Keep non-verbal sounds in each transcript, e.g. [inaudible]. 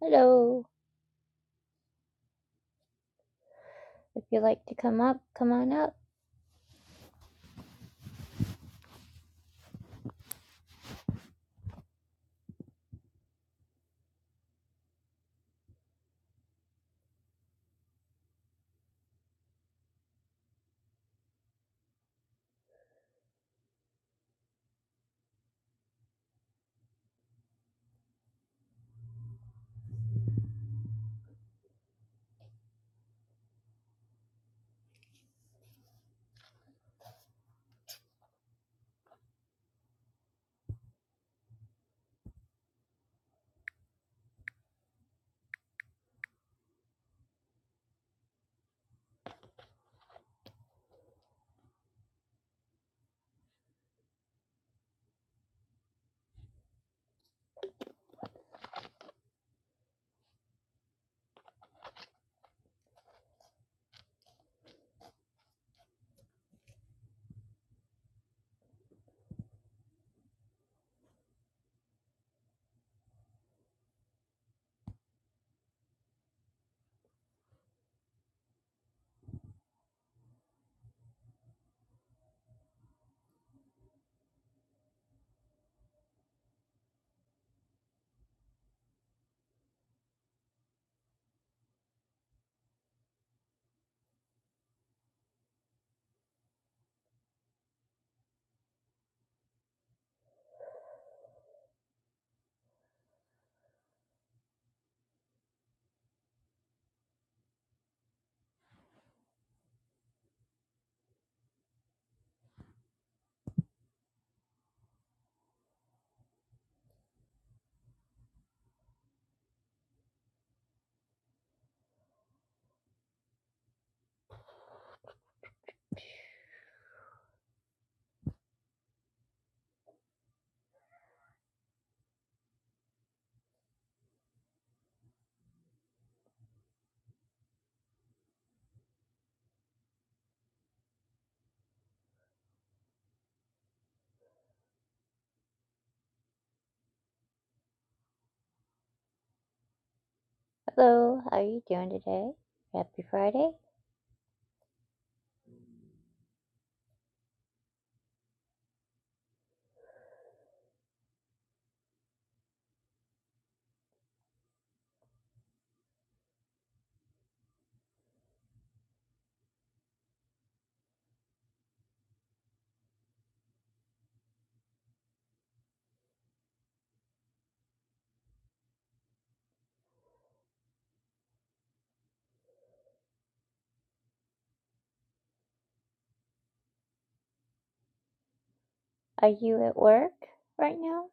Hello. If you'd like to come up, come on up. Hello. How are you doing today? Happy Friday. Are you at work right now?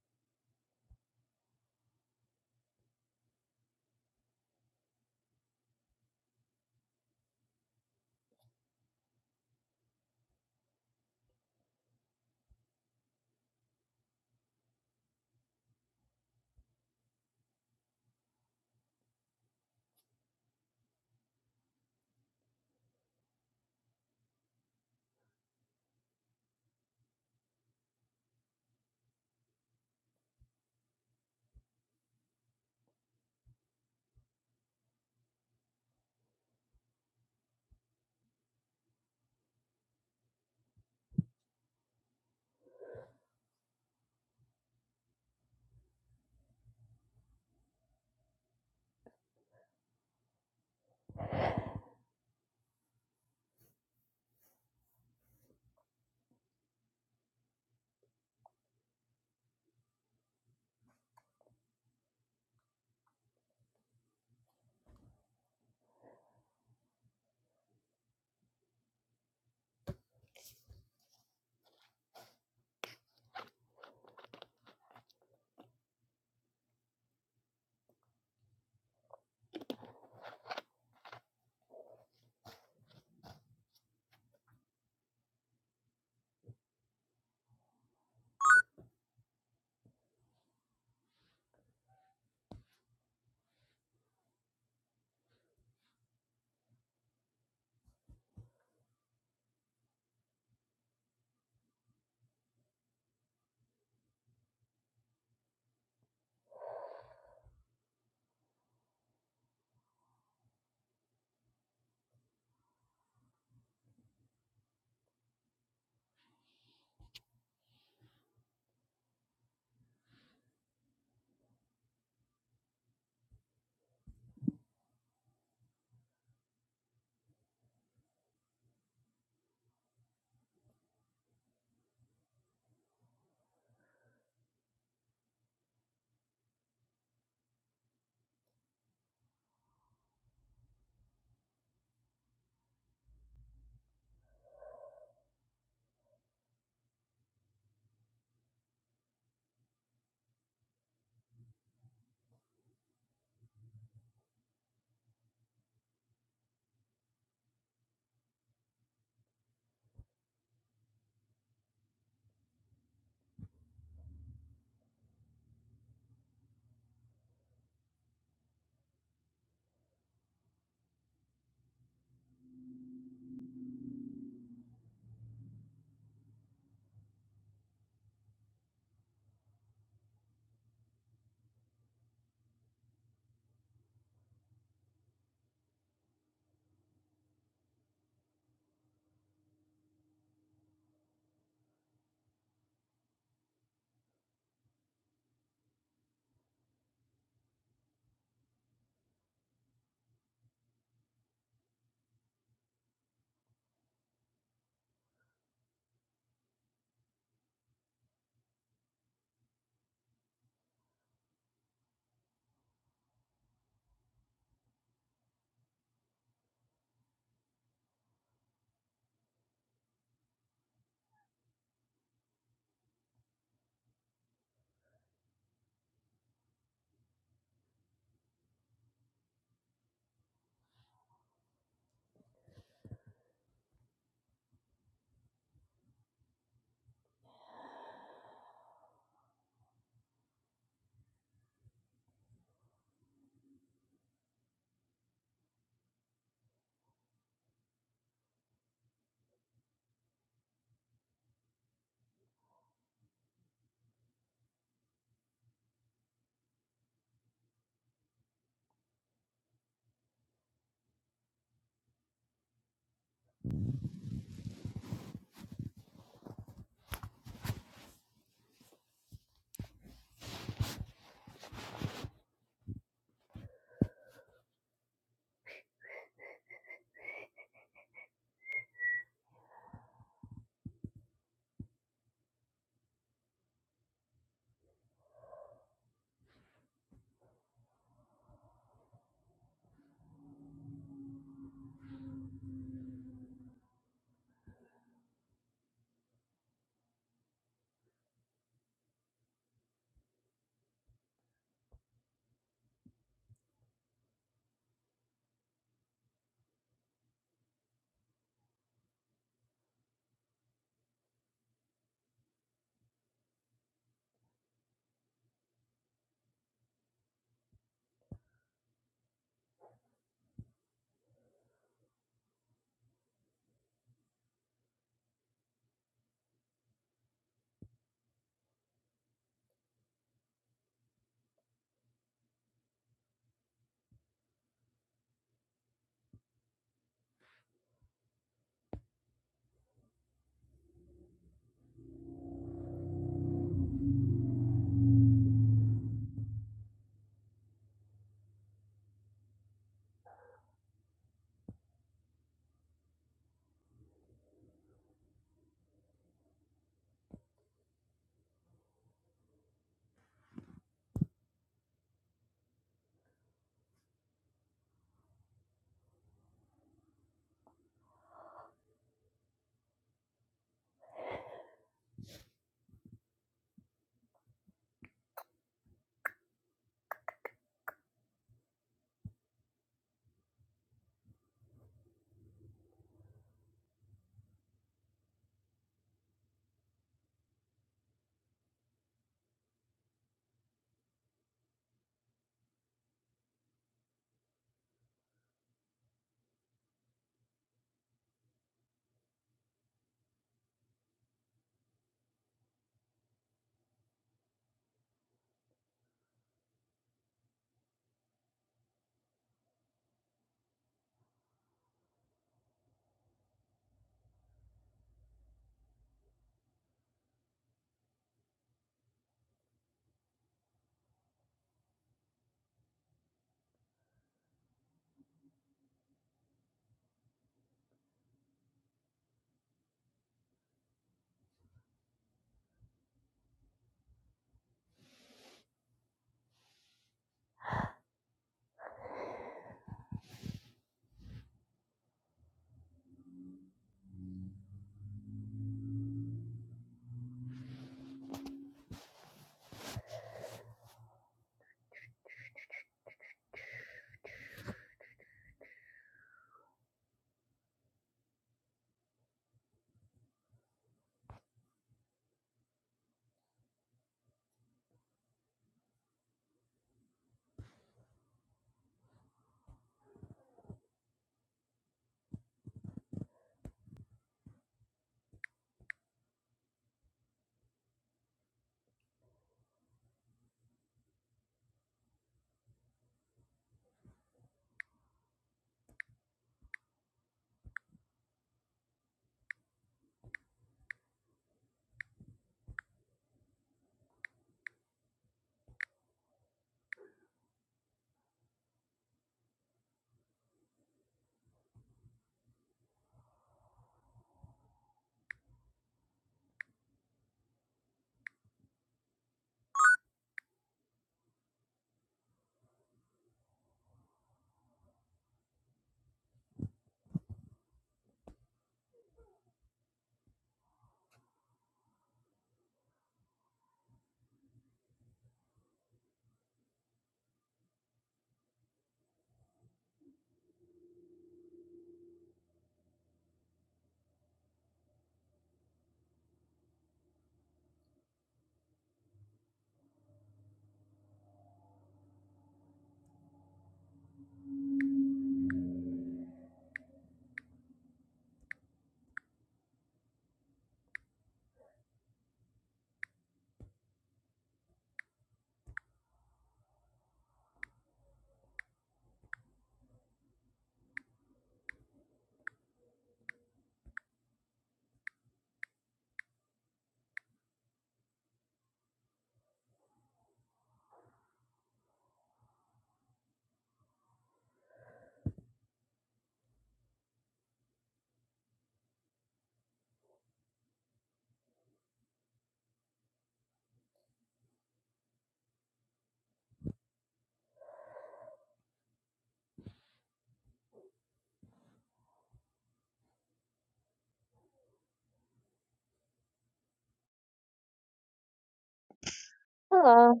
Hello.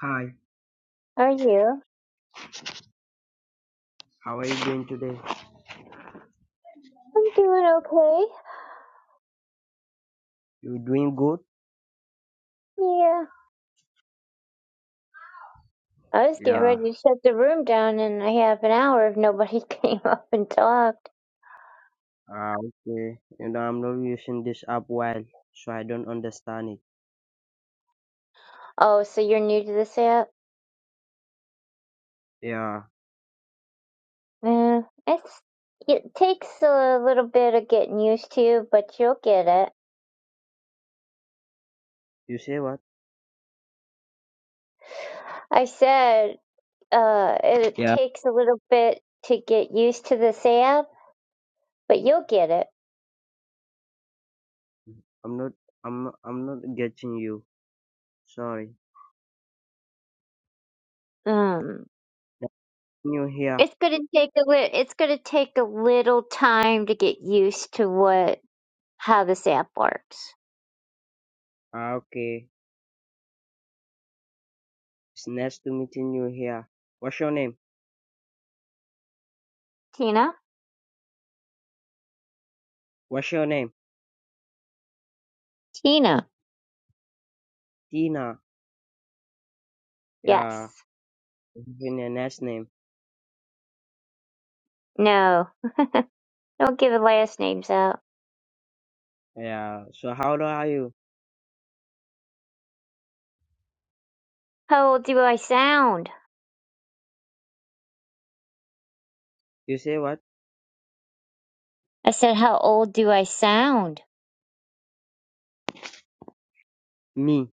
Hi, How are you? how are you doing today? I'm doing okay. You doing good? Yeah. I was getting Yeah. ready to shut the room down and I have an hour if nobody [laughs] came up and talked. Ah, okay. You know, I'm not using this app well, so I don't understand it. Oh, so you're new to this app? Yeah. Yeah. It's it takes a little bit of getting used to, but you'll get it. You say what? I said uh, it Yeah. takes a little bit to get used to this app, but you'll get it. I'm not. I'm. I'm not getting you. Sorry. Um, Nice meeting you here. it's gonna take a li- it's gonna take a little time to get used to what how this app works. Ah, okay. It's nice to meeting you here. What's your name? Tina, What's your name? Tina, Tina. yes, Yeah. It's been a nice name. no, don't give the last names out. Yeah. So how old are you? How old do I sound? You say what? I said, how old do I sound? Me.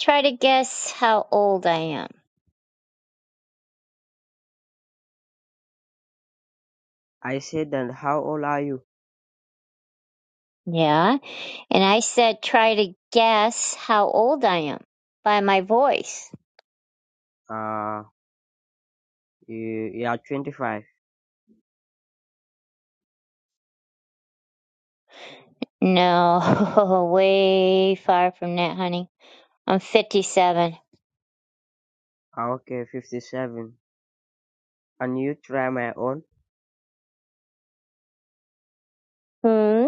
Try to guess how old I am. I said that. How old are you? Yeah, and I said, try to guess how old I am by my voice. Ah, you, you are 25. No, [laughs] way far from that, honey. I'm 57. Ah, Okay, 57. And you try my own? Hmm?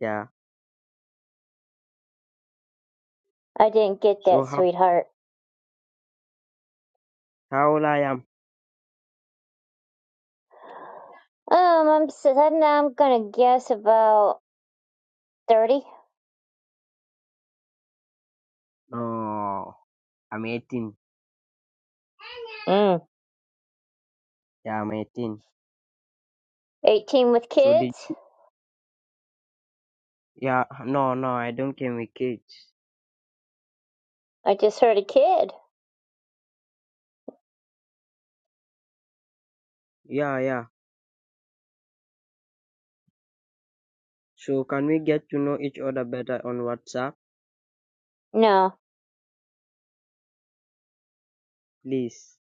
Yeah. I didn't get So that, how sweetheart. how old I am? Um, I'm s- I'm gonna guess about 30. No, I'm 18. Mm. Yeah, I'm 18. 18 with So kids? did yeah no no I don't came with kids. I just heard a kid. Yeah yeah. So can we get to know each other better on WhatsApp, No, please?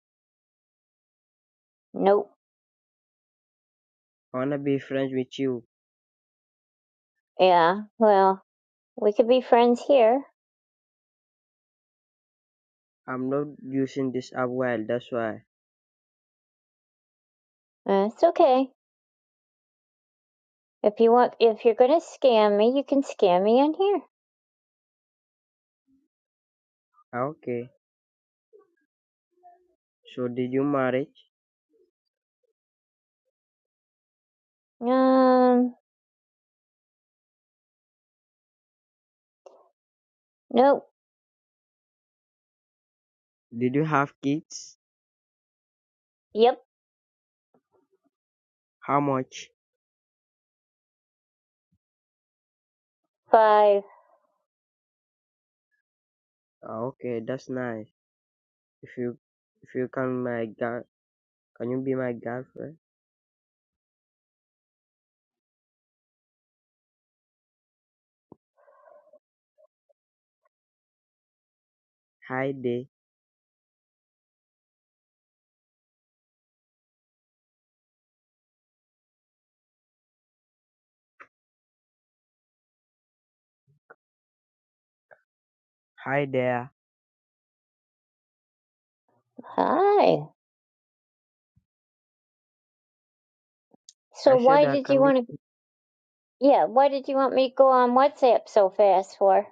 nope. I wanna be friends with you. Yeah, well, we could be friends here. I'm not using this app well, that's why. Uh, it's okay. If you want, if you're gonna scam me, you can scam me in here. Ah, Okay. So did you marry? Um, nope. Did you have kids? Yep, How much? five. Ah Okay, that's nice. If you if you can my guy Can you be my girlfriend? Hi there. Hi there. Hi. So I said, why uh, did you can you, want to? Yeah, why did you want me to go on WhatsApp so fast for?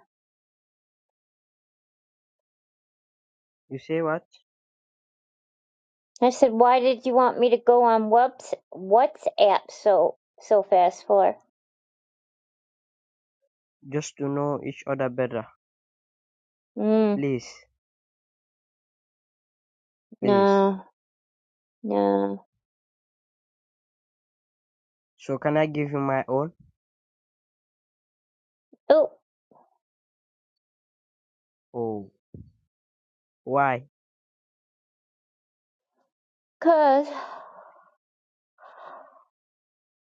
you say what? I said, why did you want me to go on whoops, WhatsApp so so fast for? Just to know each other better. Mm, Please, please. no, no. So can I give you my own? Oh, Oh, why? 'cause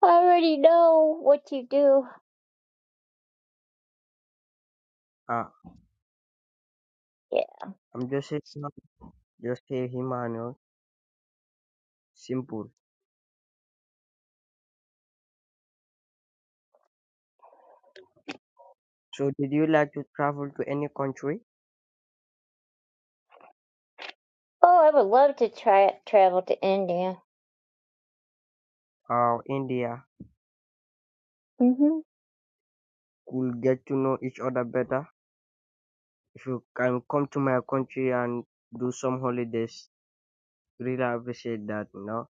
I already know what you do. Ah, Yeah. I'm just a, human. just a human, oh, simple. So did you like to travel to any country? Oh, I would love to try travel to India. Uh, India. mm hmm We'll get to know each other better. If you can come to my country and do some holidays, really appreciate that, you know?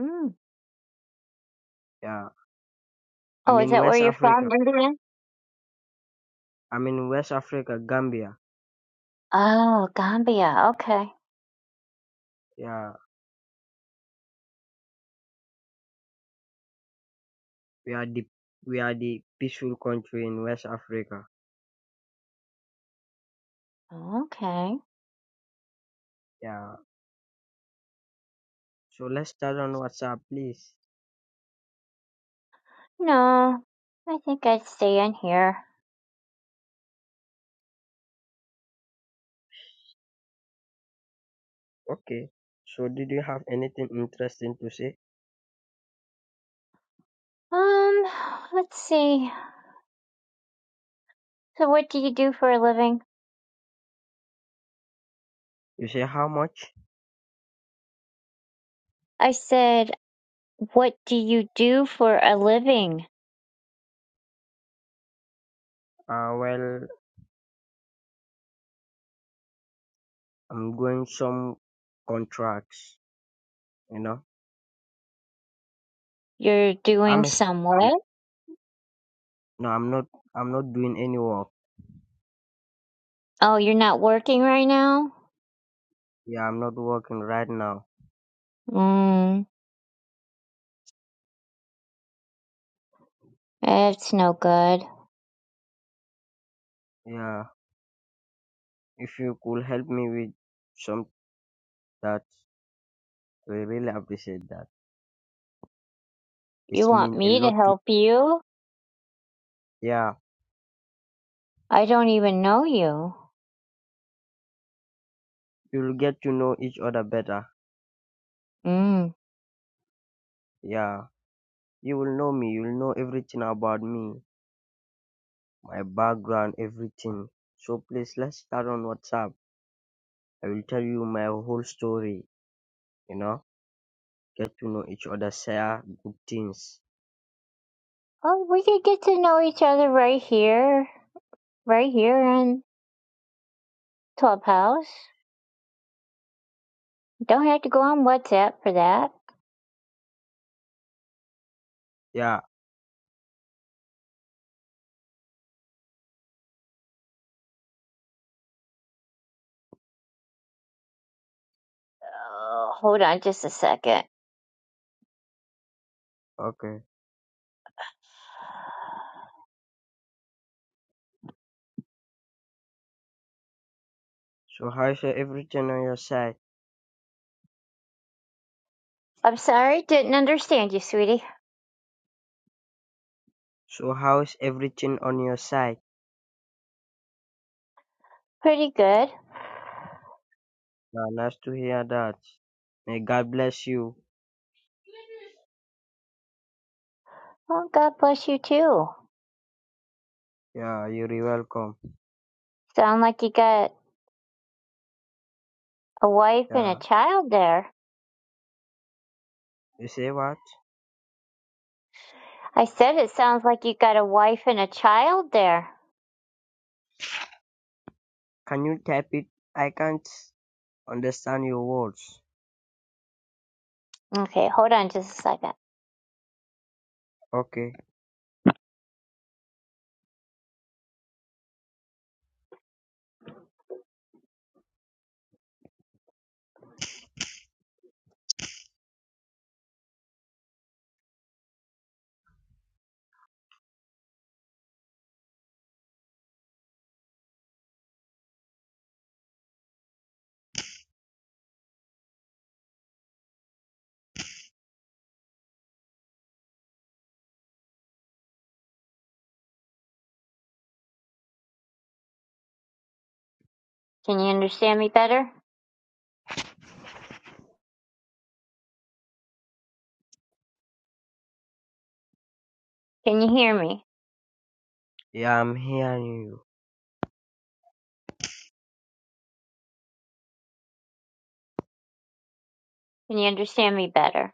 Mm. Yeah. I Oh, is mean, that where West you're from, Africa. India? I'm in West Africa, Gambia. Oh, Gambia. Okay. Yeah, we are the we are the peaceful country in West Africa. Okay. Yeah. So let's start on WhatsApp, please. No, I think I'd stay in here. Okay. So did you have anything interesting to say? Um, let's see. So, what do you do for a living? You say how much? I said, What do you do for a living? Uh, well, I'm going some contracts. You know, You're doing I'm a some st- work? no, I'm not. I'm not doing any work. Oh, you're not working right now? Yeah, I'm not working right now. Mm, it's no good. Yeah. If you could help me with some that, we really appreciate that. You It's want mean a me lot to to. help you? Yeah. I don't even know you. You'll get to know each other better. Mm. Yeah, you'll know me, you'll know everything about me, my background, everything. So please let's start on WhatsApp. I will tell you my whole story, you know? Get to know each other, share good things. Oh, we could get to know each other right here, right here on Clubhouse. Don't have to go on WhatsApp for that. Yeah, Oh, hold on just a second. okay. So how's everything on your side? I'm sorry, didn't understand you, sweetie. So how's everything on your side? Pretty good. Yeah, nice to hear that. May God bless you. Well, God bless you too. Yeah, you're welcome. Sound like you got a wife and a Yeah. child there. You say what? I said it sounds like you got a wife and a child there. Can you type it? I can't. Understand your words. Okay, hold on just a second. Okay. Can you understand me better? Can you hear me? Yeah, I'm hearing you. Can you understand me better?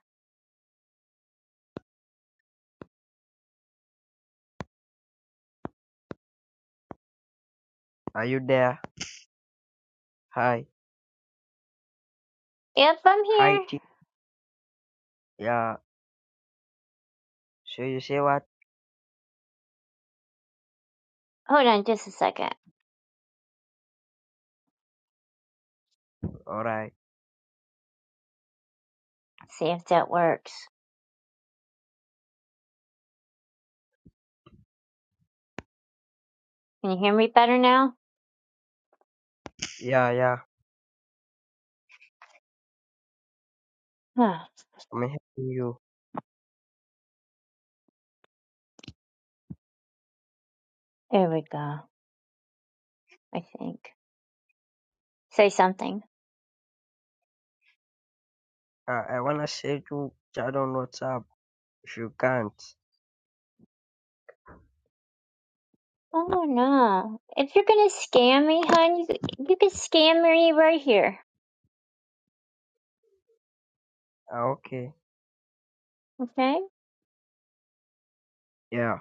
Are you there? Hi. Yep, I'm Hi, here. T. Yeah. So you say what? Hold on just a second. Alright. See if that works. Can you hear me better now? Yeah, yeah. Huh, I'm hearing you. there we go, I think. Say something. Uh, I wanna say to chat on WhatsApp if you can't. Oh no. If you're gonna scam me, hon, you, you can scam me right here. Ah, okay. Okay? Yeah.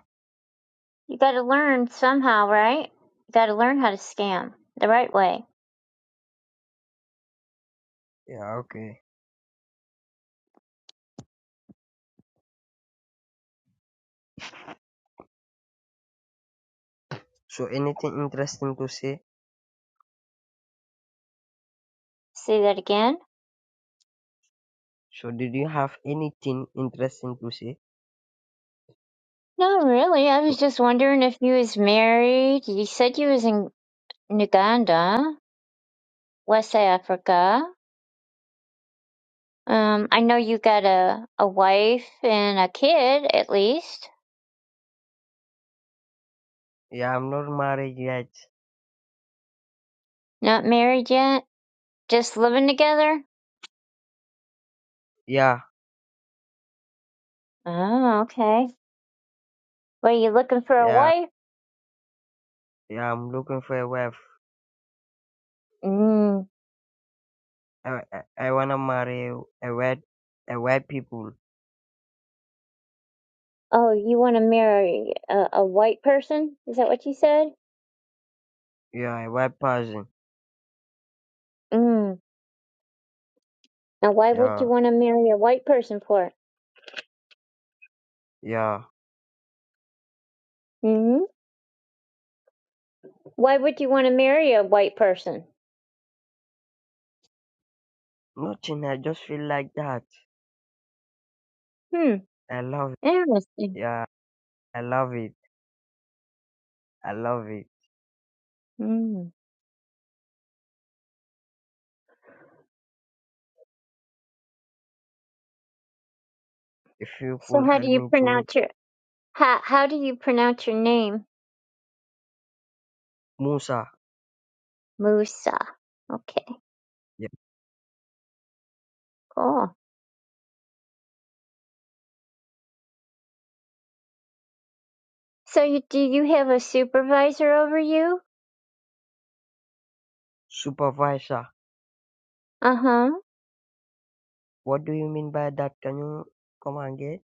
You gotta learn somehow, right? You gotta learn how to scam the right way. Yeah, okay. So anything interesting to say? Say that again? So did you have anything interesting to say? No, really. I To was just wondering if you was married. You said you was in in Uganda, West Africa. Um, I know you got a, a wife and a kid, at least. Yeah, I'm not married yet. Not married yet? Just living together? Yeah, Oh, okay. Well, you looking for a yeah, wife? yeah. I'm looking for a wife. Mm. I, I, I wanna marry a white a white people. Oh, you want to marry a, a white person? Is that what you said? Yeah, a white person. Mm. Now, why would Yeah, you want to marry a white person for? yeah. Hmm? Why would you want to marry a white person? Nothing. I just feel like that. Hmm. I love it. Interesting. Yeah, I love it. I love it. Hmm. If you So, could how help do you me to meet pronounce your how How do you pronounce your name? Musa, Musa. Okay. yeah. Cool. So, you, do you have a supervisor over you? supervisor. Uh huh. What do you mean by that? Can you come and get?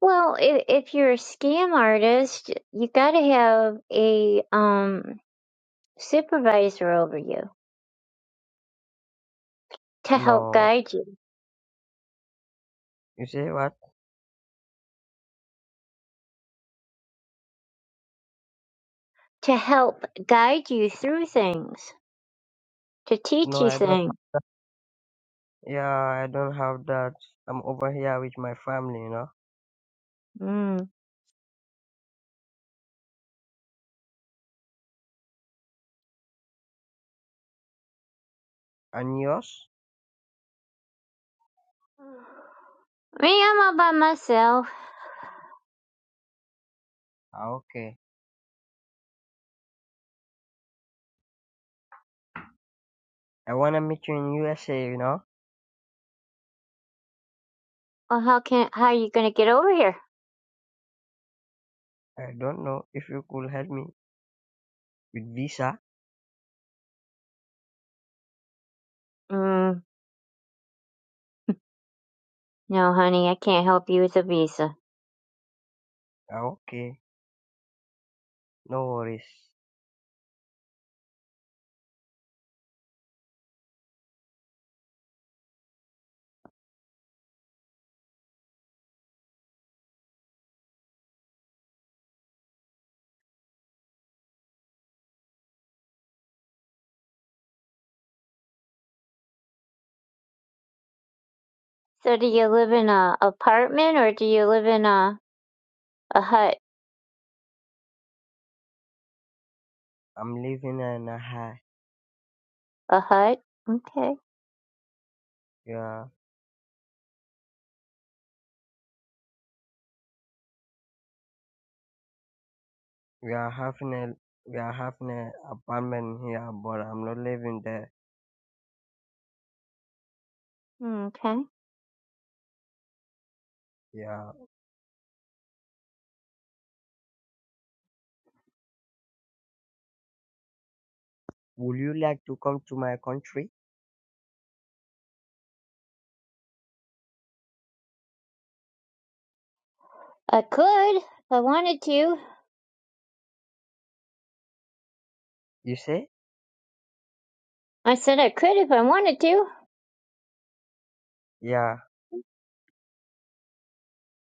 Well, if, if you're a scam artist, you gotta have a um supervisor over you to help No. guide you, You say what? to help guide you through things. The No, teacher I don't. thing. Yeah, I don't have that. I'm over here with my family, you know. Mm. [sighs] And yours? Me, I'm all by myself. Ah, okay. I wanna meet you in USA, you know. Well, how can how are you gonna get over here? I don't know if you could help me with visa. Mm, no, honey, I can't help you with a visa. Ah, okay, no worries. So, do you live in a apartment or do you live in a a hut? I'm living in a high. A hut? Okay. Yeah, we are having a we are having an apartment here, but I'm not living there. Mm, Okay. Yeah, would you like to come to my country? I could if I wanted to. You say? I said I could if I wanted to. Yeah,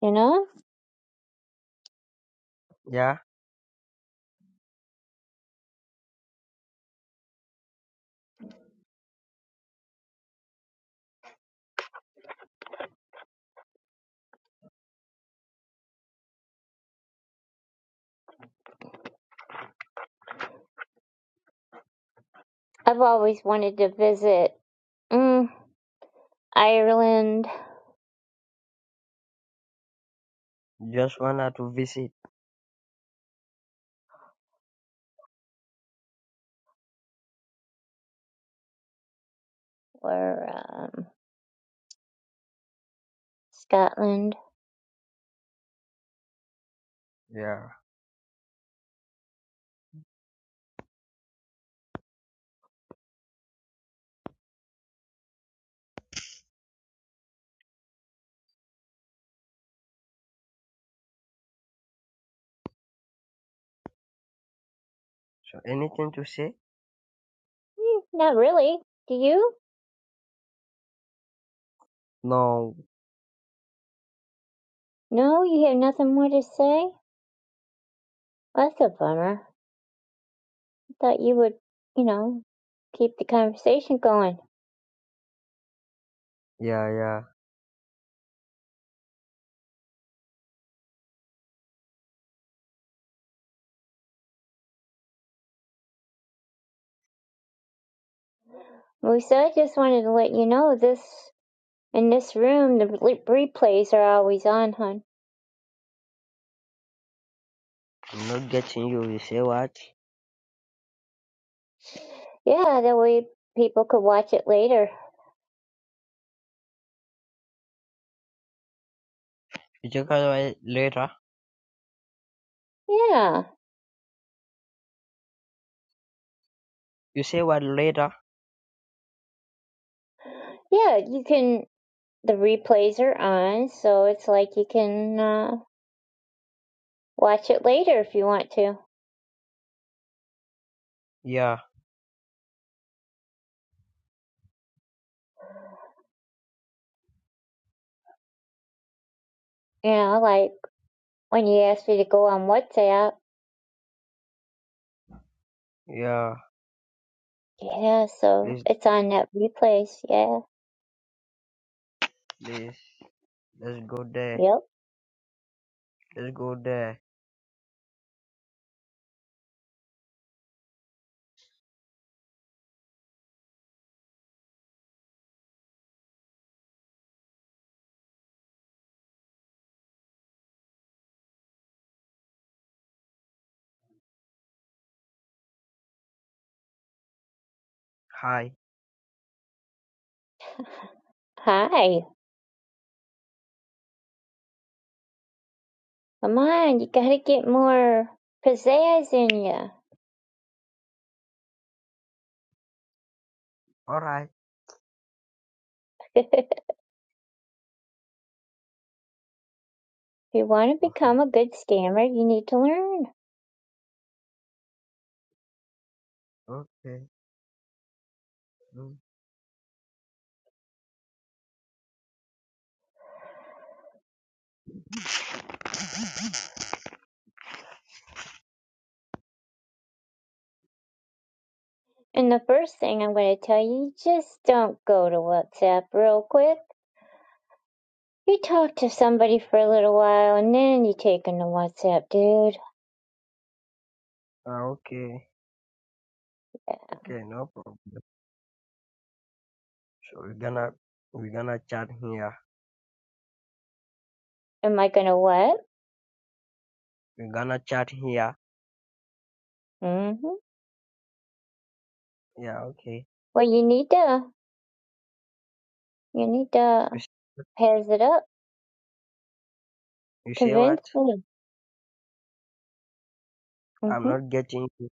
You know, yeah. I've always wanted to visit mm, Ireland Just wanna to visit. or um, Scotland. Yeah. So anything to say? Mm, not really. Do you? No. No, you have nothing more to say? Well, That's a bummer. I thought you would, you know, keep the conversation going. Yeah, yeah. Musa, I just wanted to let you know this in this room the re- replays are always on, hon. I'm not getting you. You say what? Yeah, that way people could watch it later. You check out later. Yeah, You say what later? yeah, you can. The replays are on, so it's like you can uh, watch it later if you want to. Yeah, You know, like when you asked me to go on WhatsApp. yeah. Yeah, Please so it's on that replays. Yeah. Please, let's go there. Yep. Let's go there. Hi. Hi. Come on, you gotta get more pizzazz in you. All right. [laughs] if you want to [laughs] become a good scammer, you need to learn. Okay. Mm. And the first thing I'm going to tell you, just don't go to WhatsApp real quick. You talk to somebody for a little while and then you take them to WhatsApp, dude. Ah, okay. Okay. No problem. So we're gonna we're gonna chat here. Am I gonna what? We're gonna chat here. Mm-hmm. Yeah. Okay. Well, you need to, you need to You, s- pass it up. you say what? Convince them. I'm Mm-hmm. not getting. you.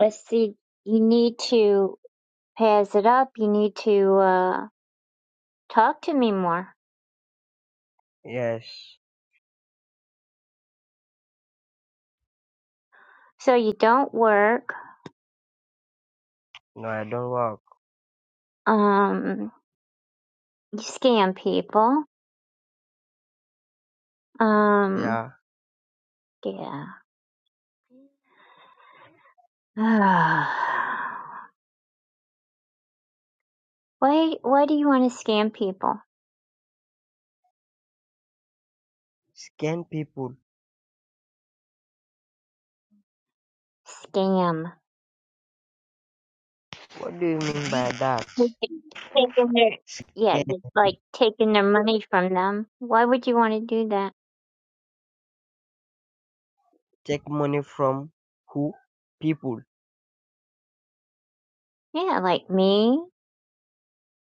let's see, you need to pass it up. You need to uh, talk to me more. Yes. So you don't work. No, I don't work. Um, you scam people. Um, Yeah. yeah. [sighs] why? Why do you want to scam people? Scan people. Scam. What do you mean by that? Taking taking their yeah, Scan. just like taking their money from them. Why would you want to do that? Take money from who? People. Yeah, like me.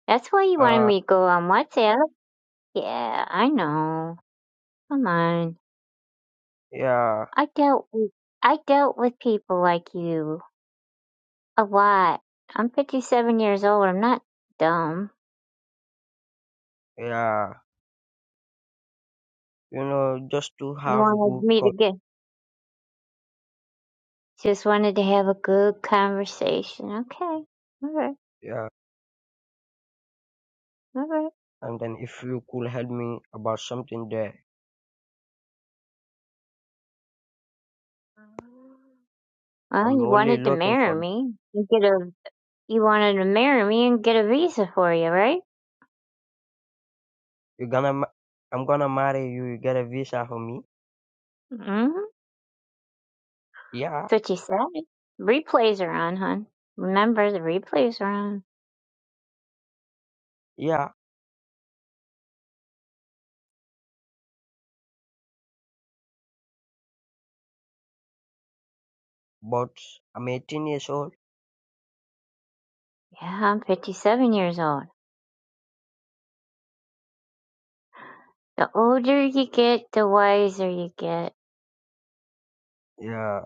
That's why you wanted Uh. me to go on WhatsApp. Yeah, I know. Come on. Yeah. I dealt with I dealt with people like you a lot. I'm 57 years old. I'm not dumb. Yeah. you know, just to You have wanted good me to con- get just wanted to have a good conversation. Okay, all right, yeah. all right. And then if you could help me about something there, Well, I'm you only wanted to looking marry for me. and get a you wanted to marry me and get a visa for you, right? you're gonna ma- I'm gonna marry you. You get a visa for me? mm hmm Yeah, That's what you said. Replays are on, hon. Remember the replays are on. yeah. But I'm 18 years old. Yeah, I'm 57 years old. The older you get, the wiser you get. Yeah.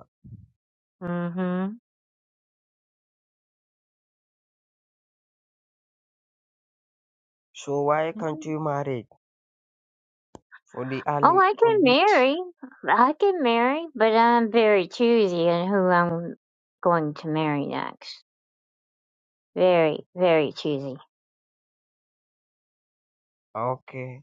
Mhm. So why can't you marry for the Oh, early I for can this? marry. I can marry, but I'm very choosy on who I'm going to marry next. Very, very choosy. Okay.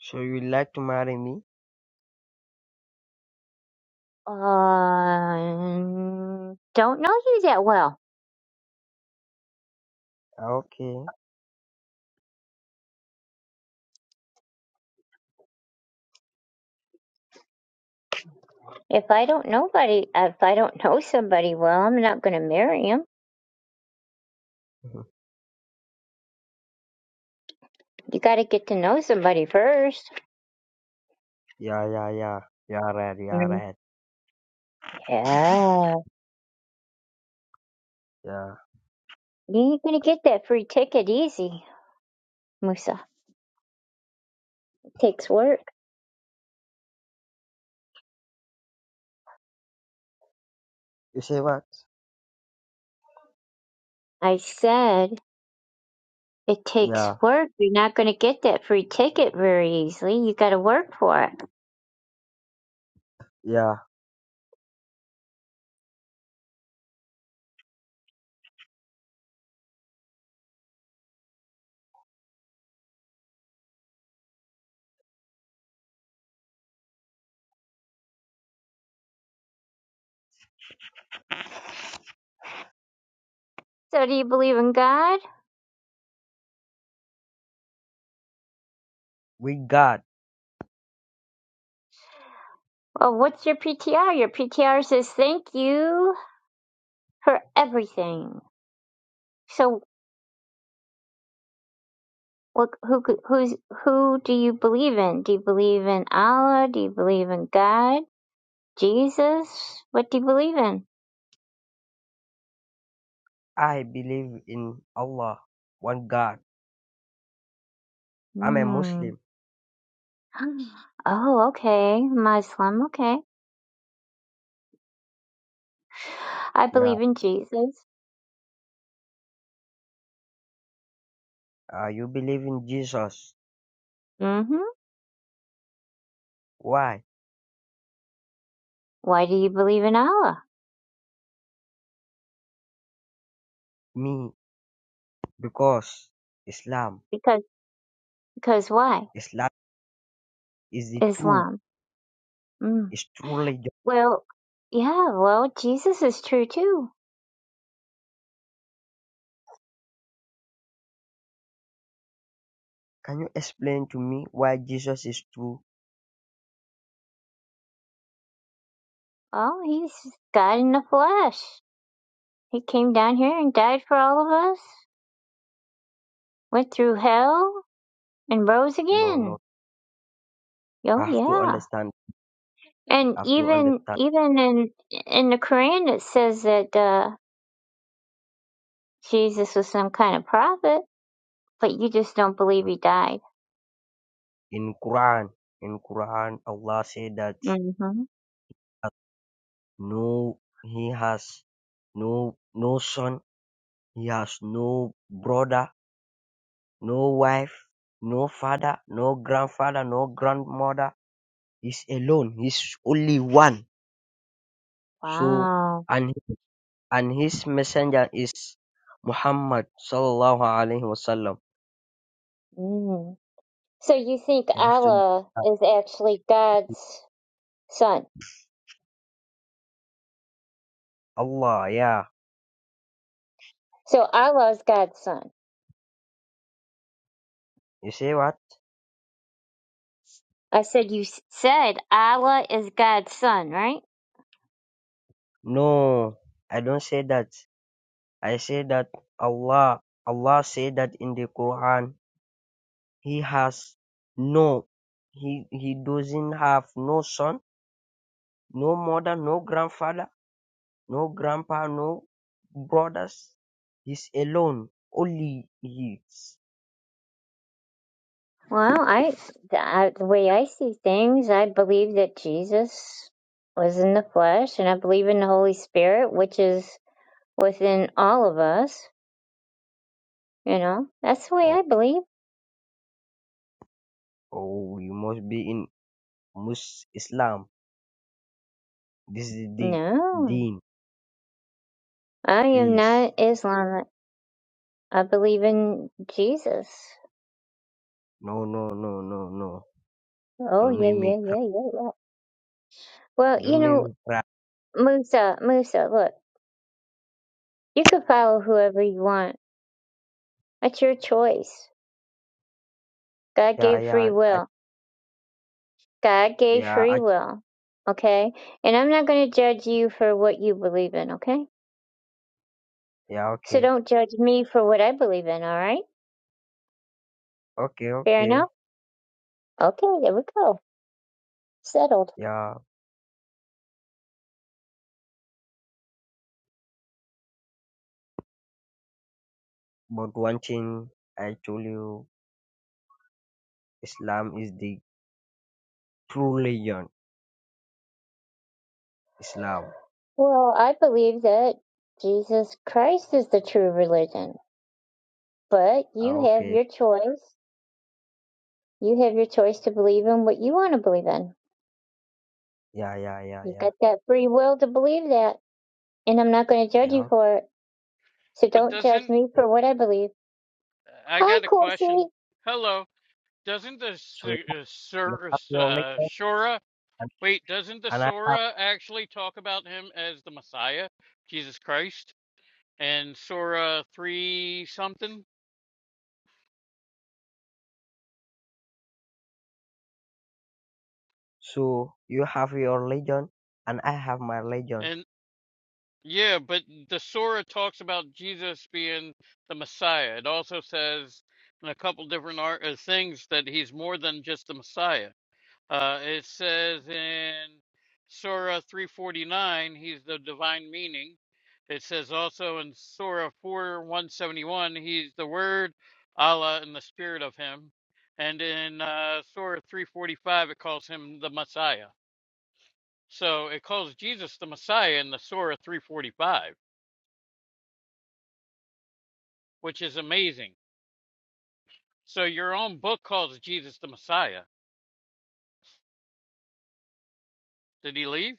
So you like to marry me? Um, don't know you that well. Okay. [laughs] If I don't nobody, if I don't know somebody well, I'm not going to marry him. Mhm. You got to get to know somebody first. yeah, yeah, yeah. Yeah, right, yeah, Mm, right. Yeah, Yeah. you ain't going to get that free ticket easy, Musa. It takes work. You say what? I said it takes Yeah, work. You're not going to get that free ticket very easily. You got to work for it. yeah. So, do you believe in God? We got. Well, what's your PTR? Your PTR says thank you for everything. So, what, who could- who's who do you believe in? Do you believe in Allah? Do you believe in God? Jesus? What do you believe in? I believe in Allah, one God. I'm a Muslim. Hmm. [gasps] Oh, okay. Muslim. Okay. I Yeah. believe in Jesus. Uh, you believe in Jesus. mm hmm Why? Why do you believe in Allah? Me. Because Islam. Because because why? Islam is the true. Islam. Mm. It's true religion. Well, yeah, well, Jesus is true too. Can you explain to me why Jesus is true? Oh, he's God in the flesh. He came down here and died for all of us, went through hell and rose No, no. again. Oh I have to yeah. understand. And I have to even understand. even in in the Quran it says that uh Jesus was some kind of prophet, but you just don't believe he died. In Quran, in Quran, Allah said that Mhm. uh, no, He has no no son. He has no brother No wife, no father, no grandfather, no grandmother. He's alone. He's only one. So Wow. and and his messenger is Muhammad sallallahu alaihi wasallam. Mm. So you think You have to Allah is actually God's son. Allah, yeah. So Allah is God's son. You say what? I said you s- said Allah is God's son, right? No, I don't say that. I say that Allah, Allah said that in the Quran. He has no, he he doesn't have no son, no mother, no grandfather. No grandpa, no brothers. He's alone. Only he. Well, I, I the way I see things, I believe that Jesus was in the flesh, and I believe in the Holy Spirit, which is within all of us. You know, that's the way Oh, I believe. oh, you must be in Mus Islam. This is the No, deen, I am please. not Islamic. I believe in Jesus. No, no, no, no, no. Oh Don't yeah, make yeah, me cry. yeah, yeah, yeah. Well, you Don't make know, me cry. Musa, Musa, look, you could follow whoever you want That's your choice. God Yeah, gave free yeah, I, will. God gave yeah, free I, will. Okay? And I'm not going to judge you for what you believe in, okay? yeah. So Okay, don't judge me for what I believe in, all right? okay, Fair okay. enough? Okay, there we go. Settled. Yeah, but one thing I told you, Islam is the true religion. Islam. Well, I believe that Jesus Christ is the true religion, but you Ah, have okay. your choice. You have your choice to believe in what you want to believe in. Yeah, yeah, yeah, You've yeah, got that free will to believe that, and I'm not going to judge yeah. you okay, for it. So But don't judge doesn't me for Yeah. what I believe. I Hi, got a question? Corsi. Hello, doesn't the So Su- uh, You Sur, have your uh, religion Shura and, wait? Doesn't the and I have Sura actually talk about him as the Messiah, Jesus Christ, and Sura three something? so you have your religion and I have my religion. And yeah, but the Sura talks about Jesus being the Messiah. It also says in a couple different art, uh, things that he's more than just the Messiah. Uh, it says in Surah 349, he's the divine meaning. It says also in Surah 4 171, he's the word, Allah, and the spirit of him. And in uh, Surah 345, it calls him the Messiah. So it calls Jesus the Messiah in the Surah 345, which is amazing. So your own book calls Jesus the Messiah. Did he leave?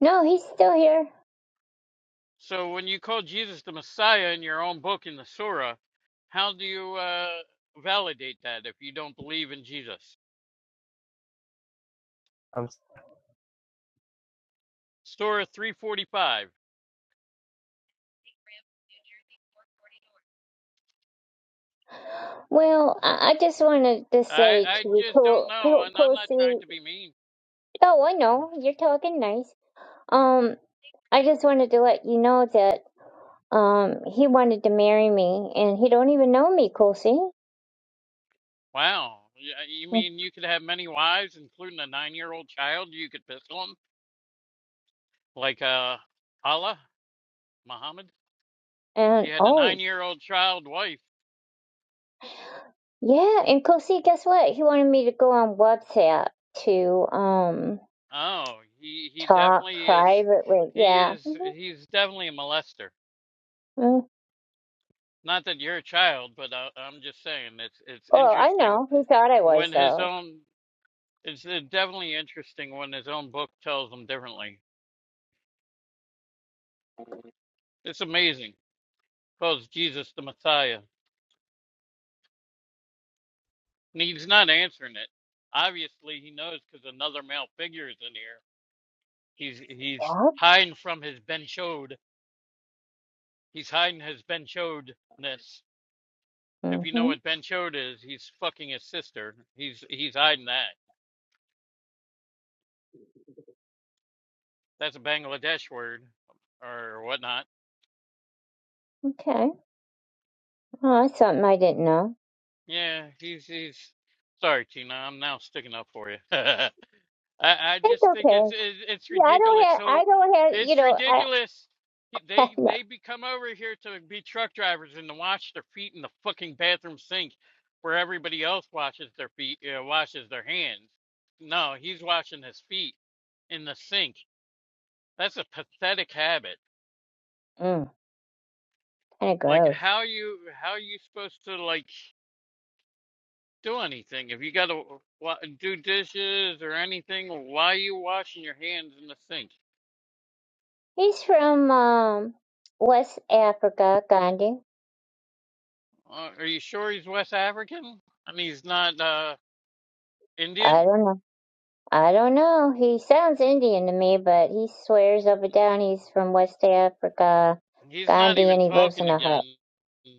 No, he's still here. So when you call Jesus the Messiah in your own book in the Surah, how do you uh, validate that if you don't believe in Jesus? I'm s- Surah 345. Well, I, I just wanted to I say to I you, just don't Cor- know, Cor- and I'm not Corsi. trying to be mean. Oh, I know. You're talking nice. Um, I just wanted to let you know that um he wanted to marry me, and he don't even know me, Corsi. Wow. Y- uh, You mean you could have many wives, including a nine-year-old child? You could pistol him, like uh, Allah, Muhammad. He And had a oh, nine-year-old child wife. yeah. And Corsi, guess what? He wanted me to go on WhatsApp to um Oh, he he talk definitely is. privately. He Yeah. is. Mm-hmm. He's definitely a molester. mm Not that you're a child, but I, I'm just saying it's it's Well, I interesting know. He thought I was when his though. own it's uh, definitely interesting when his own book tells him differently. It's amazing. Calls Jesus the Messiah, and he's not answering it. Obviously, he knows because another male figure is in here. He's he's Yeah. hiding from his Ben Shod. He's hiding his Ben Shodness. If you know Mhm. what Ben Shod is, he's fucking his sister. He's he's hiding that. That's a Bangladesh word or whatnot Okay. Oh, that's something I didn't know. Yeah, he's he's sorry, Tina. I'm now sticking up for you. [laughs] I I It's just think okay. it's it's, it's Yeah, I don't ridiculous. have. So I don't have. You it's know, I ridiculous. He- [laughs] They no. they be come over here to be truck drivers and to wash their feet in the fucking bathroom sink, where everybody else washes their feet uh, washes their hands. No, he's washing his feet in the sink. That's a pathetic habit. Mm, kind of Like gross. how you how you supposed to like? do anything. If you got to wa do dishes or anything, why are you washing your hands in the sink? He's from um West Africa, Gandhi. Uh, are you sure he's West African and he's not uh, Indian? I don't know. I don't know. He sounds Indian to me, but he swears up and down he's from West Africa, He's not Gandhi, even and he lives in talking a hut. again.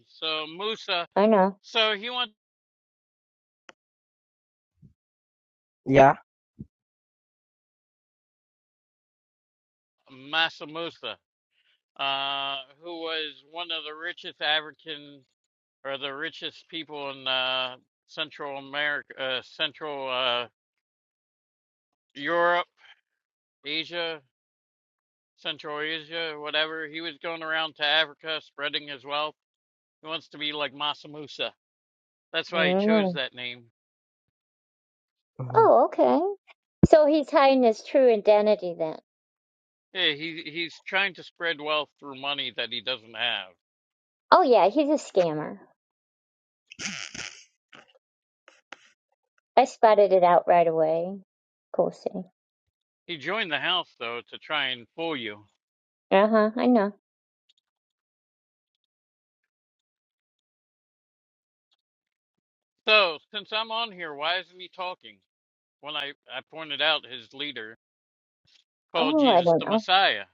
So Musa, I know. so he went yeah. Massa Musa, uh, who was one of the richest African or the richest people in uh, Central America, uh, Central uh, Europe, Asia. Central Asia, whatever. He was going around to Africa spreading his wealth. He wants to be like Massa Musa. That's why he chose Mm. that name. Mhm. Oh, okay. So he's hiding his true identity then. Yeah, he he's trying to spread wealth through money that he doesn't have. Oh yeah, he's a scammer. I spotted it out right away. Cool He joined the house though to try and fool you. Uh-huh, I know. So since I'm on here, why isn't he talking? When I, I pointed out his leader called Oh, I Jesus don't the know. Messiah.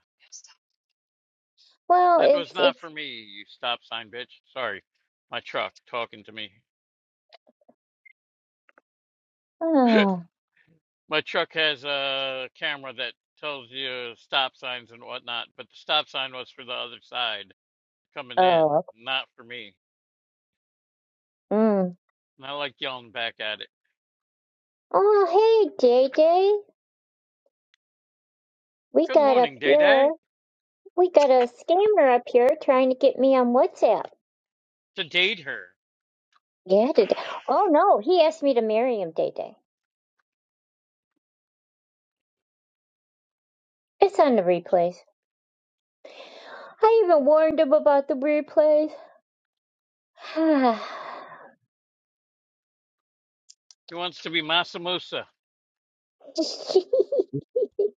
Well, That was it's not it's for me, you stop sign bitch. Sorry. My truck talking to me. [laughs] oh My truck has a camera that tells you stop signs and whatnot, but the stop sign was for the other side coming in, oh not for me. mm. And I like yelling back at it. oh hey J J. we Good got up morning, Day here. Day. We got a scammer up here trying to get me on WhatsApp. To date her. Yeah, today. Oh no, he asked me to marry him, J J. It's on the replays. I even warned him about the replays. [laughs] He wants to be Masamusa.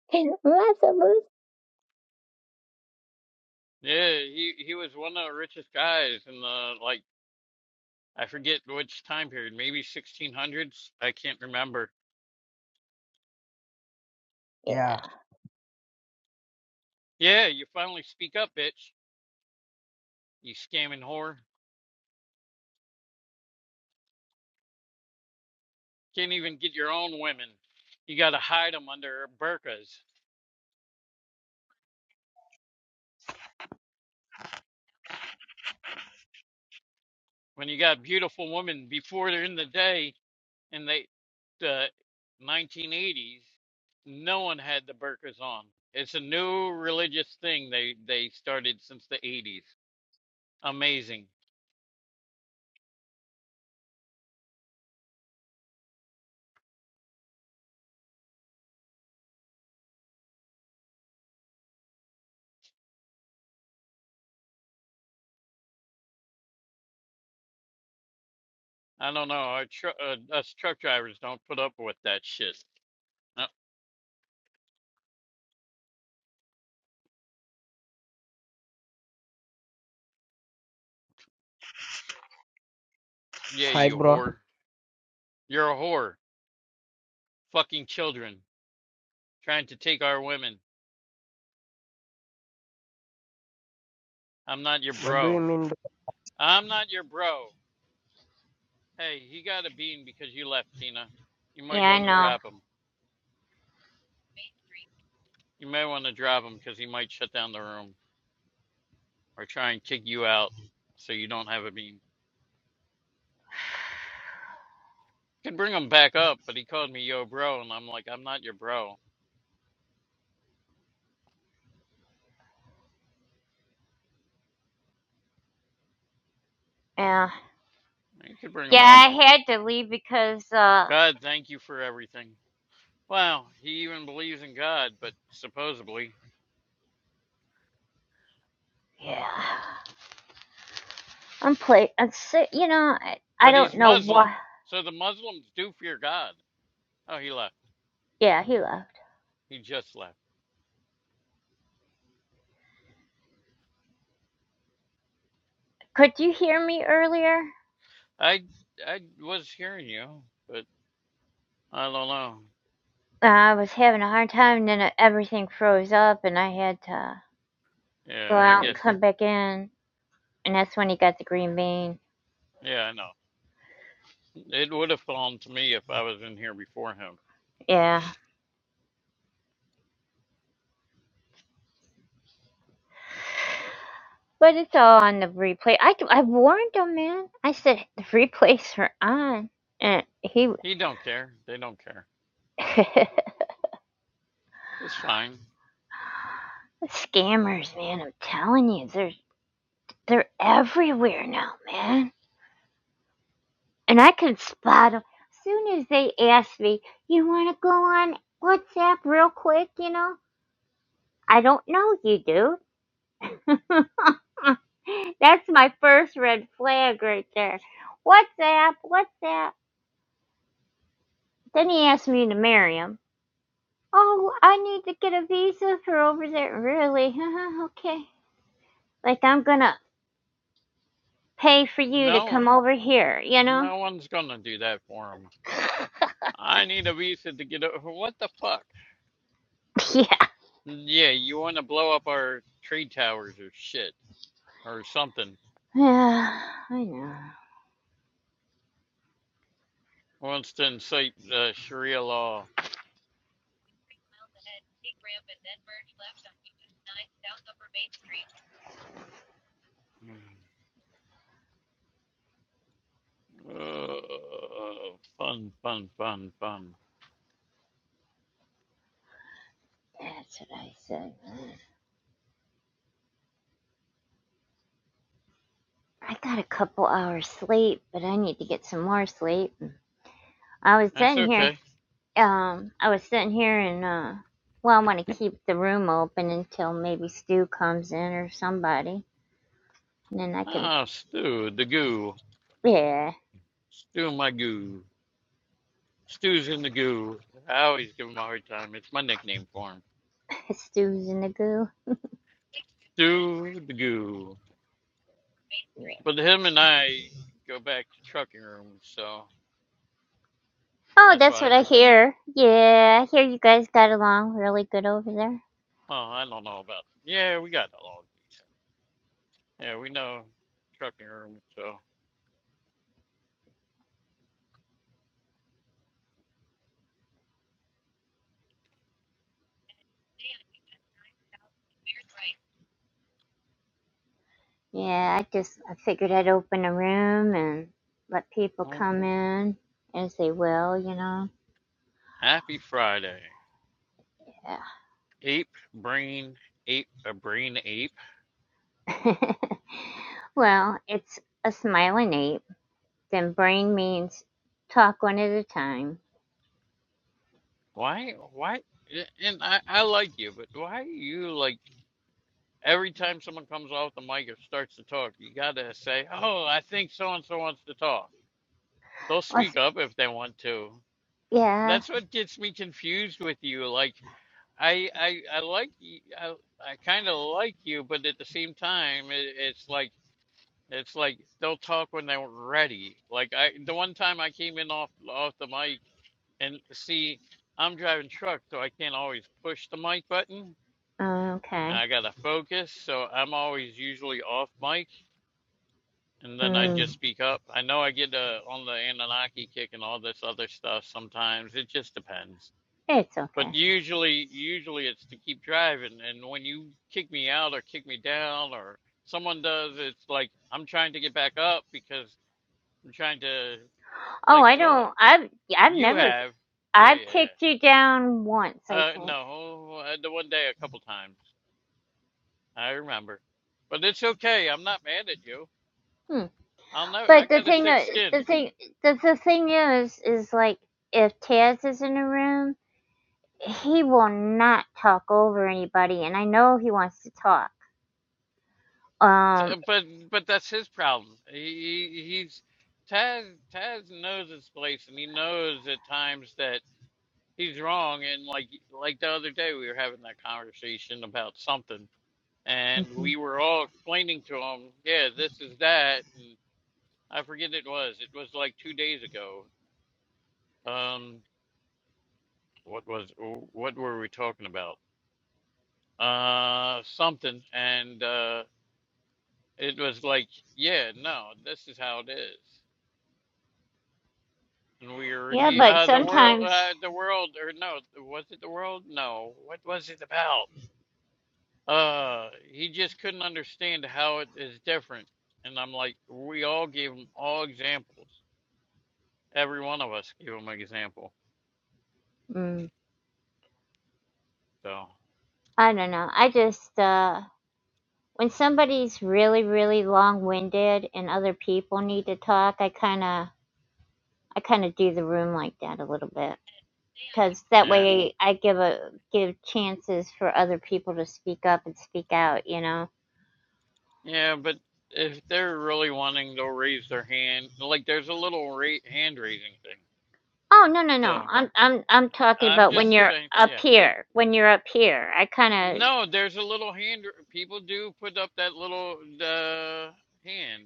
[sighs] Lots of moves. Yeah, he, he was one of the richest guys in the, like, I forget which time period, maybe 1600s? I can't remember. Yeah. Yeah. Yeah, you finally speak up, bitch. You scamming whore. Can't even get your own women. You gotta hide them under burkas. when you got beautiful women before they're in the day in the, the 1980s no one had the burqas on it's a new religious thing they they started since the 80s amazing i don't know our tr- uh, us truck drivers don't put up with that shit uh, yeah Hi you bro. whore you're a whore fucking children trying to take our women i'm not your What do you bro mean i'm not your bro hey he got a bean because you left tina you Yeah, might I want to know. drop him You may want to drop him because he might shut down the room or try and kick you out so you don't have a beam. You could bring him back up, but he called me yo bro, and I'm like, I'm not your bro. Yeah. You could bring him Yeah, up. I had to leave because uh God, thank you for everything. Wow, he even believes in God, but supposedly. yeah. I'm play. I'm si You know, I, I But don't he's know why. Muslim, so the Muslims do fear God. Oh, he left. Yeah, he left. He just left. Could you hear me earlier? I I was hearing you, but I don't know. Uh, I was having a hard time, and then it- everything froze up, and I had to go Yeah, I out and guess. come back in, and that's when he got the green bean. Yeah, I know. It would have fallen to me if I was in here before him. Yeah, but it's all on the replay. I I warned him, man. I said the replays are on, and he He don't care. They don't care. [laughs] It's fine. scammers, man. I'm telling you, they're they're everywhere now, man. and I could spot them. As soon as they asked me, you want to go on WhatsApp real quick, you know? I don't know you do. [laughs] That's my first red flag right there. WhatsApp, WhatsApp. Then he asked me to marry him. Oh, I need to get a visa for over there. Really? [laughs] okay. Like, I'm gonna pay for you to No, come over here, you know? no one's gonna do that for him. I need a visa to get over. What the fuck? [laughs] yeah. Yeah, you want to blow up our trade towers or shit or something? [sighs] Yeah, I know. Wants to incite uh, Sharia law. Uh, fun, fun, fun, fun. That's what I said. I got a couple hours sleep, but I need to get some more sleep. I was That's sitting here, okay. um, I was sitting here and, uh, well, I want to keep the room open until maybe Stu comes in or somebody. And then I can, Ah, Stu the goo. yeah, Stu my goo. Stu's in the goo. I always give him a hard time. It's my nickname for him. [laughs] Stu's in the goo. Stu the goo. Yeah. But him and I go back to trucking rooms, so Oh, that's that's why I what I know. hear. Yeah, I hear you guys got along really good over there. Oh, I don't know about. Yeah, we got all these. Yeah, we know trucking room. So Yeah, I just, I figured I'd open a room and let people well, come in as they will, you know. happy Friday, ape brain ape a brain ape. Yeah. [laughs] Well, it's a smiling ape. Then brain means talk one at a time. Why? Why? a- And I I like you, but why you like every time someone comes off the mic or starts to talk, you gotta say, "Oh, I think so and so wants to talk." They'll Let's, speak up if they want to. yeah. That's what gets me confused with you. Like. I I I like y- I I kind of like you, but at the same time, it, it's like it's like they'll talk when they're ready. Like I, the one time I came in off off the mic, and see, I'm driving truck, so I can't always push the mic button, and Okay. I gotta focus, so I'm always usually off mic, and then I just Mm, speak up. I know I get uh, on the Anunnaki kick and all this other stuff sometimes. It just depends. it's But okay. usually, usually it's to keep driving. And when you kick me out or kick me down or someone does, it's like I'm trying to get back up because I'm trying to Oh, like I talk. don't. I've I've You never. have, yeah, I've yeah, kicked yeah. you down once, I Uh, think. no, uh, the one day a couple times I remember, but it's okay. I'm not mad at you. Hmm. I'll know. I But the got a thing, thick uh, the skin, thing, the, the thing is, is like if Taz is in a room, he will not talk over anybody, and I know he wants to talk. Um. So- but but that's his problem. He, he he's Taz. Taz knows his place, and he knows at times that. he's wrong and like like the other day we were having that conversation about something and Mm-hmm. we were all explaining to him yeah this is that and i forget it was it was like two days ago um what was what were we talking about uh something and uh it was like yeah no this is how it is and we were Yeah, e- but uh the world sometimes. uh the world or no was it the world no what was it about Uh, he just couldn't understand how it is different. And I'm like, we all gave him all examples. Every one of us gave him an example. Mm, So, I don't know. I just uh when somebody's really really long-winded and other people need to talk, I kind of I kind of do the room like that a little bit cuz that yeah. way I give a give chances for other people to speak up and speak out, you know. Yeah, but if they're really wanting, they'll raise their hand. Like, there's a little ra- hand raising thing. Oh, no, no, no. So, I'm I'm I'm talking I'm about when just you're saying, up yeah. here. When you're up here. I kind of No, there's a little hand. People do put up that little uh, hand.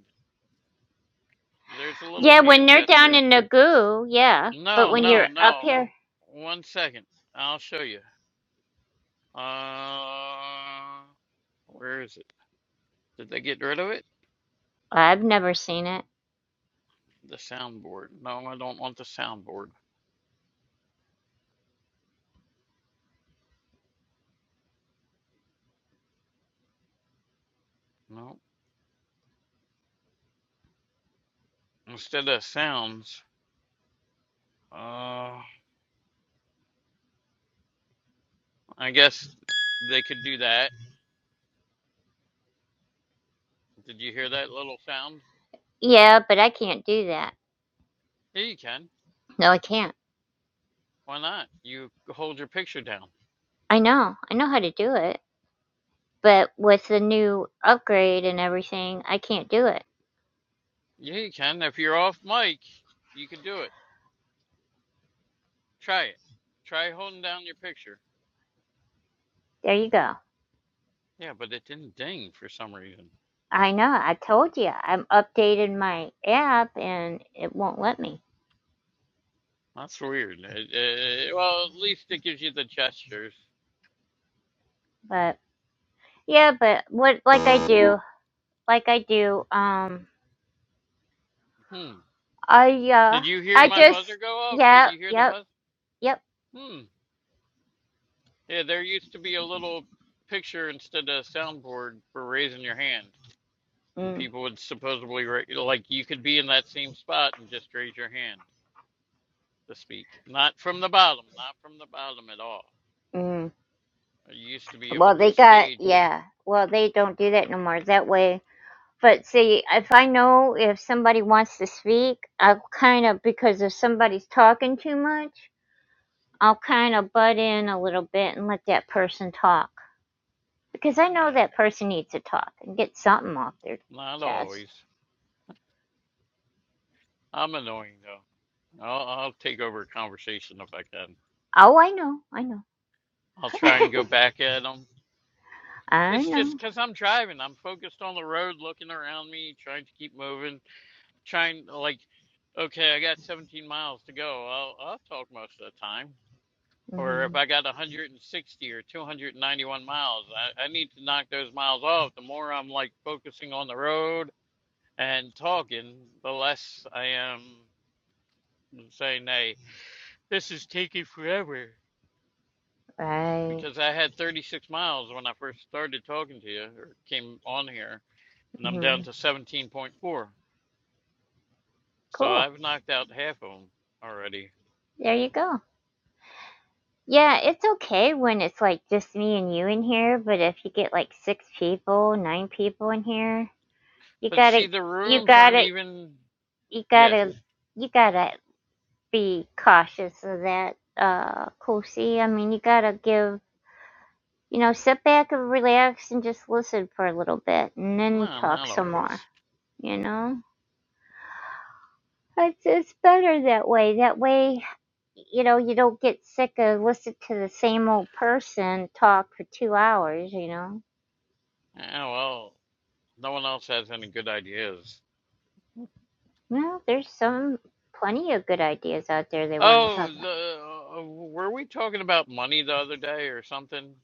There's a little Yeah, when hand they're down gesture. in the goo, yeah. But No, when no, you're up no. here, One second. I'll show you. Uh, where is it? Did they get rid of it? I've never seen it. The soundboard. No, I don't want the soundboard. No. Instead of sounds, uh, I guess they could do that. Did you hear that little sound? Yeah, but I can't do that. Yeah, you can. No, I can't. Why not? You hold your picture down. I know. I know how to do it. But with the new upgrade and everything, I can't do it. Yeah, you can. If you're off mic, you can do it. Try it. Try holding down your picture. There you go. Yeah, but it didn't ding for some reason. I know. I told you. I'm updated my app and it won't let me. That's weird. It, uh well, at least it gives you the gestures. But yeah, but what like I do, like I do, um Hmm. I uh Did you hear I my just buzzer go off? Did yeah, you hear the yep, buzz? yep. Hmm. Yeah, there used to be a little picture instead of a soundboard for raising your hand, and Mm, people would supposedly ra- like you could be in that same spot and just raise your hand to speak. Not from the bottom, not from the bottom at all. mm. I used to be able Well, to they got stage. yeah. Well, they don't do that no more. That way But see, if I know if somebody wants to speak, I'll kind of, because if somebody's talking too much, I'll kind of butt in a little bit and let that person talk. Because I know Yeah, that person needs to talk and get something off their not chest. always. I'm annoying though. I'll, I'll take over a conversation if I can. Oh, I know, I know. I'll try and go [laughs] back at them. I It's just know. because I'm driving. I'm focused on the road, looking around me, trying to keep moving, trying like, okay, I got 17 miles to go. I'll I'll talk most of the time. Or hmm if I got 160 or 291 miles, I, I need to knock those miles off. The more I'm like focusing on the road and talking, the less I am saying, hey, this is taking forever. Right. Because I had 36 miles when I first started talking to you or came on here and I'm hmm down to 17.4. So Cool. I've knocked out half of them already. There you go. Yeah, it's okay when it's like just me and you in here, but if you get like six people, nine people in here, you But see, gotta the you rooms aren't gotta even. you Yeah, gotta you gotta be cautious of that, uh, Kosi. I mean, you gotta give you know sit back and relax and just listen for a little bit, and then no, talk not some more. always. You know, it's it's better that way. That way, you know, you don't get sick of listening to the same old person talk for two hours. You know, Oh, well, no one else has any good ideas. well, there's some plenty of good ideas out there they want to Oh, talk about. the, uh, were we talking about money the other day or something?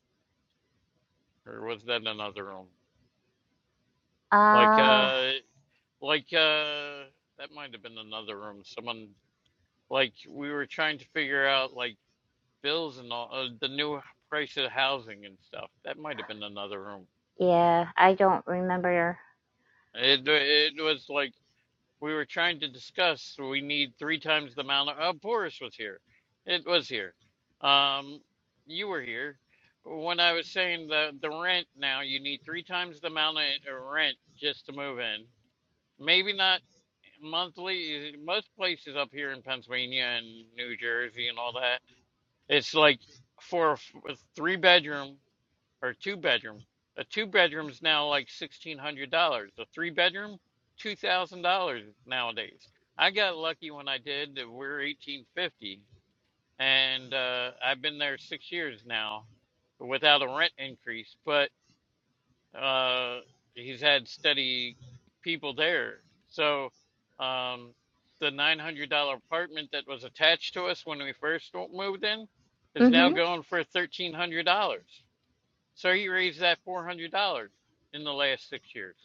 Or was that another room? Like, Uh uh, like, uh, that might have been another room. Someone, like, we were trying to figure out, like, bills and all uh, the new price of housing and stuff. That might have been another room. yeah, I don't remember. It uh, it was like we were trying to discuss. We need three times the amount of. Uh, Boris was here. It was here. Um, you were here when I was saying the the rent. Now you need three times the amount of uh, rent just to move in. Maybe not monthly. Most places up here in Pennsylvania and New Jersey and all that, it's like for a f- a three bedroom. or two bedroom. A two bedroom's now like sixteen hundred dollars. A three bedroom, two thousand dollars nowadays. I got lucky when I did that we're eighteen fifty and uh I've been there six years now without a rent increase, but uh he's had steady people there. So um the nine hundred dollar apartment that was attached to us when we first moved in is now Mm-hmm. going for thirteen hundred dollars. So he raised that four hundred dollars in the last six years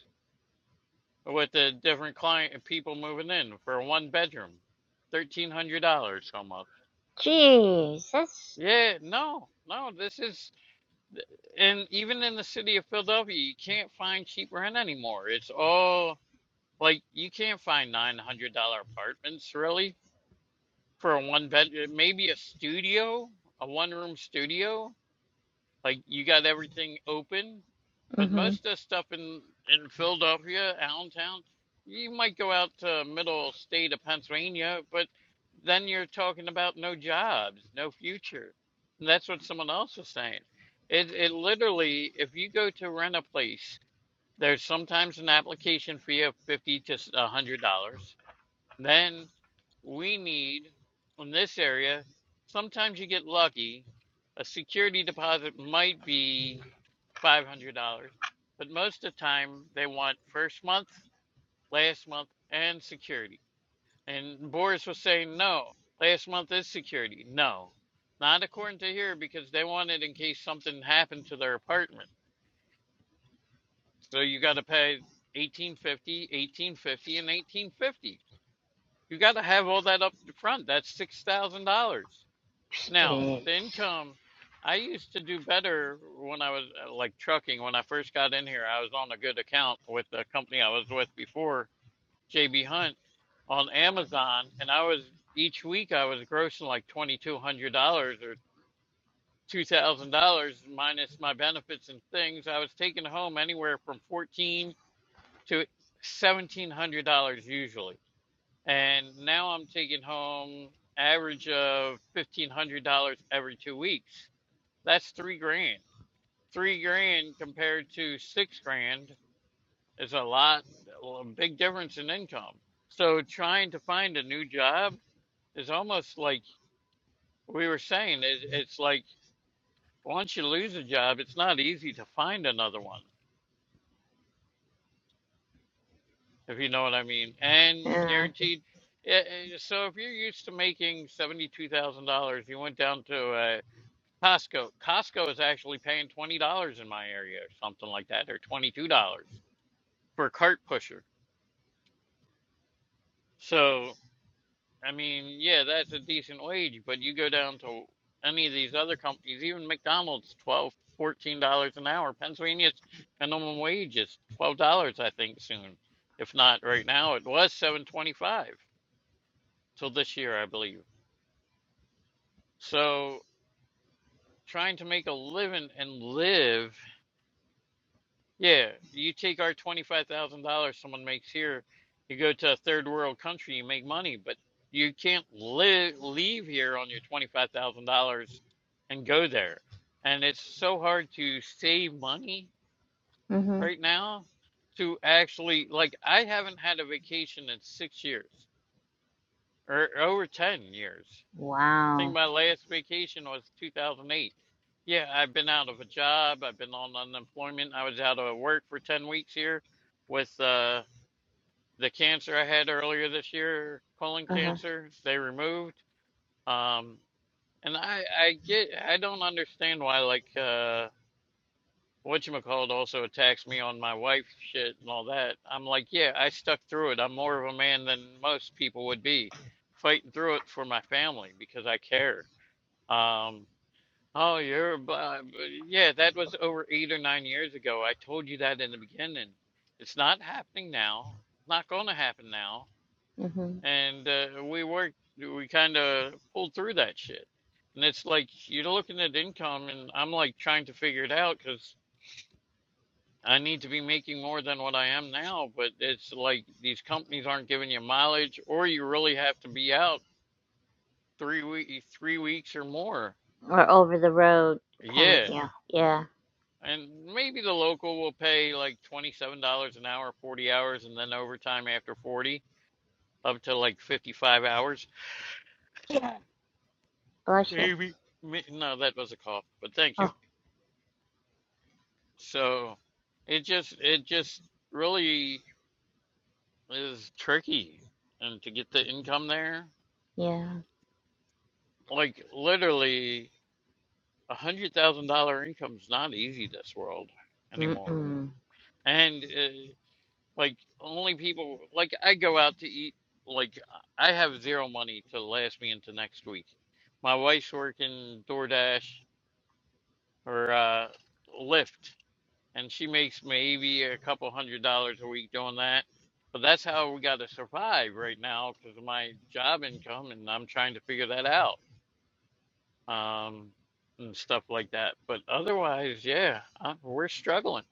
with the different client and people moving in for a one bedroom, thirteen hundred dollars almost. Jeez, that's Yeah, no, no, this is and even in the city of Philadelphia, you can't find cheap rent anymore. It's all like you can't find nine hundred dollar apartments really for a one bed, maybe a studio, a one room studio Like you got everything open, but Mm-hmm. most of the stuff in in Philadelphia, Allentown, you might go out to middle state of Pennsylvania, but then you're talking about no jobs, no future. And that's what someone else was saying. It it literally, if you go to rent a place, there's sometimes an application fee of fifty to a hundred dollars then we need, in this area, sometimes you get lucky. A security deposit might be $500, but most of the time they want first month, last month, and security. And Boris was saying, no, last month is security. No, not according to here because they want it in case something happened to their apartment. So you got to pay 1850, 1850, and 1850. You got to have all that up front. That's six thousand dollars. Now, is. the income, I used to do better when I was uh, like trucking. When I first got in here, I was on a good account with the company I was with before, JB Hunt, on Amazon, and I was each week I was grossing like twenty two hundred dollars or two thousand dollars minus my benefits and things. I was taking home anywhere from fourteen to seventeen hundred dollars usually and now I'm taking home average of fifteen hundred dollars every two weeks. That's three grand. Three grand compared to six grand is a lot, a big difference in income. So trying to find a new job is almost like we were saying. It, it's like once you lose a job, it's not easy to find another one, if you know what I mean. And Uh, guaranteed. eh, eh, So if you're used to making seventy-two thousand dollars, you went down to a Costco. Costco is actually paying twenty dollars in my area or something like that, or twenty two dollars for a cart pusher. So I mean, yeah, that's a decent wage, but you go down to any of these other companies, even McDonald's, twelve, fourteen dollars an hour. Pennsylvania's minimum wage is twelve dollars, I think, soon. If not right now, it was seven twenty five till this year, I believe. So trying to make a living and live Yeah, you take our $25,000 someone makes here, you go to a third world country, you make money, but you can't li leave here on your $25,000 and go there. And it's so hard to save money Mm-hmm. right now to actually, like, I haven't had a vacation in six years or over 10 years. I think wow. my last vacation was 2008. Yeah, I've been out of a job. I've been on unemployment. I was out of work for 10 weeks here with uh, the cancer I had earlier this year, colon Uh-huh. cancer. They removed. Um, and I, I get, I don't understand why, like, uh, whatchamacallit also attacks me on my wife shit and all that. I'm like, yeah, I stuck through it. I'm more of a man than most people would be, fighting through it for my family because I care. Um, Oh, you're, bu- uh, yeah, that was over eight or nine years ago. I told you that in the beginning. It's not happening now. It's not going to happen now. Mm-hmm. And uh, we worked, we kind of pulled through that shit. And it's like you're looking at income, and I'm like trying to figure it out because I need to be making more than what I am now. But it's like these companies aren't giving you mileage, or you really have to be out three week, three weeks or more. Or over the road kind of Yeah. deal. Yeah. And maybe the local will pay like $27 an hour, 40 hours, and then overtime after 40, up to like 55 hours. Bless you. Maybe. Ma- No, that was a cough, but thank you. Oh, So it just, it just really is tricky. And to get the income there, yeah. like literally a $100,000 income is not easy this world anymore. Mm-mm. And uh, Like only people like I go out to eat. Like I have zero money to last me into next week. My wife's working DoorDash or uh, Lyft, and she makes maybe a couple hundred dollars a week doing that. But that's how we got to survive right now because of my job income, and I'm trying to figure that out um, and stuff like that. But otherwise, yeah, i we're struggling.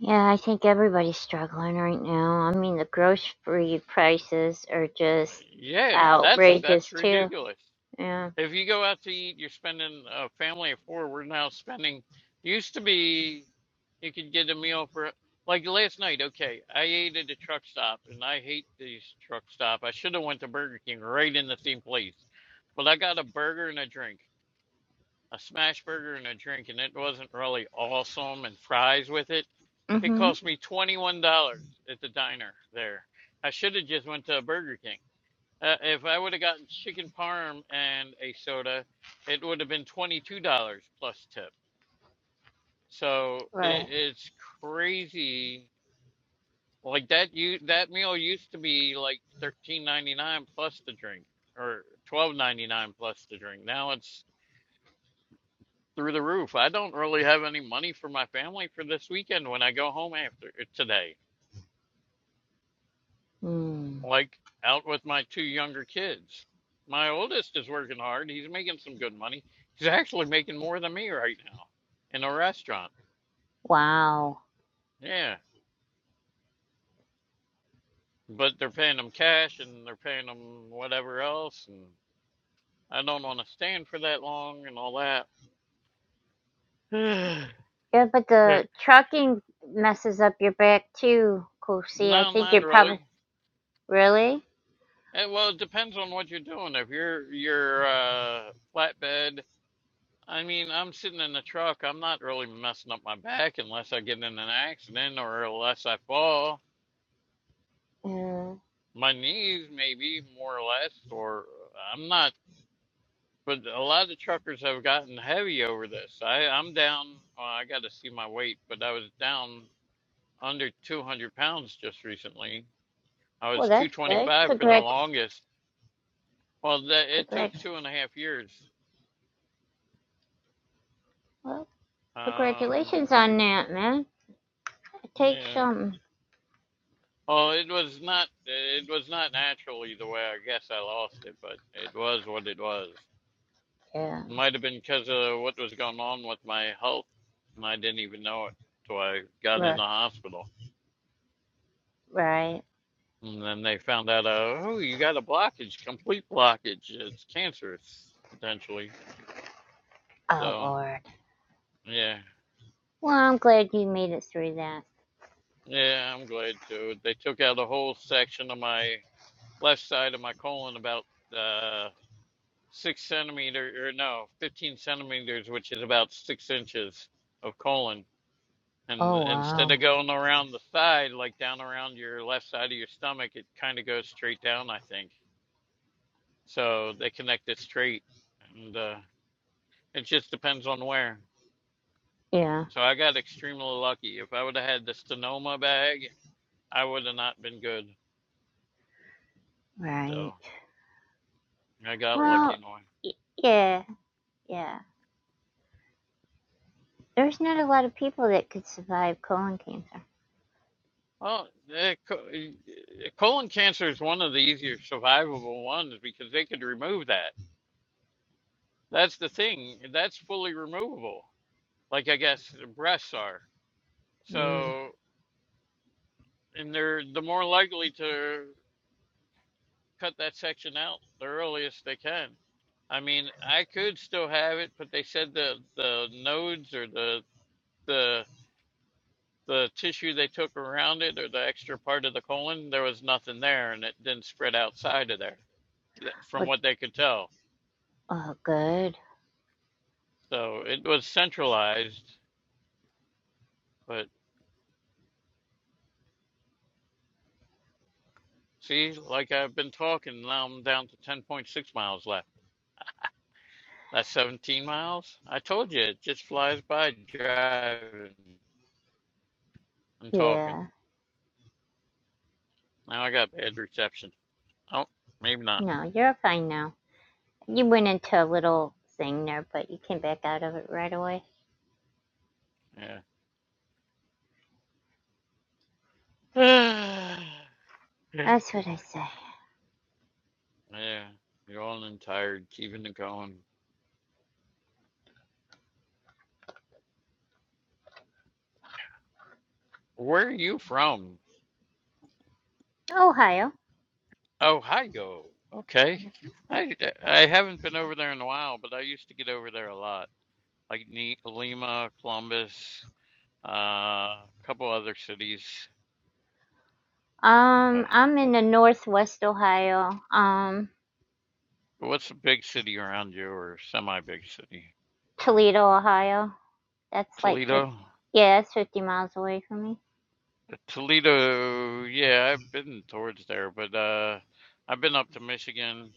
Yeah, I think everybody's struggling right now. I mean, the grocery prices are Uh, just Yeah, that's outrageous, that's too. ridiculous. Yeah. If you go out to eat, you're spending a family of four. We're now spending. Used to be, you could get a meal for like last night. Okay, I ate at a truck stop, and I hate these truck stop. I should have went to Burger King right in the same place, but I got a burger and a drink, a smash burger and a drink, and it wasn't really awesome. And fries with it. It Mm-hmm. cost me twenty one dollars at the diner there. I should have just went to a Burger King. Uh, if I would have gotten chicken parm and a soda, it would have been $22 plus tip. So it, Right. it's crazy. Like that you that meal used to be like thirteen ninety-nine plus the drink or twelve ninety-nine plus the drink. Now it's through the roof. I don't really have any money for my family for this weekend when I go home after eh, today. Mm. like out with my two younger kids. My oldest is working hard. He's making some good money. He's actually making more than me right now in a restaurant. Wow. Yeah. But they're paying him cash and they're paying him whatever else. And I don't want to stand for that long and all that. [sighs] Yeah, but But the trucking messes up your back, too, Kosi. I no, think not you're probably really. Really? Eh, well, it depends on what you're doing. If you're you're uh, flatbed I mean, I'm sitting in the truck. I'm not really messing up my back unless I get in an accident or unless I fall. Mm. My knees, maybe more or less, or I'm not. But a lot of truckers have gotten heavy over this. I, I'm down. Well, I got to see my weight, but I was down under 200 pounds just recently. I Well, was that's good. 225 for the Congrat, longest. Well, that, it took congrat, two and a half years. well, Um, congratulations on that, man. It takes yeah. something. Well, it was not it was not natural either way. I guess I lost it, but it was what it was. Yeah. Might have been because of what was going on with my health, and I didn't even know it till I got in Right. the hospital. Right. And then they found out, uh, oh, you got a blockage, complete blockage. It's cancerous potentially. Oh So Lord. yeah, Well, I'm glad you made it through that. yeah, I'm glad too. They took out a whole section of my left side of my colon about uh, six centimeter or no, 15 centimeters, which is about six inches of colon. And Oh instead of wow. going around the side, like down around your left side of your stomach, it kind of goes straight down, I think. So they connect it straight. And uh, it just depends on where. Yeah. So I got extremely lucky. If I would have had the stenoma bag, I would have not been good. So Right. I got lucky Well, in a way. y- yeah, yeah. There's not a lot of people that could survive colon cancer. Well, eh, co- eh, colon cancer is one of the easier survivable ones because they could remove that. That's the thing. That's fully removable. Like I guess the breasts are. Mm. So, and they're the more likely to cut that section out the earliest they can. I mean, I could still have it, but they said the the nodes or the the the tissue they took around it or the extra part of the colon, there was nothing there and it didn't spread outside of there. th- from Well, what they could tell. oh, good. So it was centralized, but see, like I've been talking, now I'm down to 10.6 miles left. That's 17 miles. I told you, it just flies by driving and talking. Yeah. Now I got bad reception. Oh, maybe not. No, you're fine now. You went into a little thing there, but you came back out of it right away. Yeah. [sighs] yeah. That's what I say. You're all and tired, keeping it going. Where are you from? Ohio. Ohio. Okay. I, I haven't been over there in a while, but I used to get over there a lot. like Ne- Lima, Columbus, uh, a couple other cities. Uh, Um, I'm in the Northwest Ohio. Um, what's a big city around you or semi-big city? Toledo, Ohio. That's like 50, Toledo? yeah, that's 50 miles away from me. Toledo, yeah, I've been towards there, but uh, I've been up to Michigan,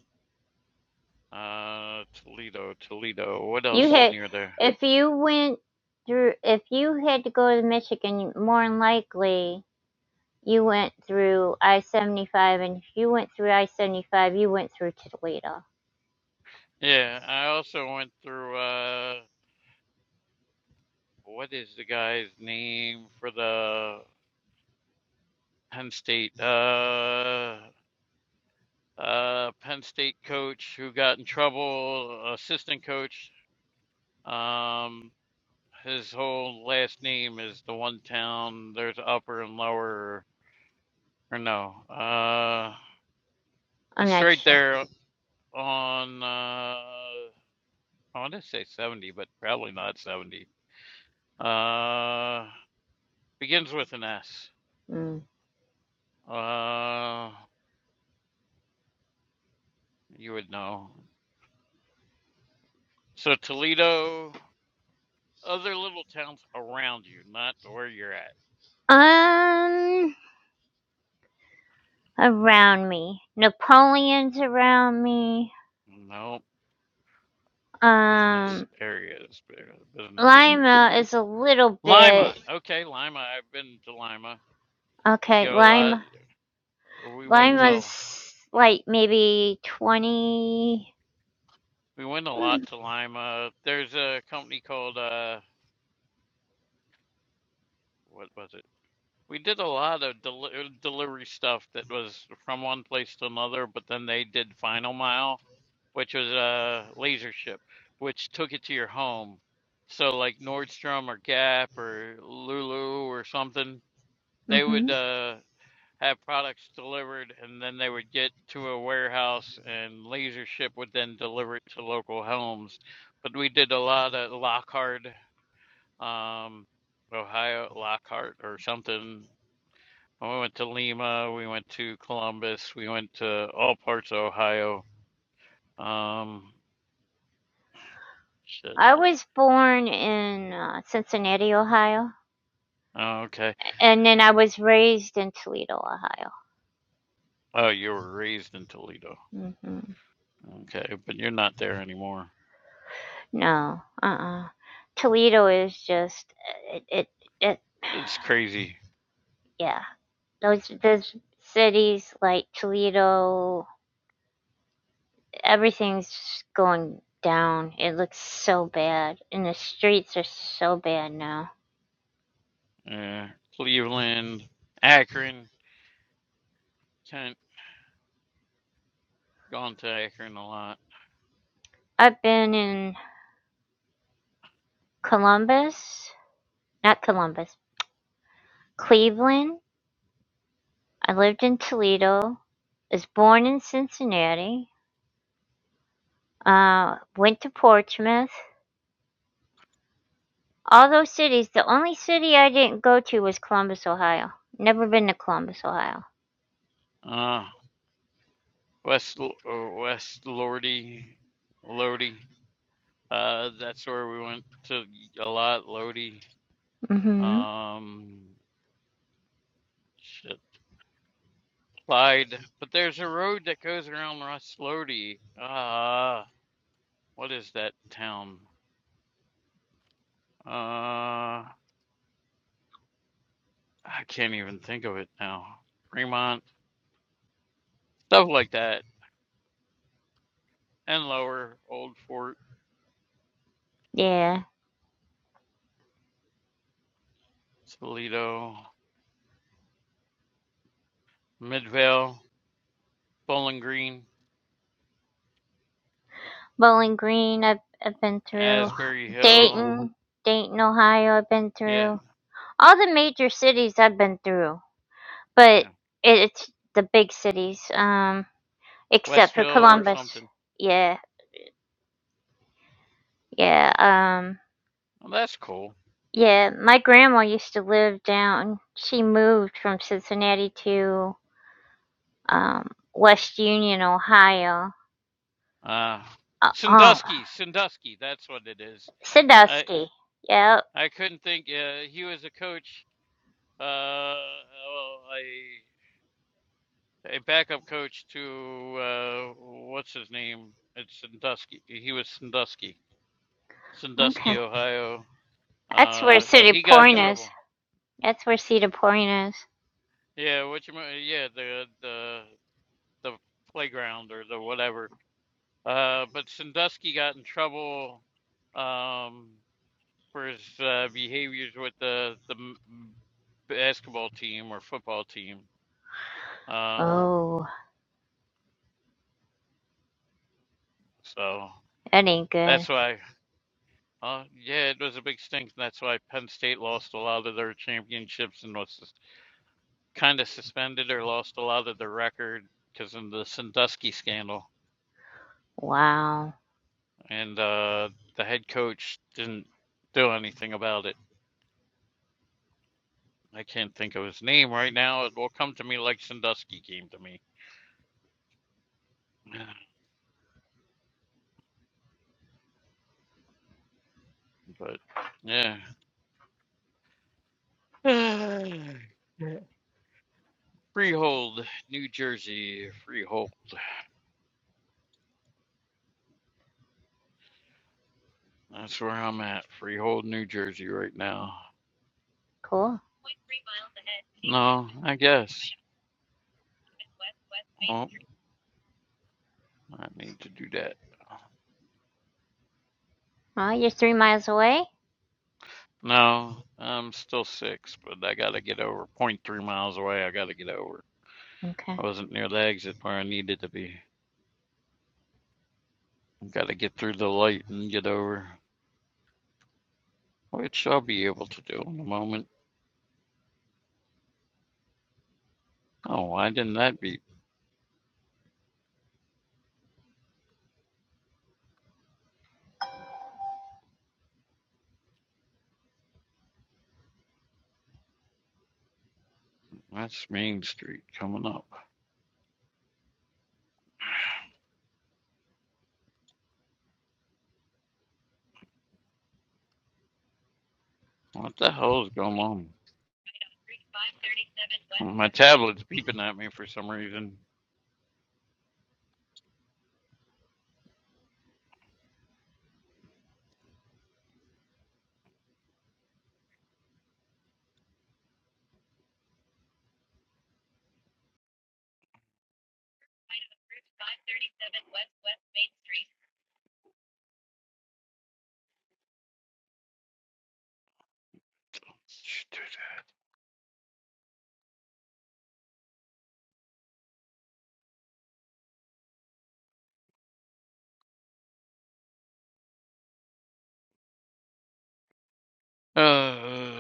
uh, Toledo, Toledo. What You else is had, near there? if you went through, if you had to go to Michigan, more than likely you went through I-75, and if you went through I-75, you went through Toledo. Yeah, I also went through uh, what is the guy's name for the Penn State? Uh, uh, Penn State coach who got in trouble, assistant coach. Um, his whole last name is the one town. There's upper and lower, or no, uh, I'm it's not right sure. there on. Uh, I want to say 70, but probably not 70. Uh, begins with an S. Mm. Uh, you would know. So Toledo, other little towns around you, not where you're at. Um, around me, Napoleon's around me. No. Um. Business areas, business area. Lima is a little Lima. bit Okay, Lima. I've been to Lima. We okay. go a lot. Lima, We went to Lima's like maybe 20 we went a lot to Lima. There's a company called uh what was it? We did a lot of deli uh, delivery stuff that was from one place to another, but then they did final mile, which was a laser ship, which took it to your home. So like Nordstrom or Gap or Lulu or something, they would. Mm-hmm. uh have products delivered, and then they would get to a warehouse, and Laser Ship would then deliver it to local homes. But we did a lot at Lockhart, um, Ohio, Lockhart or something. We went to Lima, we went to Columbus, we went to all parts of Ohio. Um, shit. I was born in uh, Cincinnati, Ohio, Oh, okay. and then I was raised in Toledo, Ohio. Oh, you were raised in Toledo. hmm Okay, but you're not there anymore. No, uh-uh. Toledo is just it, it, it. It's crazy. Yeah, those those cities like Toledo, everything's going down. It looks so bad, and the streets are so bad now. Yeah. Cleveland, Akron, Gone to Akron a lot. I've been in Columbus, not Columbus, Cleveland. I lived in Toledo. I Was born in Cincinnati. Uh, went to Portsmouth. All those cities. The only city I didn't go to was Columbus, Ohio. Never been to Columbus, Ohio. Uh, West uh, West Lodi, Lodi. Uh, that's where we went to a lot. Lodi. mm Mhm. Um, shit, Clyde. But there's a road that goes around West Lodi. Uh, what is that town? Uh, I can't even think of it now. Fremont, stuff like that, and lower Old Fort, Yeah. Toledo, Midvale, Bowling Green. Bowling Green, I've, I've been through. Asbury Hill. Dayton, Dayton, Ohio, I've been Yeah, through. All the major cities I've been through, but it, yeah. it's the big cities, um, except for Westville or Columbus. something. Yeah, yeah, um, Well, that's cool. yeah. My grandma used to live down. She moved from Cincinnati to um, West Union, Ohio. Uh, Uh, oh, Sandusky, Sandusky. That's what it is. I Sandusky. Yep. I couldn't think. Uh, he was a coach, uh, well, a a backup coach to uh, what's his name? It's Sandusky. He was Sandusky, Sandusky, Okay. Ohio. That's where Uh, Cedar he got in Point is. trouble. That's where Cedar Point is. Yeah, what you? Yeah, the the the playground or the whatever Uh, but Sandusky got in trouble um, for his uh, behaviors with the the m- basketball team or football team. Uh, Oh, so that ain't good. that's why. Uh, yeah, it was a big stink. and That's why Penn State lost a lot of their championships and was kind of suspended or lost a lot of their record because of the Sandusky scandal. Wow. And uh, the head coach didn't do anything about it. I can't think of his name right now. It will come to me like Sandusky came to me. [sighs] But yeah. [sighs] Freehold, New Jersey, Freehold. That's where I'm at. Freehold, New Jersey right now. Cool. No, I guess. Oh, I need to do that. Well, you're three miles away? No, I'm still six, but I gotta get over. zero Point three miles away, I gotta get over. I Okay. wasn't near the exit where I needed to be. Gotta get through the light and get over. Which I'll be able to do in a moment. Oh, why didn't that beep? That's Main Street coming up. What the hell is going on? My tablet's beeping at me for some reason. [sighs] Uh,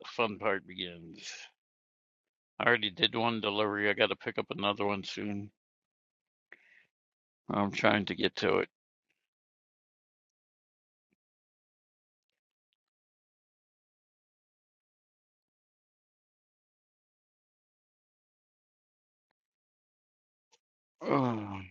the fun part begins. I already did one delivery. I got to pick up another one soon. I'm trying to get to it. [sighs] Ugh.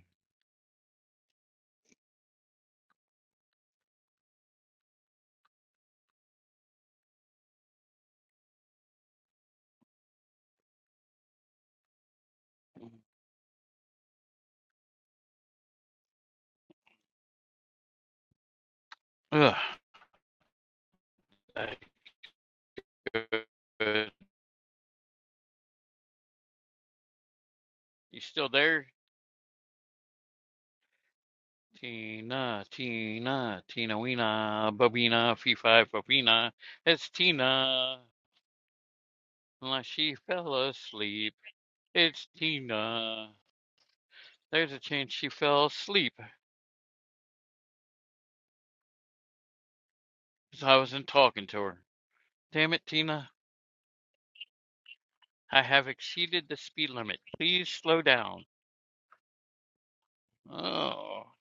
Ugh. You still there? Tina, Tina, Tina Weena, Babina, Fee Fi It's Tina. Unless she fell asleep. It's Tina. There's a chance she fell asleep 'cause I wasn't talking to her. Damn it, Tina. I have exceeded the speed limit. Please slow down. Oh,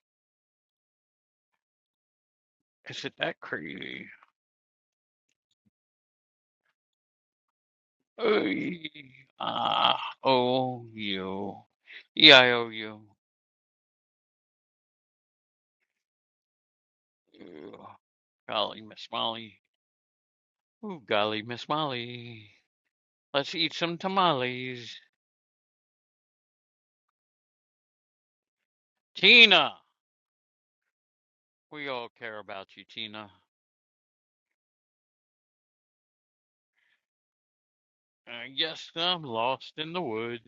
is it that crazy? Oy, Ah, oh, you. E I O U. Ew. Golly, Miss Molly. Ooh, golly, Miss Molly. Let's eat some tamales. Tina! We all care about you, Tina. I guess I'm lost in the woods.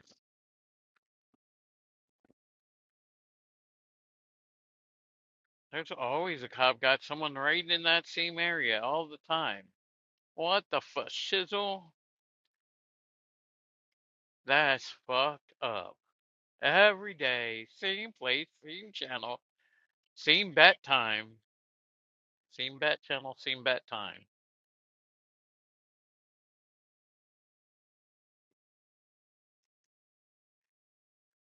There's always a cop got someone right in that same area all the time. What the fu shizzle? That's fucked up. Every day, same place, same channel, same bat time. Same bat channel, same bat time.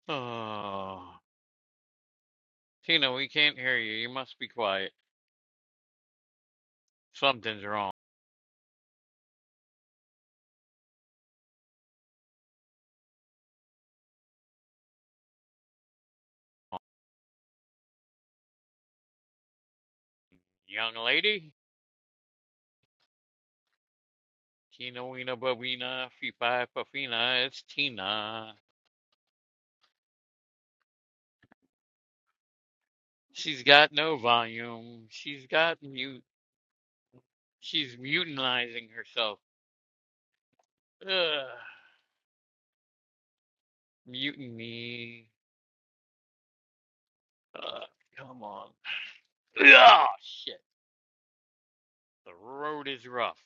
Oh, Tina, we can't hear you. You must be quiet. Something's wrong. Young lady? Tina Weena Bobina, Fee puffina. it's Tina. She's got no volume. She's got mute. She's mutinizing herself. Ugh. Mutiny. Ugh, come on. Oh shit. The road is rough.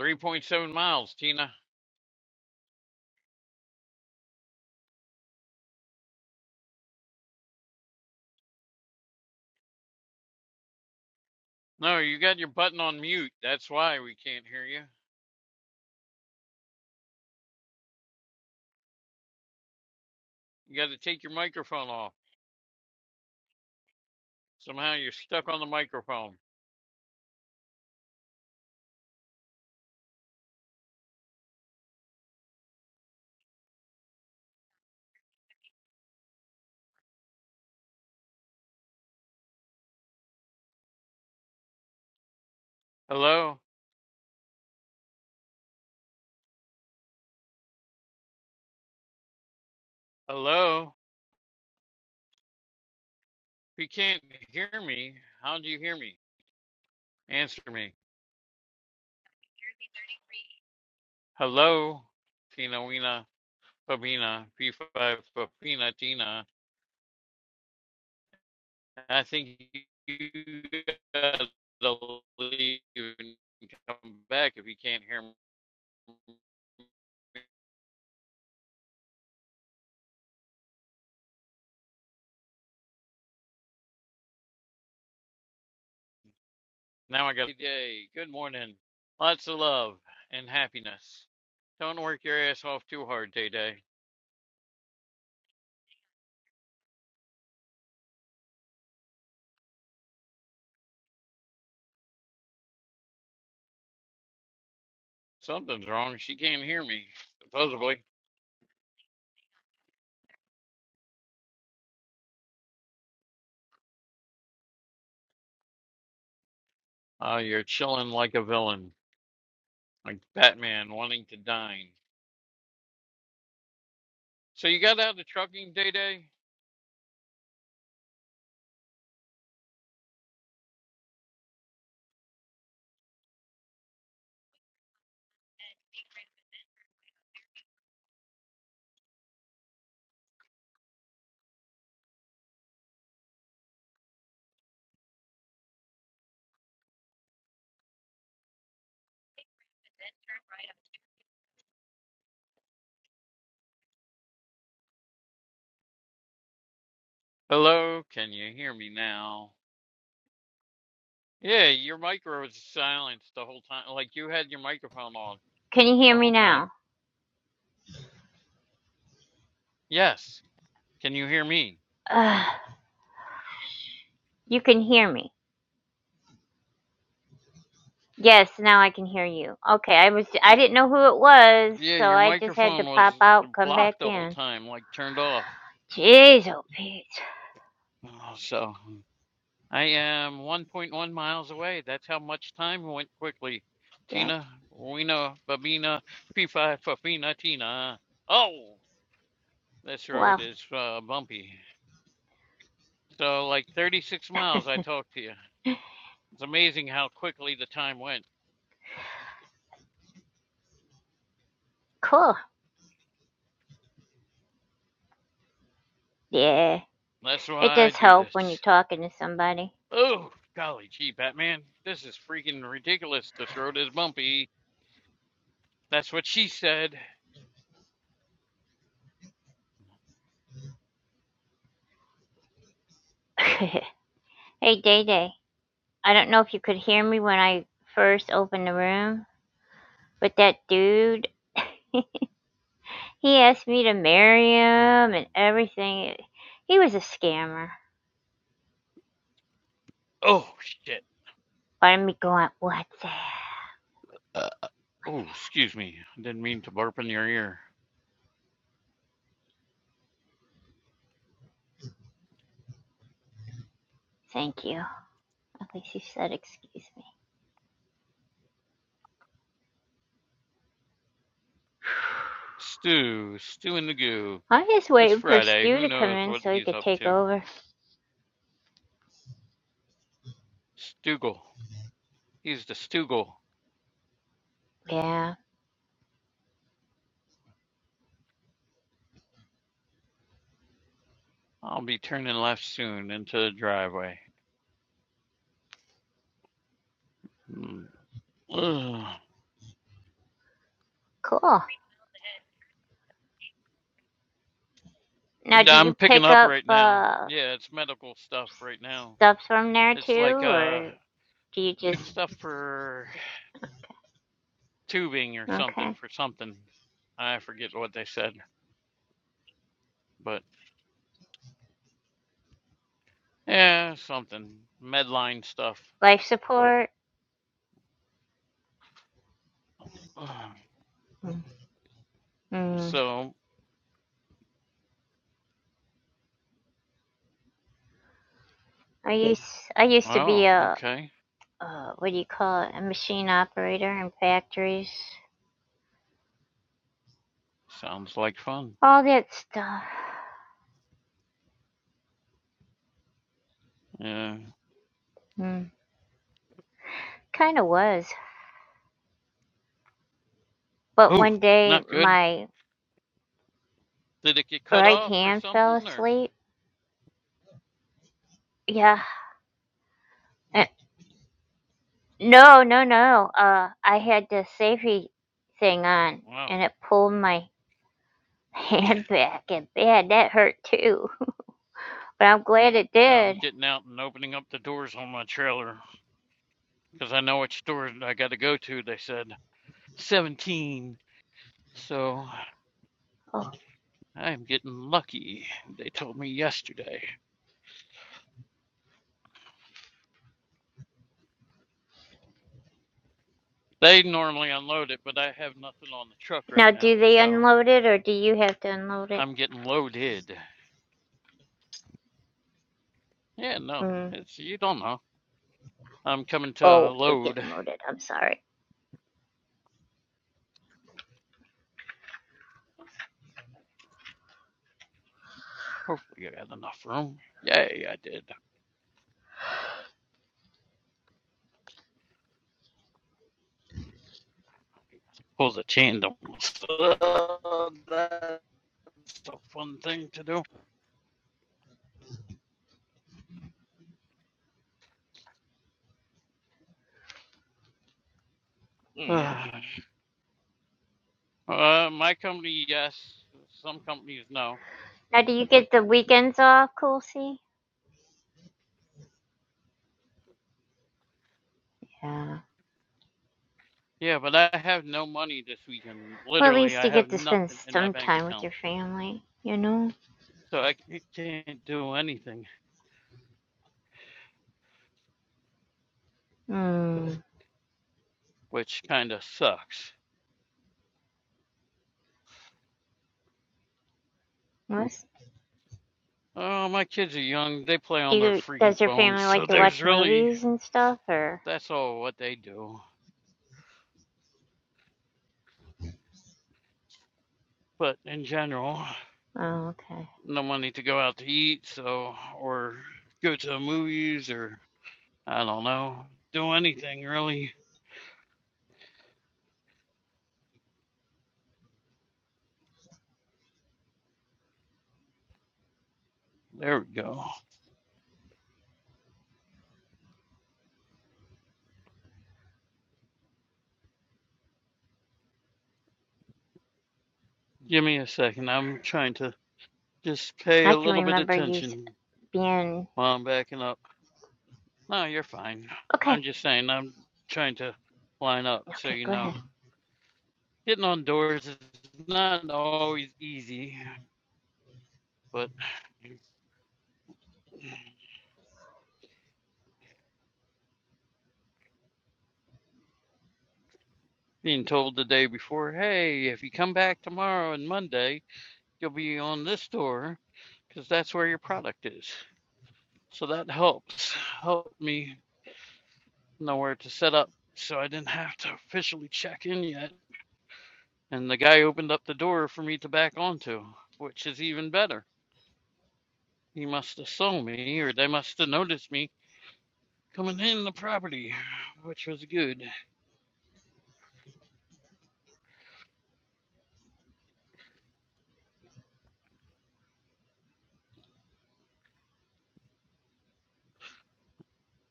3.7 miles, Tina. No, you got your button on mute. That's why we can't hear you. You got to take your microphone off. Somehow you're stuck on the microphone. Hello? Hello? If you can't hear me, how do you hear me? Answer me. Hello, Tina Wina Fabina, P5 Fabina Tina. I think you gotta leave and come back if you can't hear me. Now I got a day. Good morning. Lots of love and happiness. Don't work your ass off too hard, Day Day. Something's wrong. She can't hear me, supposedly. Uh, you're chilling like a villain, like Batman wanting to dine. So you got out of trucking day day? Hello, can you hear me now? Yeah, your micro was silenced the whole time. Like you had your microphone on Can you hear the me whole time. now? Yes, can you hear me? Ugh, you can hear me. Yes, now I can hear you. Okay, I was I Y- didn't know who it was, Yeah, so your I just had to microphone was pop out, come blocked back the whole in. time, like turned off. Jeez, oh Pete. Oh, So I am 1.1 miles away. That's how much time went quickly. That Tina, Wina, Babina, P5, Fafina, Tina. Oh, this well, road is uh, bumpy. So, like 36 miles, I talked to you. It's amazing how quickly the time went. cool. Yeah, That's it why I does do help this. when you're talking to somebody. Oh, golly gee, Batman. This is freaking ridiculous. This road is bumpy. That's what she said. [laughs] hey, Day Day. I don't know if you could hear me when I first opened the room, but that dude He asked me to marry him and Um, everything. He was a scammer. Oh, shit. But I'm going, what's that? Uh, oh, excuse me. I didn't mean to burp in your ear. Thank you. At least he said, excuse me. [sighs] Stew, stew in the goo. I'm just It's waiting for Friday. Stu Who to come knows in what so he he's could up take to? over. Stoogle. He's the Stoogle. Yeah, I'll be turning left soon into the driveway. Mm. Ugh. cool. Now, do Yeah, I'm you picking pick up up right now. uh, Yeah, it's medical stuff right now. stuff from there too, It's like uh or do you just stuff for [sighs] tubing or something okay for something. I forget what they said, but yeah, something Medline stuff. [sighs] life support? Ah, Mm. So, I used I used to be oh, a okay. uh, what do you call it a machine operator in factories. Sounds like fun. all that stuff. Yeah. Mm. Kind of was. But Oh, one day not good. my Did it get cut right off or hand fell something or asleep. Yeah. Uh, No, no, no. Uh, I had the safety thing on wow. and it pulled my [laughs] Yeah. hand back and bad. That hurt too. [laughs] But I'm glad it I'm did. getting out and opening up the doors on my trailer because I know which store I got to go to, they said. 17. So Oh. I'm getting lucky. They told me yesterday. They normally unload it, but I have nothing on the truck right Now, now. do they So unload it or do you have to unload it? I'm getting loaded. Yeah, no, Mm. it's you don't know. I'm coming to Oh, you're load. getting loaded. I'm sorry. Hopefully, I got enough room. Yay, I did. Pull the tandem. So that's a fun thing to do. Yeah. [sighs] Uh, my company, yes. Some companies, no. Now, do you get the weekends off, Cool Yeah. Yeah, but I have no money this weekend. Well, at Literally, least I you have get to spend nothing in my some bank time with account. your family, you know? So I c- can't do anything, Mm. which kind of sucks. What's, Oh, my kids are young. They play do on their you, does freaking your phones. family So like to there's watch really, movies and stuff, or? that's all what they do. But in general, Oh, okay. no money to go out to eat, so, or go to the movies, or I don't know, do anything really. There we go. Give me a second. I'm trying to just pay I a can little bit remember you s- attention being. while I'm backing up. No, you're fine. Okay. I'm just saying, I'm trying to line up so Okay, you go ahead. know. Hitting on doors is not always easy, but [sniffs] being told the day before, hey, if you come back tomorrow and Monday, you'll be on this door because that's where your product is. So that helps. Helped me know where to set up so I didn't have to officially check in yet. And the guy opened up the door for me to back onto, which is even better. He must have saw me, or they must have noticed me coming in the property, which was good.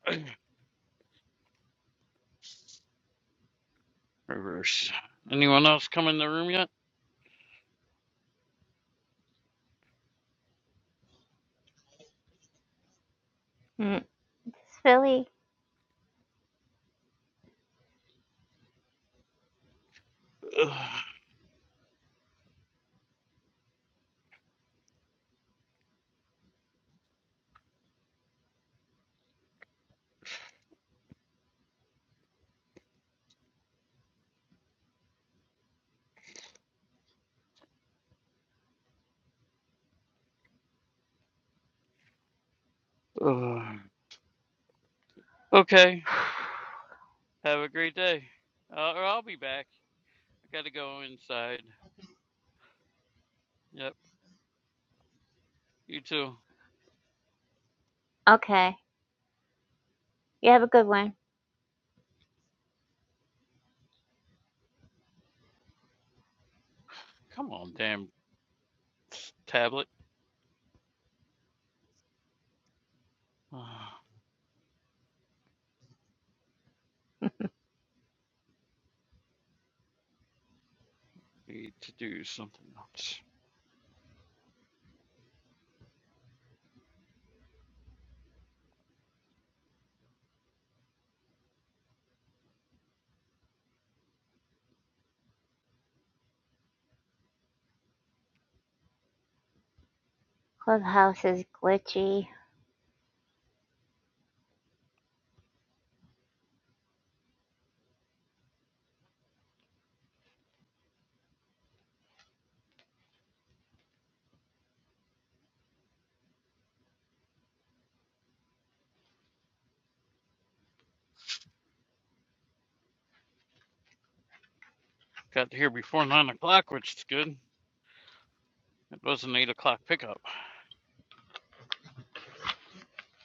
[clears throat] Reverse. Anyone else come in the room yet? Mm. Philly. [sighs] Ugh. Okay. [sighs] Have a great day. Uh, or I'll be back. I gotta go inside. Yep. You too. okay. You have a good one. Come on, damn tablet. Ah, need to do something else. Clubhouse is glitchy. Got here before nine o'clock, which is good. It was an eight o'clock pickup,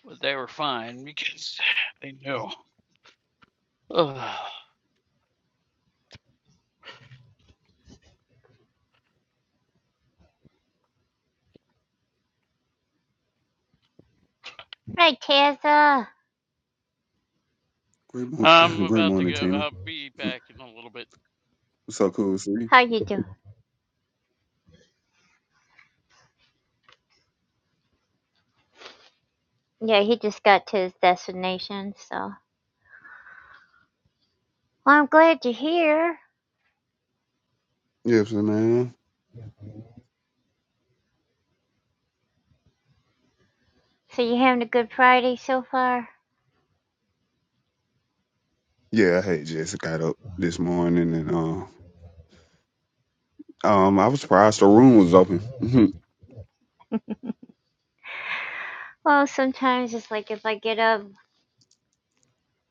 but they were fine because [sighs] they knew. Ugh. Right, Tessa. Great, mo- I'm [clears throat] great about to morning, go. Tina. I'll [clears throat] be [laughs] back in a little bit. So cool to see you. How you doing? Yeah, he just got to his destination, so. Well, I'm glad you're here. Yes, man. So you having a good Friday so far? Yeah, I had just got up this morning and uh, um, I was surprised the room was open. [laughs] Well, sometimes it's like if I get up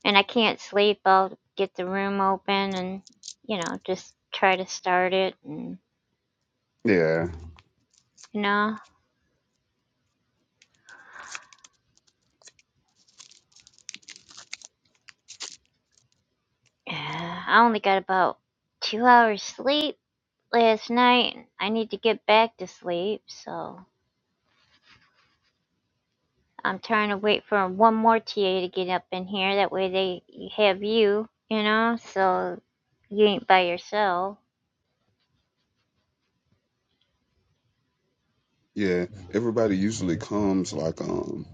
and I can't sleep, I'll get the room open and, you know, just try to start it. And, yeah, you know, [sighs] I only got about two hours sleep last night. I need to get back to sleep, so I'm trying to wait for one more TA to get up in here. That way they have you, you know, so you ain't by yourself. yeah. Everybody usually comes like um,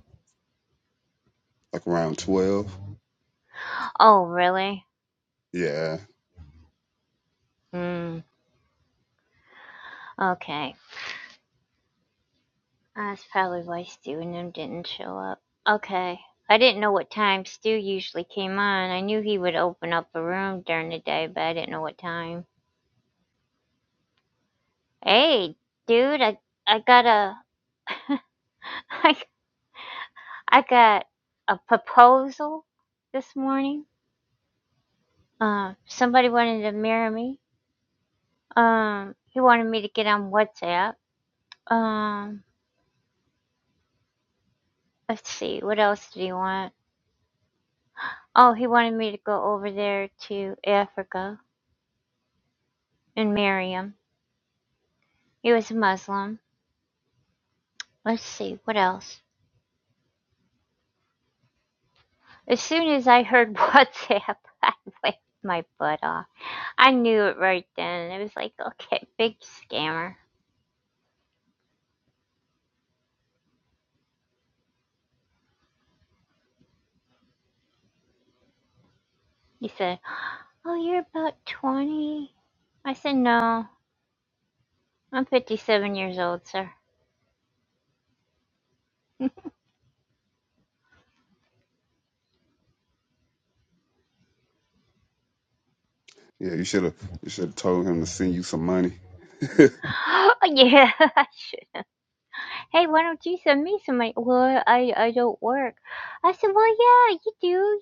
like around twelve. Oh, really? Yeah, Hmm. Okay. That's probably why Stu and him didn't show up. Okay. I didn't know what time Stu usually came on. I knew he would open up a room during the day, but I didn't know what time. Hey, dude, I I got a [laughs] I, I got a proposal this morning. Um, somebody wanted to marry me. Um, he wanted me to get on WhatsApp. Um, let's see, what else did he want? Oh, he wanted me to go over there to Africa and marry him. He was a Muslim. Let's see, what else? As soon as I heard [laughs] WhatsApp, I laughed my butt off. I knew it right then. It was like, okay, big scammer. He said, Oh, you're about 20." I said, No, I'm 57 years old, sir. [laughs] yeah. You should have you should have told him to send you some money. Oh, yeah, [laughs] I should. Hey, why don't you send me some money? Well, I, I don't work. I said, well, yeah, you do.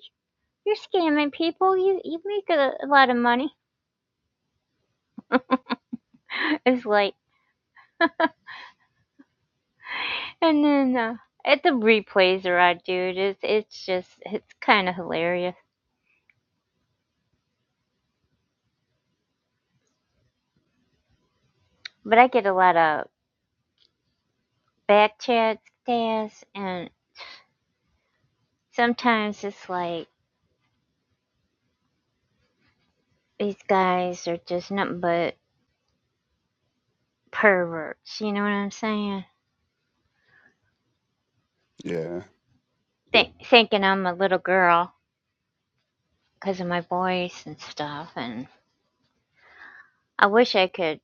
You're scamming people. You you make a, a lot of money. [laughs] It's like, And then uh, at the replays are on, dude. It's it's just it's kind of hilarious. But I get a lot of back chats, Daz, and sometimes it's like these guys are just nothing but perverts. You know what I'm saying? Yeah. Think, thinking I'm a little girl because of my voice and stuff. And I wish I could.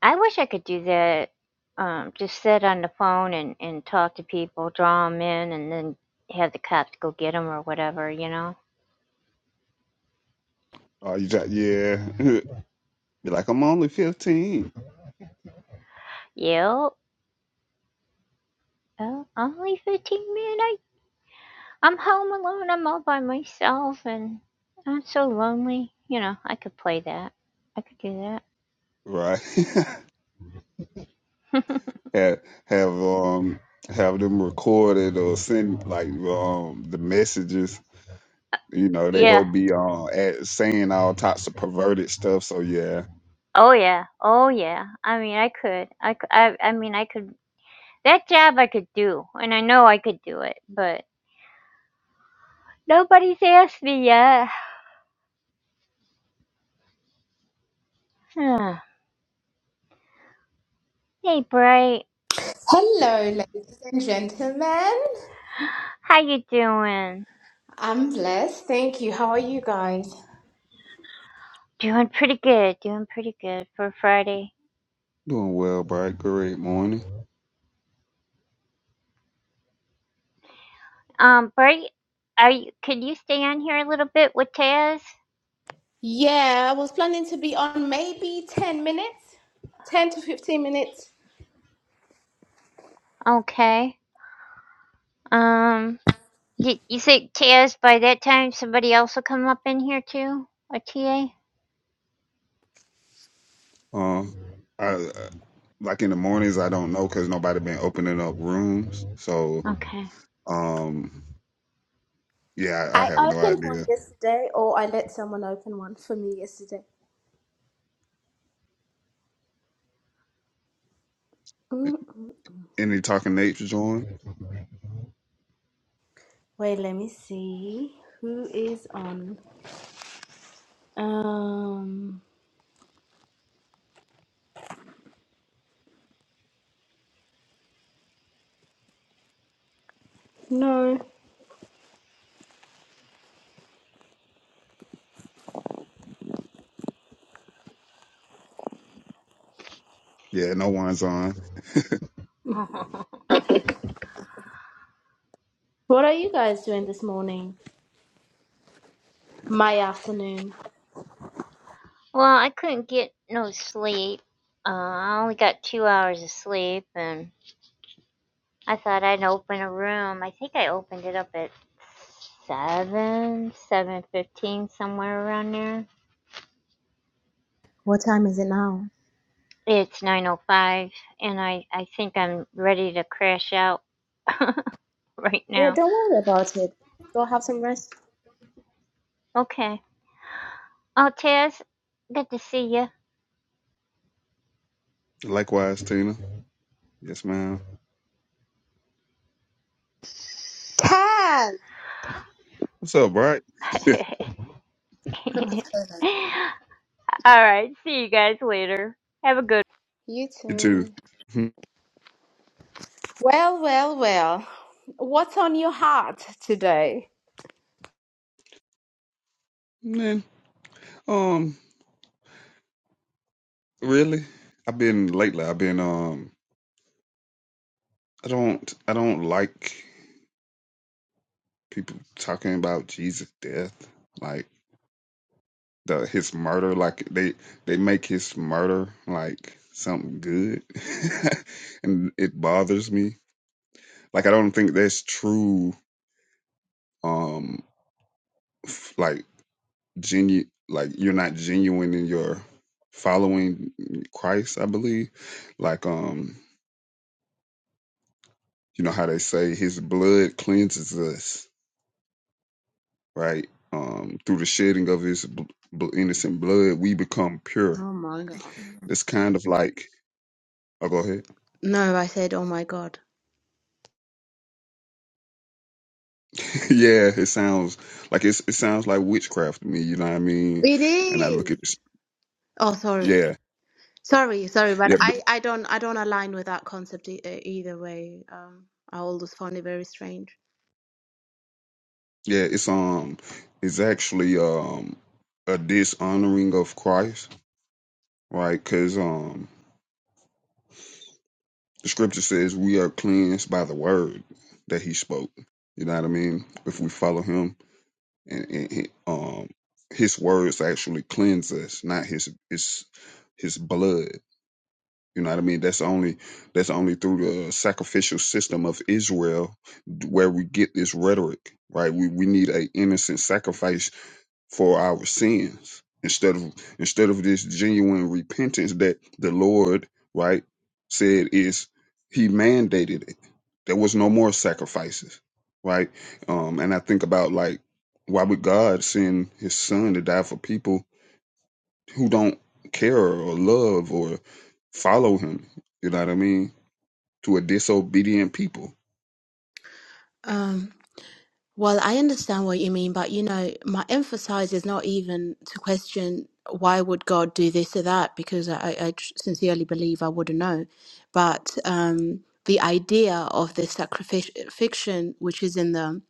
I wish I could do that. Um, just sit on the phone and, and talk to people, draw them in, and then have the cops go get them or whatever, you know? Oh, you got yeah. [laughs] Be like, I'm only fifteen, Yep. Oh, only 15 minutes. I'm home alone. I'm all by myself and I'm so lonely. You know, I could play that. I could do right? that. [laughs] have have um have them recorded or send like um the messages You [laughs] know, they yeah. go be uh, at saying all types of perverted stuff. So yeah, Oh yeah. Oh yeah. I mean, I could. I, c- I, I mean, I could. That job I could do, and I know I could do it, but nobody's asked me yet. [sighs] hey, Bright. Hello, ladies and gentlemen. How you doing? I'm blessed. Thank you. How are you guys? Doing pretty good. Doing pretty good for Friday. doing well, Bright. Great morning. Um, Bray, are you? Could you stay on here a little bit with Taz? Yeah, I was planning to be on maybe 10 minutes, 10 to 15 minutes. Okay. Um, you, you think Taz by that time somebody else will come up in here too? A TA? Um, I uh, like in the mornings I don't know because nobody been opening up rooms. So Okay. um, yeah, I, I I have no opened one idea. yesterday, or I let someone open one for me yesterday. Mm-mm. Any talking nature's on? Wait, let me see who is on. Um, no. Yeah, no one's on. [laughs] well, What are you guys doing this morning? My afternoon. I couldn't get no sleep. Uh, I only got two hours of sleep, and I thought I'd open a room. I think I opened it up at seven, seven fifteen, somewhere around there. What time is it now? It's nine oh five, and I I think I'm ready to crash out. [laughs] right Yeah, now. don't worry about it. Go have some rest. Okay. Oh, Tess, good to see you. Likewise, Tina. Yes, ma'am. 10. What's up, Bright? [laughs] All right. See you guys later. Have a good You You too. too. Hmm. Well, well, well. What's on your heart today? Man, um, really? I've been lately. I've been um. I don't. I don't like. people talking about Jesus' death, like the his murder, like they they make his murder like something good, [laughs] and it bothers me. Like I don't think that's true. Um, f- like genu like you're not genuine in your following Christ. I believe, like um, you know how they say his blood cleanses us, right? Um, through the shedding of his bl- bl- innocent blood, we become pure Oh my god. It's kind of like oh go ahead. No, I said oh my god. [laughs] yeah, it sounds like it's it sounds like witchcraft to me, you know what I mean? It And I look is. at this Oh, sorry. yeah, Sorry, sorry, but yeah, but I I don't I don't align with that concept e- uh, either way. Um I always found it very strange. yeah, it's um it's actually um a dishonoring of Christ, right? Cuz um the scripture says we are cleansed by the word that he spoke. You know what I mean? If we follow him and, and and, um his words actually cleanse us, not his his his blood. You know what I mean? That's only that's only through the sacrificial system of Israel where we get this rhetoric, right? We we need a innocent sacrifice for our sins instead of instead of this genuine repentance that the Lord, right, said is He mandated it. There was no more sacrifices, right? Um, and I think about like why would God send His Son to die for people who don't care or love or follow him. You know what I mean? To a disobedient people. Um, Well, I understand what you mean, but you know, my emphasis is not even to question why would God do this or that, because I, I tr- sincerely believe I wouldn't know. But um, the idea of the sacrific- fiction, which is in the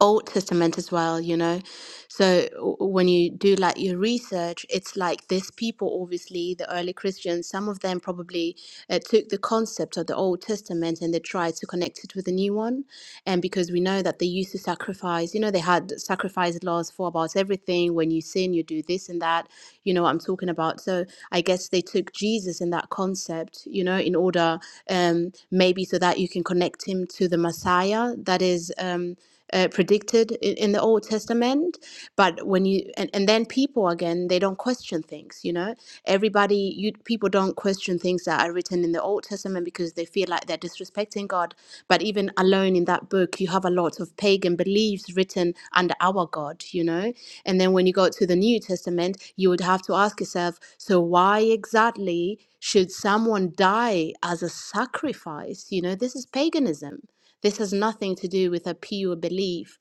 Old Testament as well, you know. So w- when you do like your research, it's like these people, obviously, the early Christians, some of them probably uh, took the concept of the Old Testament and they tried to connect it with the new one. And because we know that they used to sacrifice, you know, they had sacrifice laws for about everything. When you sin, you do this and that. You know what I'm talking about. So I guess they took Jesus in that concept, you know, in order um, maybe so that you can connect him to the Messiah. That is. Um, uh, predicted in, in the Old Testament. But when you and, and then people again, they don't question things. You know, everybody, you people don't question things that are written in the Old Testament because they feel like they're disrespecting God. But even alone in that book, you have a lot of pagan beliefs written under our God. You know, and then when you go to the New Testament, you would have to ask yourself, so why exactly? Should someone die as a sacrifice? You know, this is paganism this has nothing to do with a pure belief.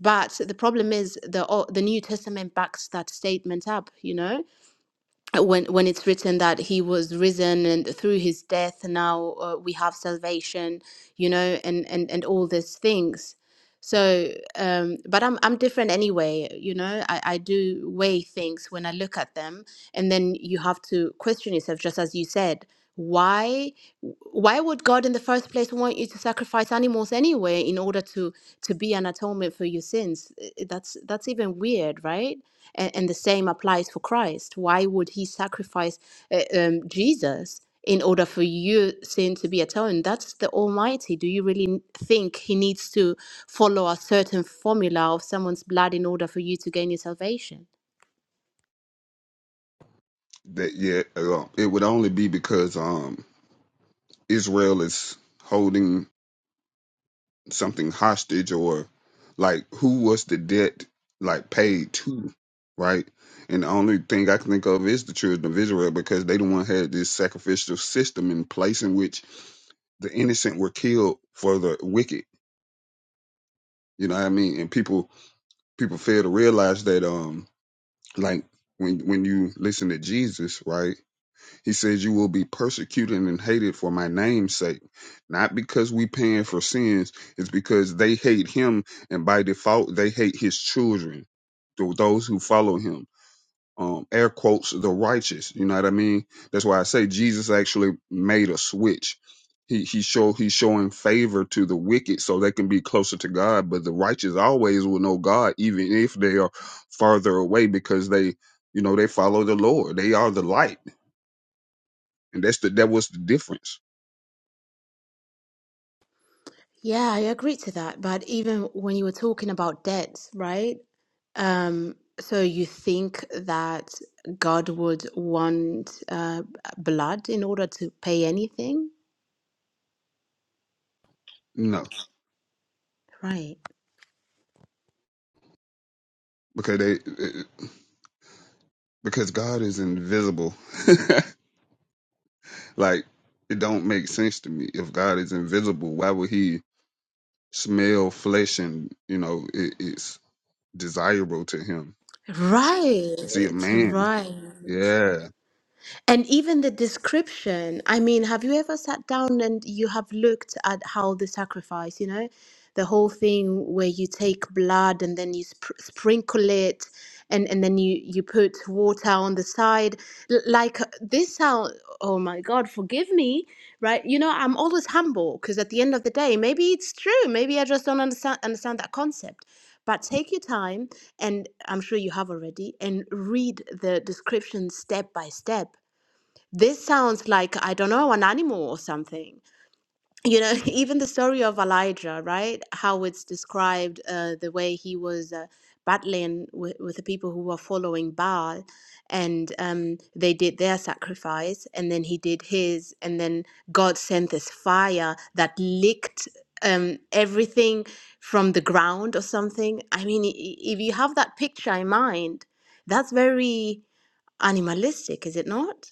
But the problem is the O- the New Testament backs that statement up, you know, when when it's written that he was risen and through his death now uh, we have salvation, you know, and and and all these things. So, um, but I'm I'm different anyway, you know. I I do weigh things when I look at them, and then you have to question yourself, just as you said, why why would God in the first place want you to sacrifice animals anyway in order to to be an atonement for your sins? I- I- That's that's even weird, right? And, and the same applies for Christ. Why would He sacrifice uh, um, Jesus in order for your sin to be atoned? That's the Almighty. Do you really n- think He needs to follow a certain formula of someone's blood in order for you to gain your salvation? That yeah, uh, it would only be because um Israel is holding something hostage or like who was the debt like paid to, right? And the only thing I can think of is the children of Israel because they the one had this sacrificial system in place in which the innocent were killed for the wicked. You know what I mean? And people people fail to realize that um Like when when you listen to Jesus, right? He says you will be persecuted and hated for my name's sake. Not because we paying for sins, it's because they hate him and by default they hate his children, th- those who follow him um, air quotes, the righteous. You know what I mean? That's why I say Jesus actually made a switch. He he show he's showing favor to the wicked so they can be closer to God, but the righteous always will know God, even if they are farther away, because they you know they follow the Lord. They are the light, and that's the that was the difference. Yeah, I agree to that. But even when you were talking about debt, right? Um, so you think that God would want uh, blood in order to pay anything? No, Right. because they because God is invisible. [laughs] like it don't make sense to me if God is invisible. Why would he? smell flesh and you know it, it's desirable to him Right. see a man Right. yeah And even the description, I mean, have you ever sat down and you have looked at how the sacrifice, you know, the whole thing where you take blood and then you spr sprinkle it and, and then you, you put water on the side? L- Like uh, this sound, oh my God, forgive me, right? You know, I'm always humble because at the end of the day, maybe it's true. Maybe I just don't understand, understand that concept. But take your time, and I'm sure you have already, and read the description step by step this sounds like, I don't know, an animal or something. You know, [laughs] even the story of Elijah, right? How it's described, uh, the way he was uh, battling with, with the people who were following Baal, and um, they did their sacrifice, and then he did his, and then God sent this fire that licked um, everything from the ground or something. I mean, i- i- if you have that picture in mind, that's very animalistic, is it not?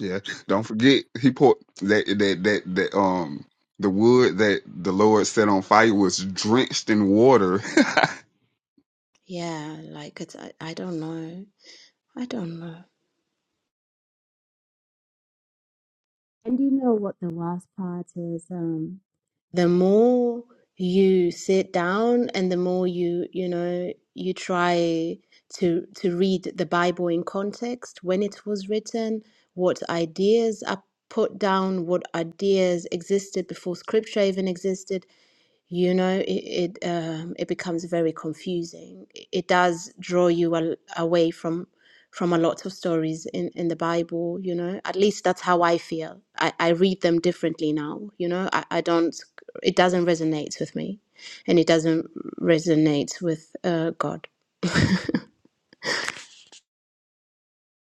yeah don't forget he put that that that that um the wood that the lord set on fire was drenched in water Yeah, like it's I, I don't know. I don't know. And you know what the worst part is? Um, The more you sit down and the more you, you know, you try to to read the Bible in context, when it was written, what ideas are put down, what ideas existed before scripture even existed. you know it it, um, it becomes very confusing it it does draw you al- away from from a lot of stories in in the bible you know at least that's how i feel i i read them differently now you know i, I don't it doesn't resonate with me and it doesn't resonate with uh, god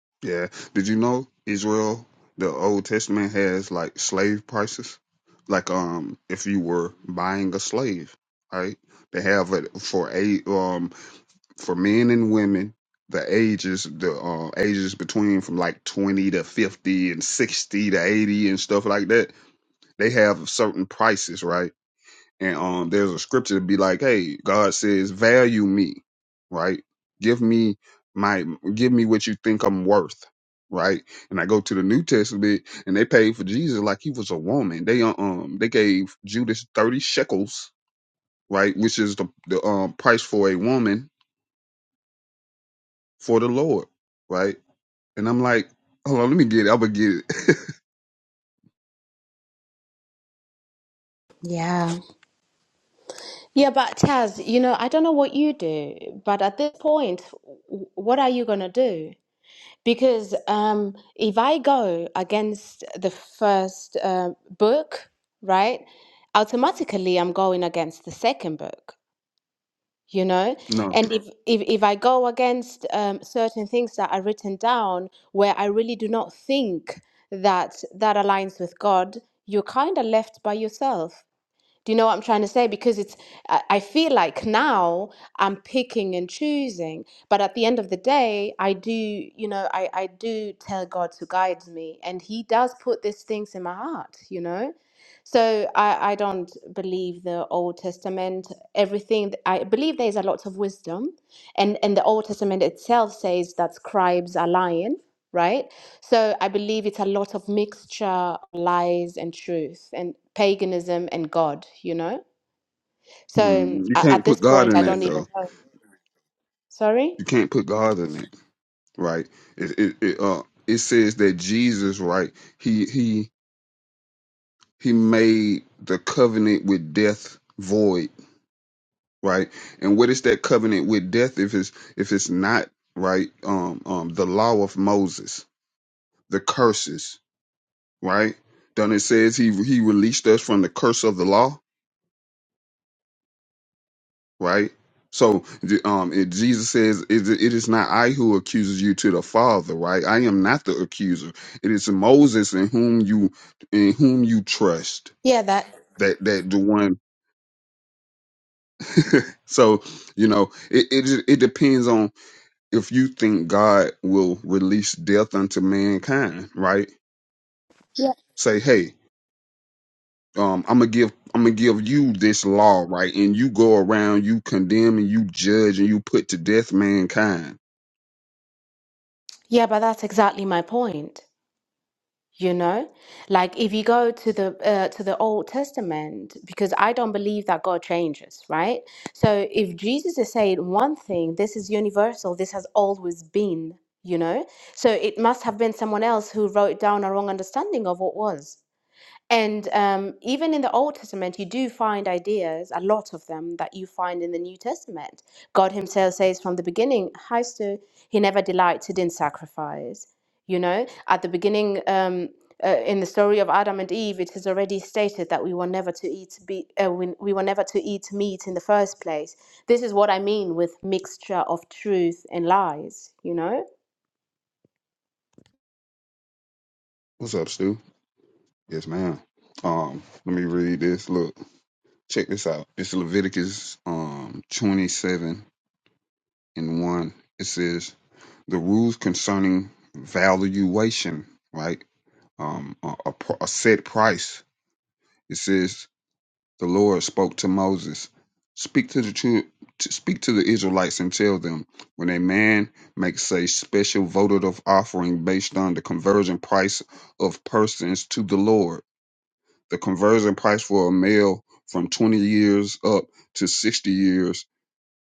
[laughs] yeah did you know israel the old testament has like slave prices like um if you were buying a slave right they have it for eight um. for men and women the ages the uh, ages between from like 20 to 50 and 60 to 80 and stuff like that they have certain prices right and um there's a scripture to be like hey god says value me right give me my give me what you think i'm worth right and i go to the new testament and they paid for jesus like he was a woman they uh, um they gave judas 30 shekels right which is the, the um price for a woman for the Lord, right? And I'm like, hold on, let me get it. I'm gonna get it. Yeah. Yeah, but Taz, you know, I don't know what you do, but at this point, w- what are you going to do? Because um, if I go against the first uh, book, right, automatically I'm going against the second book, you know? [laughs] no, And if, if, if I go against um, certain things that are written down where I really do not think that that aligns with God, you're kind of left by yourself do you know what I'm trying to say? Because it's, I I feel like now I'm picking and choosing, but at the end of the day, I do, you know, I, I do tell God to guide me, and He does put these things in my heart, you know? So I, I don't believe the Old Testament, everything. I believe there's a lot of wisdom, and, and the Old Testament itself says that scribes are lying, right? So I believe it's a lot of mixture of lies and truth and paganism and God, you know? So mm, you a- at can't put this God point, in I that don't even though. know. Sorry? You can't put God in it, right? It it, it uh it says that Jesus, right? He he he made the covenant with death void, right? And what is that covenant with death if it's if it's not right? Um um the law of Moses, the curses, right? Then it says he he released us from the curse of the law right? So, um, it, Jesus says, it, "It is not I who accuses you to the Father, right? I am not the accuser. It is Moses in whom you in whom you trust. Yeah, that. That that the one. [laughs] so, you know, it it ju- it depends on if you think God will release death unto mankind, right? Yeah. Say, hey, um, I'm gonna give I'm gonna give you this law, right? And you go around, you condemn and you judge and you put to death mankind. Yeah, but that's exactly my point. You know, like if you go to the uh, to the Old Testament, because I don't believe that God changes, right? So if Jesus is saying one thing, this is universal, this has always been, you know, so it must have been someone else who wrote down a wrong understanding of what was. And um, even in the Old Testament, you do find ideas, a lot of them, that you find in the New Testament. God Himself says from the beginning, Heistu, He never delighted in sacrifice. You know, at the beginning, um, uh, in the story of Adam and Eve, it is already stated that we were never to eat be, uh, we, we were never to eat meat in the first place. This is what I mean with mixture of truth and lies. You know What's up, Stu? Yes, ma'am. Um, let me read this. Look, check this out. It's Leviticus um twenty seven and one. It says the rules concerning valuation, right? Um, a, a, pr- a set price. It says the Lord spoke to Moses, speak to the chil- to speak to the Israelites and tell them when a man makes a special votive offering based on the conversion price of persons to the Lord The conversion price for a male from 20 years up to 60 years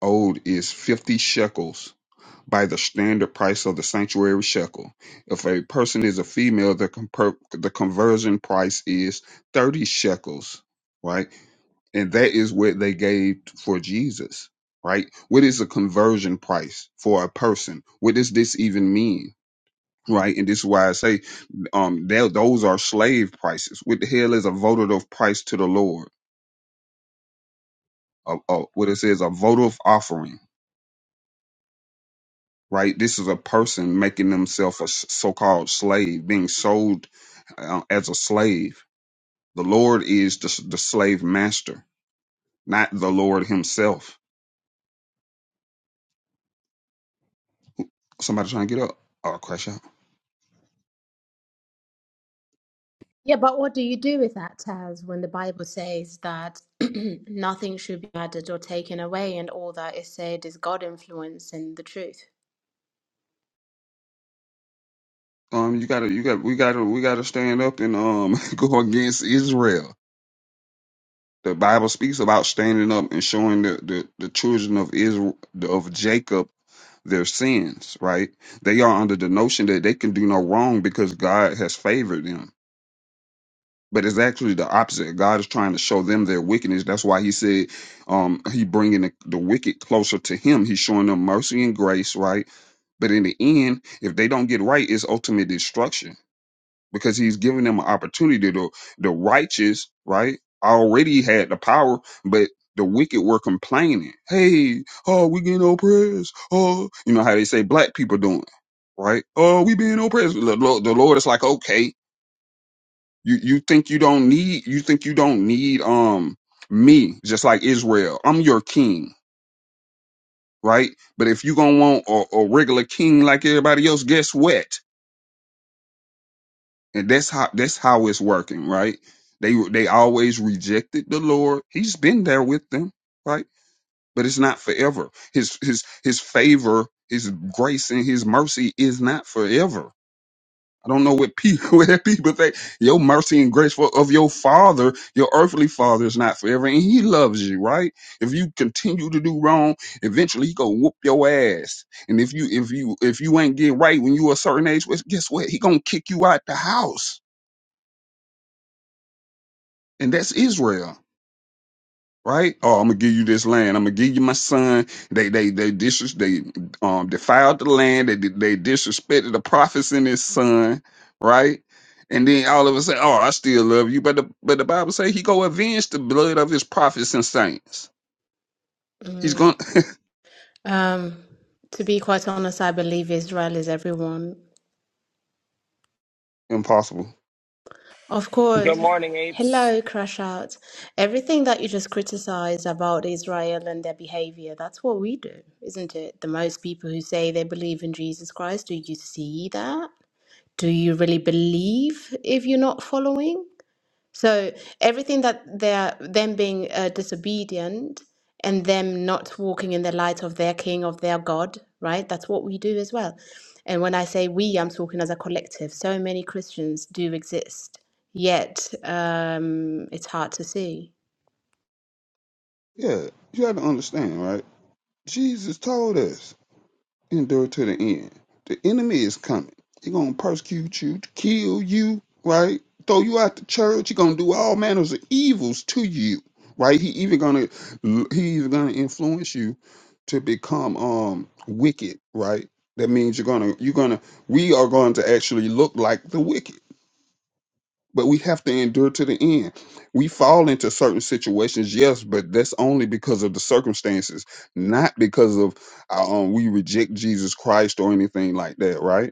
old is 50 shekels by the standard price of the sanctuary shekel. If a person is a female, the, comper- the conversion price is 30 shekels, right? and that is what they gave for Jesus, right? What is a conversion price for a person? What does this even mean? right? And this is why I say, um, tho- those are slave prices. What the hell is a votive price to the Lord? A, a, what it says, a votive offering, right? This is a person making themselves a s- so-called slave, being sold uh, as a slave. The Lord is the, s- the slave master, not the Lord Himself. Somebody trying to get up? Oh, crash out. Yeah, but what do you do with that, Taz, when the Bible says that [clears throat] nothing should be added or taken away, and all that is said is God influence and the truth? Um, you gotta, you got, we gotta, we gotta stand up and um [laughs] go against Israel The Bible speaks about standing up and showing the, the, the children of Israel of Jacob their sins, right? They are under the notion that they can do no wrong because God has favored them. But it's actually the opposite. God is trying to show them their wickedness. That's why he said um, he bringing the, the wicked closer to him. He's showing them mercy and grace, right? But in the end, if they don't get right, it's ultimate destruction because he's giving them an opportunity. The the righteous, right, already had the power, but the wicked were complaining. Hey, oh, we getting oppressed. Oh, you know how they say black people doing, right? Oh, we being oppressed. The Lord, the Lord is like, okay, you you think you don't need you think you don't need um me, just like Israel. I'm your king, right? But if you gonna want a, a regular king like everybody else, guess what? and that's how that's how it's working, right? They they always rejected the Lord. He's been there with them, right? But it's not forever. His his his favor, his grace, and his mercy is not forever. I don't know what people [laughs] what people think. Your mercy and grace for, of your father, your earthly father, is not forever, and he loves you, right? If you continue to do wrong, eventually he gonna whoop your ass. And if you if you if you ain't get right when you a certain age, well, guess what? He gonna kick you out the house and that's Israel, right? Oh, I'm gonna give you this land. I'm gonna give you my son. They they they dis- they um defiled the land. They they disrespected the prophets and his son, right? And then all of a sudden, oh, I still love you, but the but the Bible say he go avenge the blood of his prophets and saints. He's Mm. going to Um, to be quite honest, I believe Israel is everyone. [laughs] impossible. Of Good course, morning, apes. hello, crash out. Everything that you just criticize about Israel and their behavior, that's what we do, isn't it? The most people who say they believe in Jesus Christ, do you see that? Do you really believe if you're not following? So everything that they're them being uh, disobedient and them not walking in the light of their king, of their God, right? That's what we do as well. And when I say we, I'm talking as a collective. So many Christians do exist, yet um, it's hard to see. Yeah, you have to understand, right? Jesus told us. endure to the end. The enemy is coming. He gonna persecute you, kill you, right? Throw you out the church. He gonna do all manners of evils to you, right? He even gonna he even gonna influence you to become um wicked, right? That means you're gonna you're gonna we are going to actually look like the wicked but we have to endure to the end. We fall into certain situations, yes, but that's only because of the circumstances, not because of uh, um, we reject Jesus Christ or anything like that, right?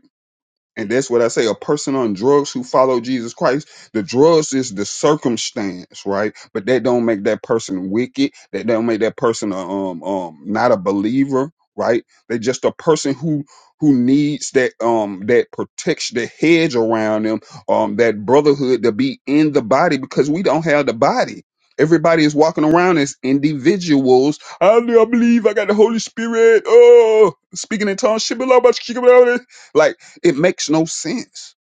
And that's what I say. A person on drugs who follow Jesus Christ, the drugs is the circumstance, right? But that don't make that person wicked. That don't make that person a, um um not a believer, right? They just a person who who needs that um that protection, the hedge around them, um that brotherhood to be in the body because we don't have the body. Everybody is walking around as individuals. I do I believe I got the Holy Spirit. Oh, speaking in tongues. Like it makes no sense.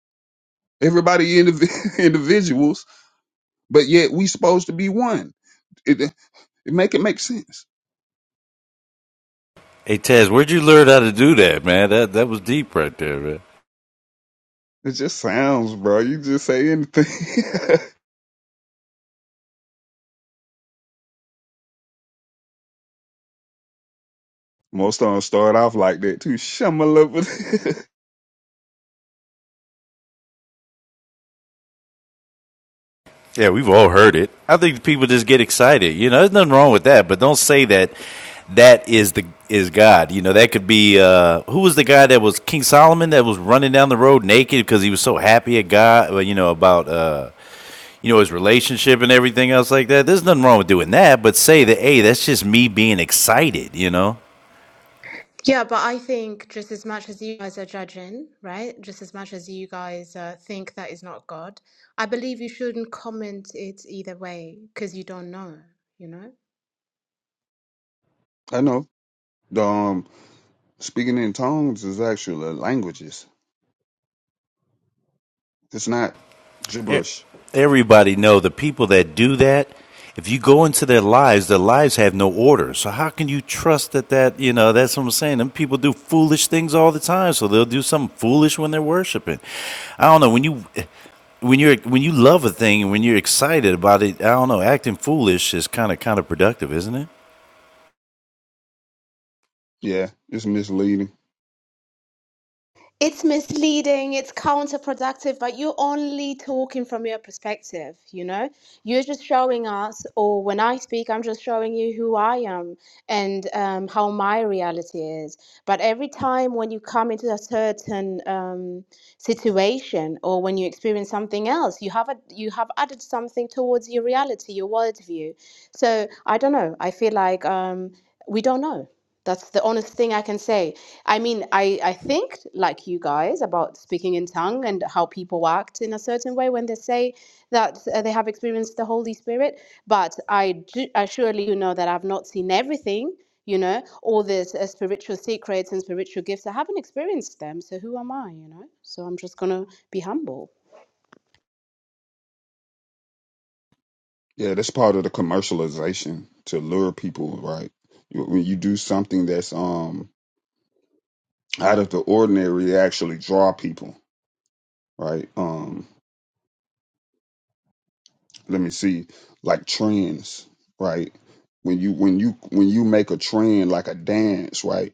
Everybody indiv- [laughs] individuals, but yet we supposed to be one. It, it make it make sense. Hey Taz, where'd you learn how to do that, man? That that was deep right there, man. It just sounds, bro. You just say anything. [laughs] Most of them start off like that too. Shamalaba. Yeah, we've all heard it. I think people just get excited. You know, there's nothing wrong with that, but don't say that that is the is God. You know, that could be uh, who was the guy that was King Solomon that was running down the road naked because he was so happy at God. well, You know about uh, you know his relationship and everything else like that. There's nothing wrong with doing that, but say that hey, that's just me being excited. You know, Yeah, but I think just as much as you guys are judging, right? Just as much as you guys uh, think that is not God, I believe you shouldn't comment it either way because you don't know, you know? [laughs] I know. The, um, speaking in tongues is actually languages. It's not e- gibberish. everybody know the people that do that. If you go into their lives, their lives have no order. So how can you trust that? That you know that's what I'm saying. Them people do foolish things all the time. So they'll do something foolish when they're worshiping. I don't know when you. When you're when you love a thing and when you're excited about it, I don't know. Acting foolish is kind of kind of productive, isn't it? Yeah, it's misleading. It's misleading, it's counterproductive, but you're only talking from your perspective, you know? You're just showing us, or when I speak, I'm just showing you who I am and um, how my reality is. But every time when you come into a certain um, situation or when you experience something else, you have a, you have added something towards your reality, your worldview. So I don't know. I feel like um, we don't know. That's the honest thing I can say. I mean, I, I think, like you guys, about speaking in tongue and how people act in a certain way when they say that uh, they have experienced the Holy Spirit. But I, do, I surely you know that I've not seen everything, you know, all these uh, spiritual secrets and spiritual gifts. I haven't experienced them. So who am I, you know? So I'm just going to be humble. Yeah, that's part of the commercialization to lure people, right? You- When you do something that's um out of the ordinary actually draw people right um let me see like trends right when you when you when you make a trend like a dance right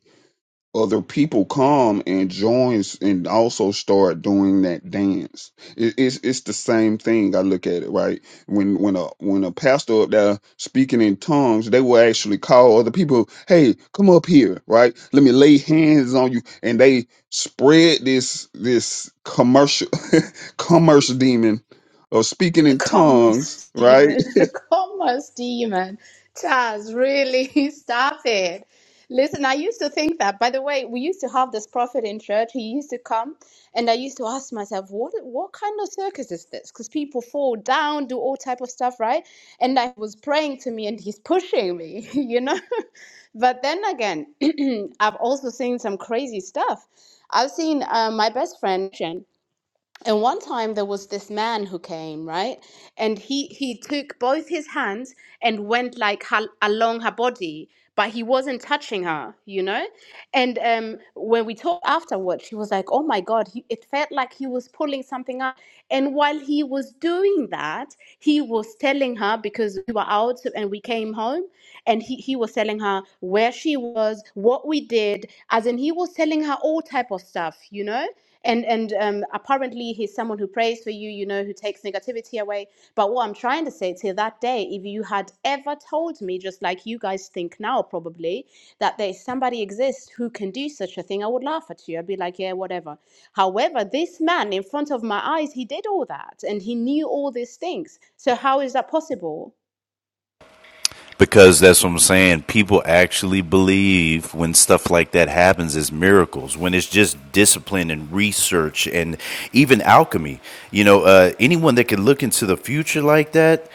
other people come and joins and also start doing that dance. It, it's it's the same thing. I look at it right when when a when a pastor up there speaking in tongues, they will actually call other people, "Hey, come up here, right? Let me lay hands on you," and they spread this this commercial [laughs] commercial demon of speaking in Come on, tongues, right? Stephen. [laughs] Come on, Stephen. [laughs] Taz, really, [laughs] stop it. Listen, I used to think that. By the way, we used to have this prophet in church. He used to come, and I used to ask myself, what what kind of circus is this? Because people fall down, do all type of stuff, right? And I was praying to me, and he's pushing me, [laughs] you know. [laughs] but then again, [clears throat] I've also seen some crazy stuff. I've seen uh, my best friend and one time there was this man who came, right? And he he took both his hands and went like hal along her body, but he wasn't touching her, you know? And um when we talked afterward, she was like, "Oh my God, he, it felt like he was pulling something up." And while he was doing that, he was telling her because we were out and we came home, and he he was telling her where she was, what we did, as in he was telling her all type of stuff, you know? and and um, apparently he's someone who prays for you you know who takes negativity away but what i'm trying to say till that day if you had ever told me just like you guys think now probably that there's somebody exists who can do such a thing i would laugh at you i'd be like yeah whatever however this man in front of my eyes he did all that and he knew all these things so how is that possible because that's what I'm saying. People actually believe when stuff like that happens as miracles, when it's just discipline and research and even alchemy. You know, uh, anyone that can look into the future like that,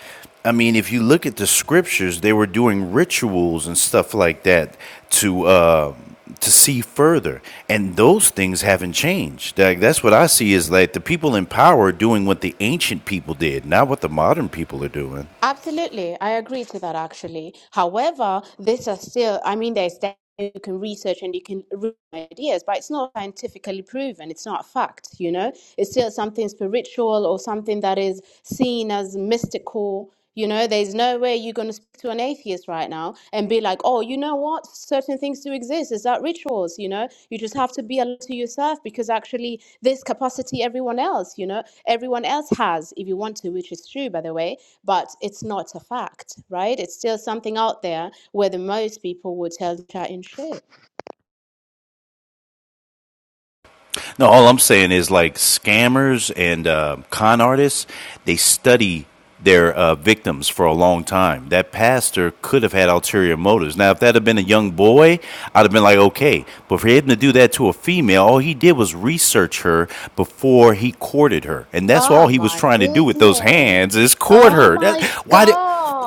I mean, if you look at the scriptures, they were doing rituals and stuff like that to. Uh, to see further and those things haven't changed like that's what i see is like the people in power doing what the ancient people did not what the modern people are doing Absolutely, I agree to that actually. However, these are still, I mean, there's that you can research and you can read ideas, but it's not scientifically proven. It's not a fact, you know? It's still something spiritual or something that is seen as mystical. You know, there's no way you're going to speak to an atheist right now and be like, oh, you know what? Certain things do exist. Is that rituals? You know, you just have to be alert to yourself because actually, this capacity everyone else, you know, everyone else has, if you want to, which is true, by the way but it's not a fact, right? It's still something out there where the most people would tell you chat in shit. No, all I'm saying is like scammers and uh, con artists, they study their uh, victims for a long time. That pastor could have had ulterior motives. Now, if that had been a young boy, I'd have been like, okay. But for him to do that to a female, all he did was research her before he courted her, and that's all Oh he was my trying to do with those hands goodness. is court Oh her. That my why do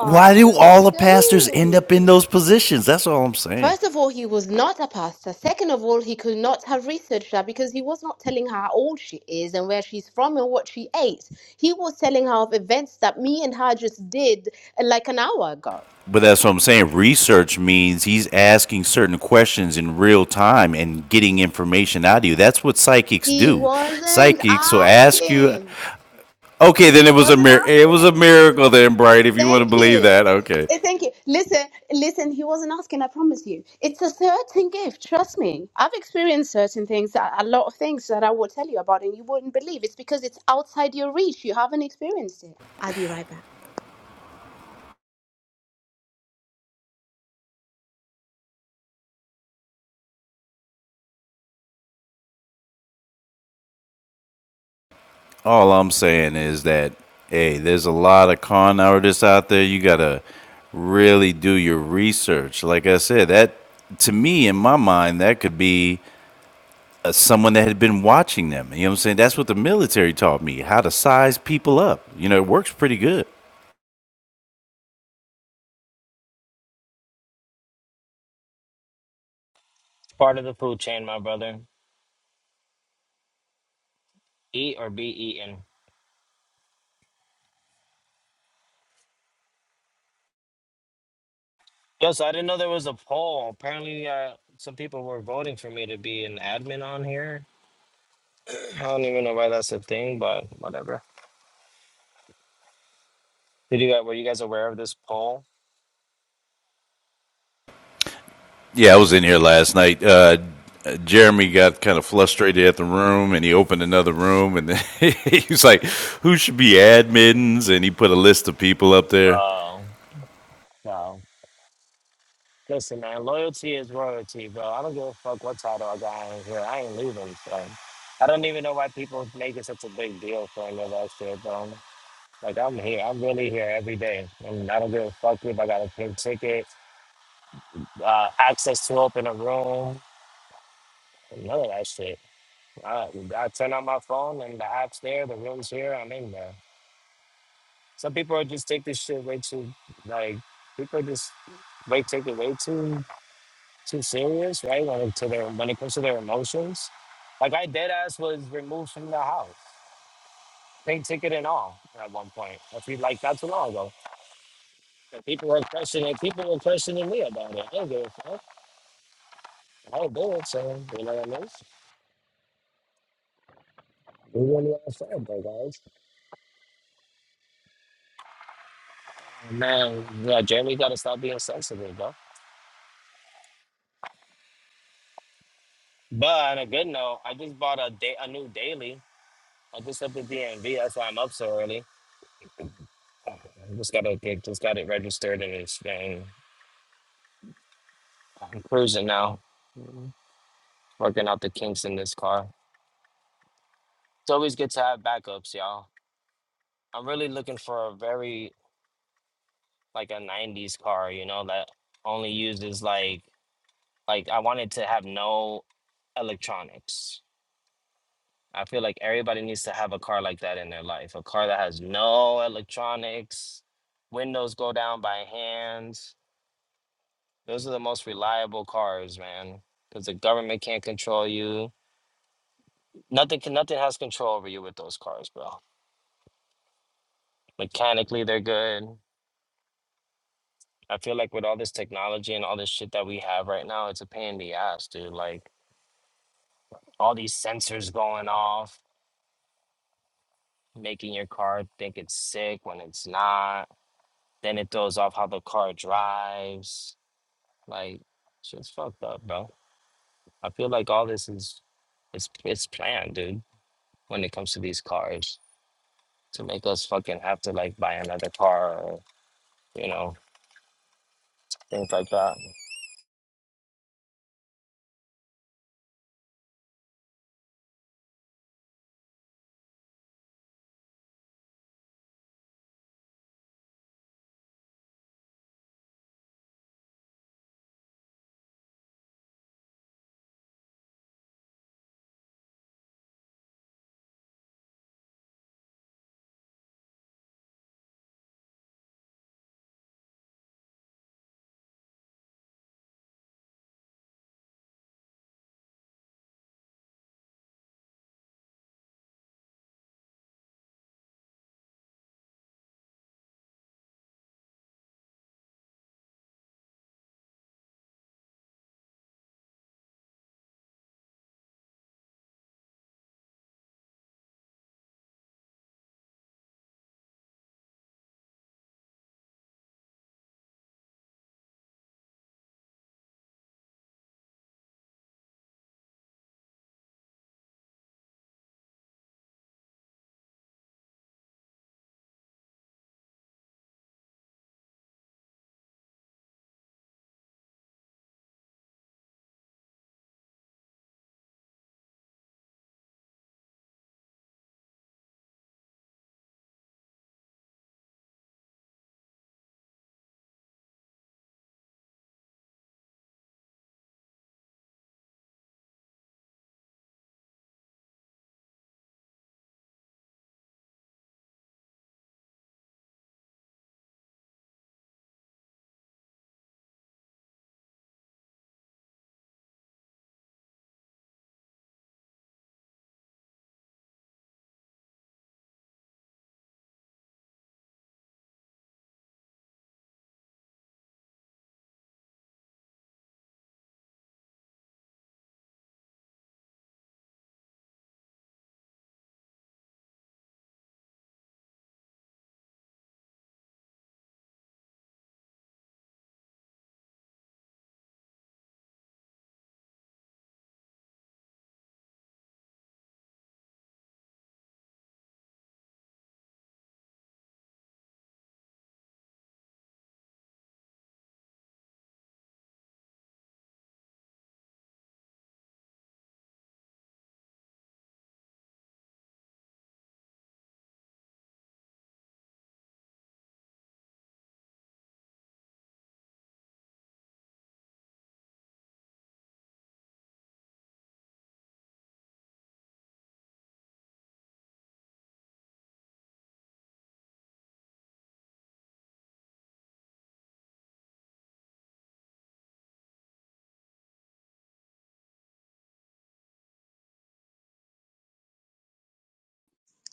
Why do The all the pastors end stew. up in those positions? That's all I'm saying. First of all, he was not a pastor. Second of all, he could not have researched her because he was not telling her how old she is and where she's from and what she ate. He was telling her of events that me and her just did uh, like an hour ago. But that's what I'm saying. Research means he's asking certain questions in real time and getting information out of you. That's what psychics He do. wasn't Psychics will ask you. asking. Okay, then He it was a wasn't mir- it was asking. a miracle then, Bright. If you want to Thank believe you. that, okay. Eh, Thank you. Listen, listen, he wasn't asking, I promise you. It's a certain gift, trust me. I've experienced certain things, a a lot of things that I will tell you about, and you wouldn't believe. It's because it's outside your reach. You haven't experienced it. I'll be right back. All I'm saying is that hey, there's a lot of con artists out there. You gotta really do your research. Like I said, that to me in my mind that could be uh, someone that had been watching them. You know what I'm saying? That's what the military taught me how to size people up. You know, it works pretty good. part of the food chain, my brother. Eat or be eaten. Yo, so I didn't know there was a poll. Apparently, uh, some people were voting for me to be an admin on here. I don't even know why that's a thing, but whatever. Did you guys were you guys aware of this poll? Yeah, I was in here last night. Uh, Jeremy got kind of frustrated at the room and he opened another room and [laughs] he was like, Who should be admins? And he put a list of people up there. Oh, no. Listen, man, loyalty is royalty, bro. I don't give a fuck what title I got on here. I ain't leaving, so I don't even know why people make it such a big deal for any of that shit, bro. Like I'm here. I'm really here every day. And I don't give a fuck if I got a pink ticket, uh, access to open a room, none of that shit. I, I turn on my phone and the app's there, the room's here, I'm in there. Some people are just take this shit way too like people just way take it way too too serious, right? When it to their when it comes to their emotions. Like I dead ass was removed from the house, pink ticket and all at one point. I feel like not too long ago And people were questioning. People were questioning me about it. I don't give a fuck. I will do it, so you know what I mean. We wouldn't want to fail, bro, guys. Man, yeah, Jeremy got to stop being sensitive, bro. But on a good note, I just bought a day, a new daily. I just up the DMV. That's why I'm up so early. I just gotta get, just got it registered and it's and I'm cruising now, Mhm. working out the kinks in this car. It's always good to have backups, y'all. I'm really looking for a very like a 90s car, you know, that only uses like like I wanted to have no electronics. I feel like everybody needs to have a car like that in their life. A car that has no electronics, windows go down by hand. Those are the most reliable cars, man, cuz the government can't control you. Nothing can nothing has control over you with those cars, bro. Mechanically they're good. I feel like with all this technology and all this shit that we have right now, it's a pain in the ass, dude. Like all these sensors going off, making your car think it's sick when it's not. Then it throws off how the car drives. Like, shit's fucked up, bro. I feel like all this is it's it's planned, dude. When it comes to these cars, to make us fucking have to like buy another car, or, you know, things like that.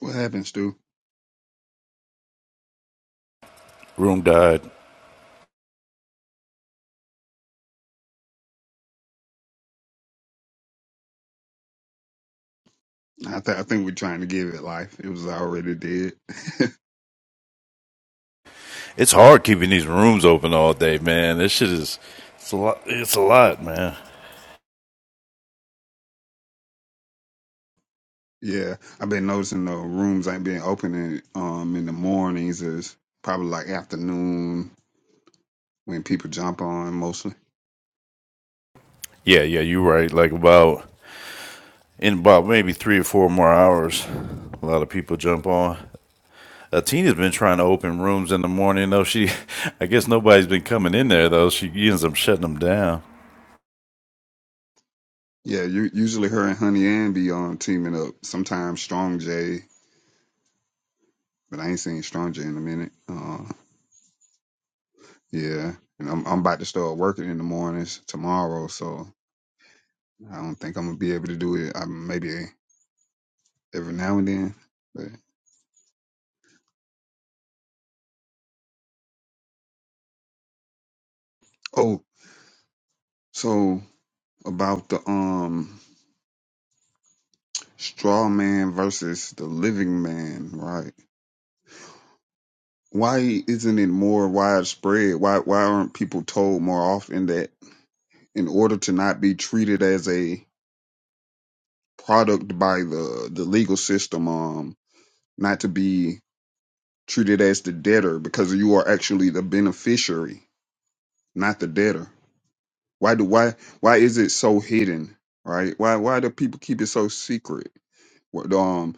What happened, Stu? Room died. I, th- I think we're trying to give it life. It was already dead. [laughs] It's hard keeping these rooms open all day, man. This shit is, it's a lot, it's a lot, man. Yeah, I've been noticing the rooms ain't been opening um in the mornings. Is probably like afternoon when people jump on mostly. Yeah, yeah, you're right. Like about, in about maybe three or four more hours, a lot of people jump on. uh, Tina's been trying to open rooms in the morning though. She, [laughs] I guess nobody's been coming in there though. She ends up shutting them down. Yeah, you usually her and Honey Ann be on teaming up. Sometimes Strong J, but I ain't seen Strong J in a minute. Uh, yeah, and I'm I'm about to start working in the mornings tomorrow, so I don't think I'm gonna be able to do it. I maybe every now and then. But oh, so about the um straw man versus the living man, right? why isn't it more widespread? Why why aren't people told more often that in order to not be treated as a product by the the legal system, um, not to be treated as the debtor because you are actually the beneficiary, not the debtor. Why do why why is it so hidden? Right? Why why do people keep it so secret? What, Um,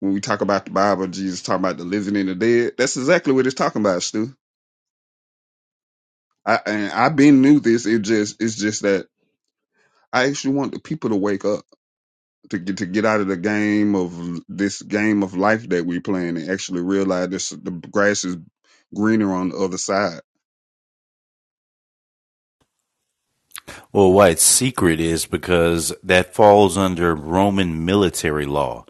when we talk about the Bible, Jesus talking about the living and the dead. That's exactly what it's talking about, Stu. I and I been knew this. It just it's just that I actually want the people to wake up to get to get out of the game of this game of life that we playing and actually realize this the grass is greener on the other side. Well, why it's secret is because that falls under Roman military law.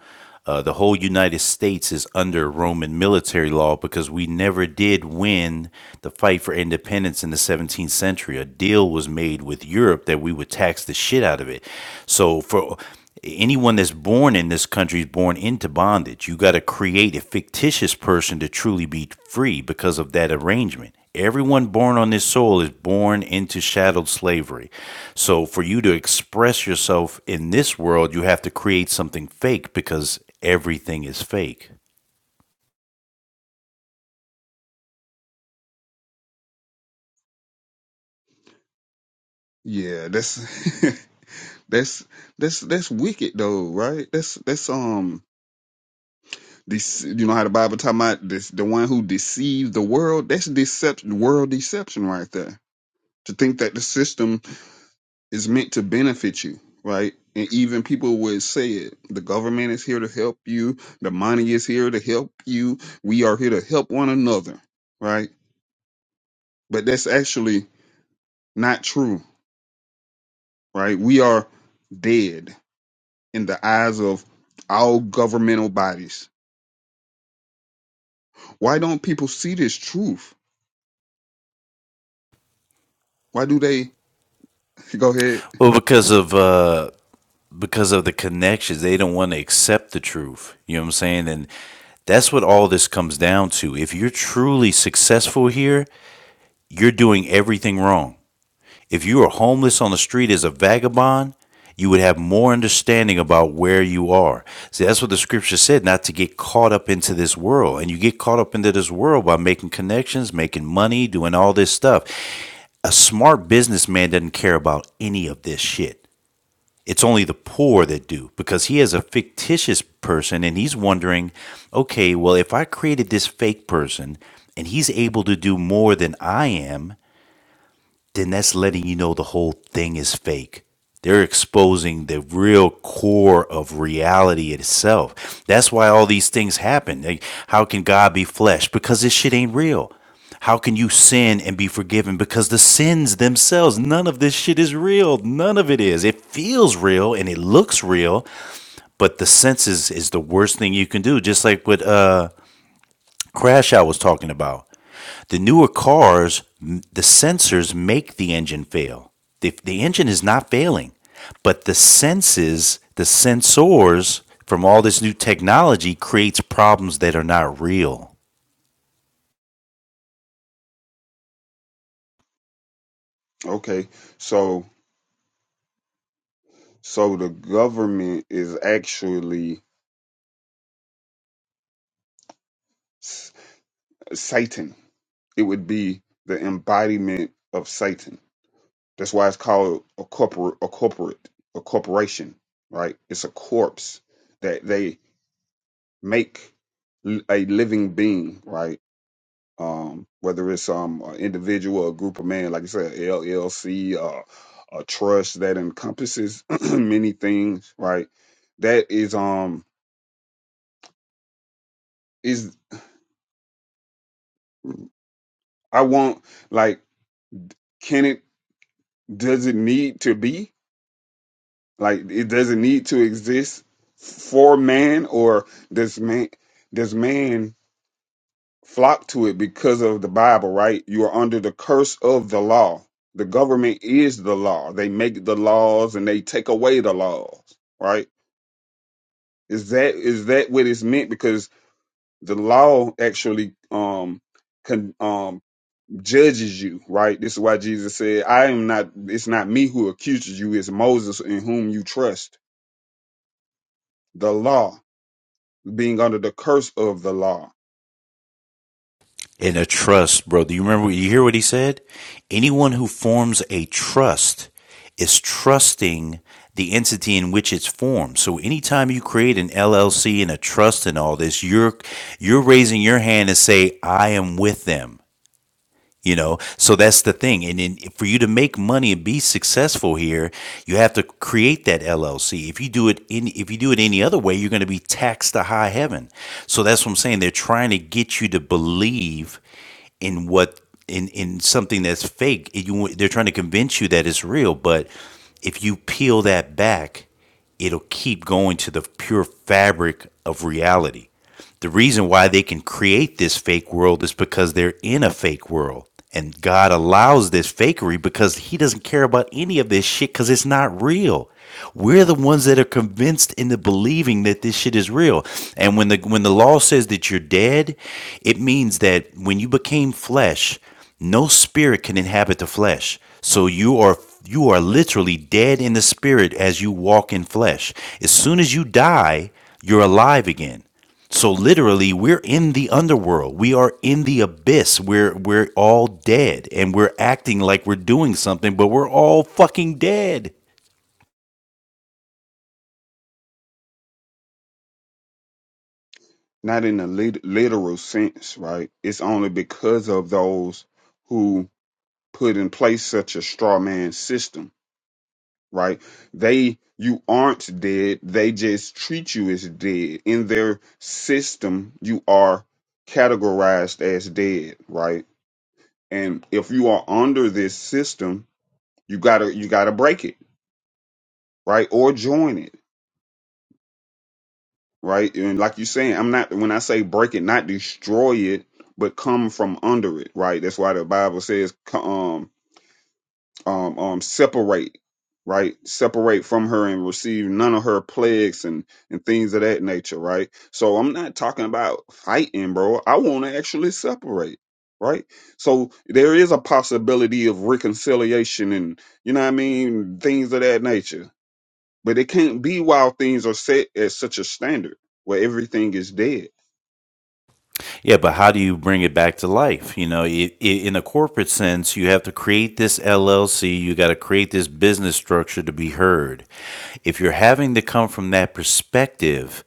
Uh, the whole United States is under Roman military law because we never did win the fight for independence in the 17th century. A deal was made with Europe that we would tax the shit out of it. So for anyone that's born in this country is born into bondage. You got to create a fictitious person to truly be free because of that arrangement. Everyone born on this soil is born into shadowed slavery. So for you to express yourself in this world, you have to create something fake because everything is fake. Yeah, that's [laughs] that's that's that's wicked though, right? That's that's um this you know how the Bible talking about this the one who deceives the world. That's deception, world deception right there. To think that the system Is meant to benefit you, right? And even people would say it. The government is here to help you. The money is here to help you. We are here to help one another, right? But that's actually not true, right? We are dead in the eyes of all governmental bodies. Why don't people see this truth? Why do they [laughs] go ahead? Well, because of uh, because of the connections, they don't want to accept the truth. You know what I'm saying? And that's what all this comes down to. If you're truly successful here, you're doing everything wrong. If you were homeless on the street as a vagabond, you would have more understanding about where you are. See, that's what the scripture said, not to get caught up into this world. And you get caught up into this world by making connections, making money, doing all this stuff. A smart businessman doesn't care about any of this shit. It's only the poor that do because he is a fictitious person and he's wondering, okay, well, if I created this fake person and he's able to do more than I am, then that's letting you know the whole thing is fake. They're exposing the real core of reality itself. That's why all these things happen. Like, how can God be flesh? Because this shit ain't real. How can you sin and be forgiven? Because the sins themselves, none of this shit is real. None of it is. It feels real and it looks real, but the senses is the worst thing you can do. Just like what uh, Crash I was talking about the newer cars, the sensors make the engine fail. The, the engine is not failing, but the senses, the sensors from all this new technology creates problems that are not real. Okay, so so the government is actually s- Satan It would be the embodiment of Satan. That's why it's called a corporate, a corporate, a corporation, right? It's a corpse that they make l- a living being, right? Um, whether it's um an individual or a group of men, like you said, LLC, uh, a trust that encompasses [clears throat] many things, right? That is um is I want like can it does it need to be? Like it doesn't need to exist for man, or does man does man flock to it because of the Bible? Right, you are under the curse of the law. The government is the law. They make the laws and they take away the laws. Right? Is that is that what it's meant? Because the law actually um con, um judges you. Right? This is why Jesus said, "I am not. It's not me who accuses you. It's Moses in whom you trust." The law. being under the curse of the law, And a trust, bro. Do you remember? You hear what he said? Anyone who forms a trust is trusting the entity in which it's formed. So anytime you create an LLC and a trust and all this, you're you're raising your hand and say, I am with them. you know so that's the thing and then for you to make money and be successful here you have to create that llc if you do it in if you do it any other way you're going to be taxed to high heaven so that's what i'm saying they're trying to get you to believe in what in in something that's fake It- you- they're trying to convince you that it's real but if you peel that back it'll keep going to the pure fabric of reality the reason why they can create this fake world is because they're in a fake world. And God allows this fakery because He doesn't care about any of this shit because it's not real. We're the ones that are convinced into believing that this shit is real. And when the when the law says that you're dead, it means that when you became flesh, no spirit can inhabit the flesh. So you are you are literally dead in the spirit as you walk in flesh. As soon as you die, you're alive again. So literally, we're in the underworld. We are in the abyss. We're we're all dead, and we're acting like we're doing something, but we're all fucking dead. not in a lit- literal sense, right? It's only because of those who put in place such a straw man system, right? They, you aren't dead. They just treat you as dead. In their system, you are categorized as dead, right? And if you are under this system, you gotta, you gotta break it, right? Or join it right? And like you're saying, I'm not when I say break it, not destroy it, but come from under it, right? That's why the Bible says, co- um, um, um, separate, right? Separate from her and receive none of her plagues and and things of that nature, right? So I'm not talking about fighting, bro. I want to actually separate. Right, so there is a possibility of reconciliation and you know what I mean, things of that nature but it can't be while things are set at such a standard where everything is dead. Yeah, but how do you bring it back to life? You know, i i in a corporate sense, you have to create this LLC. You got to create this business structure to be heard. If you're having to come from that perspective,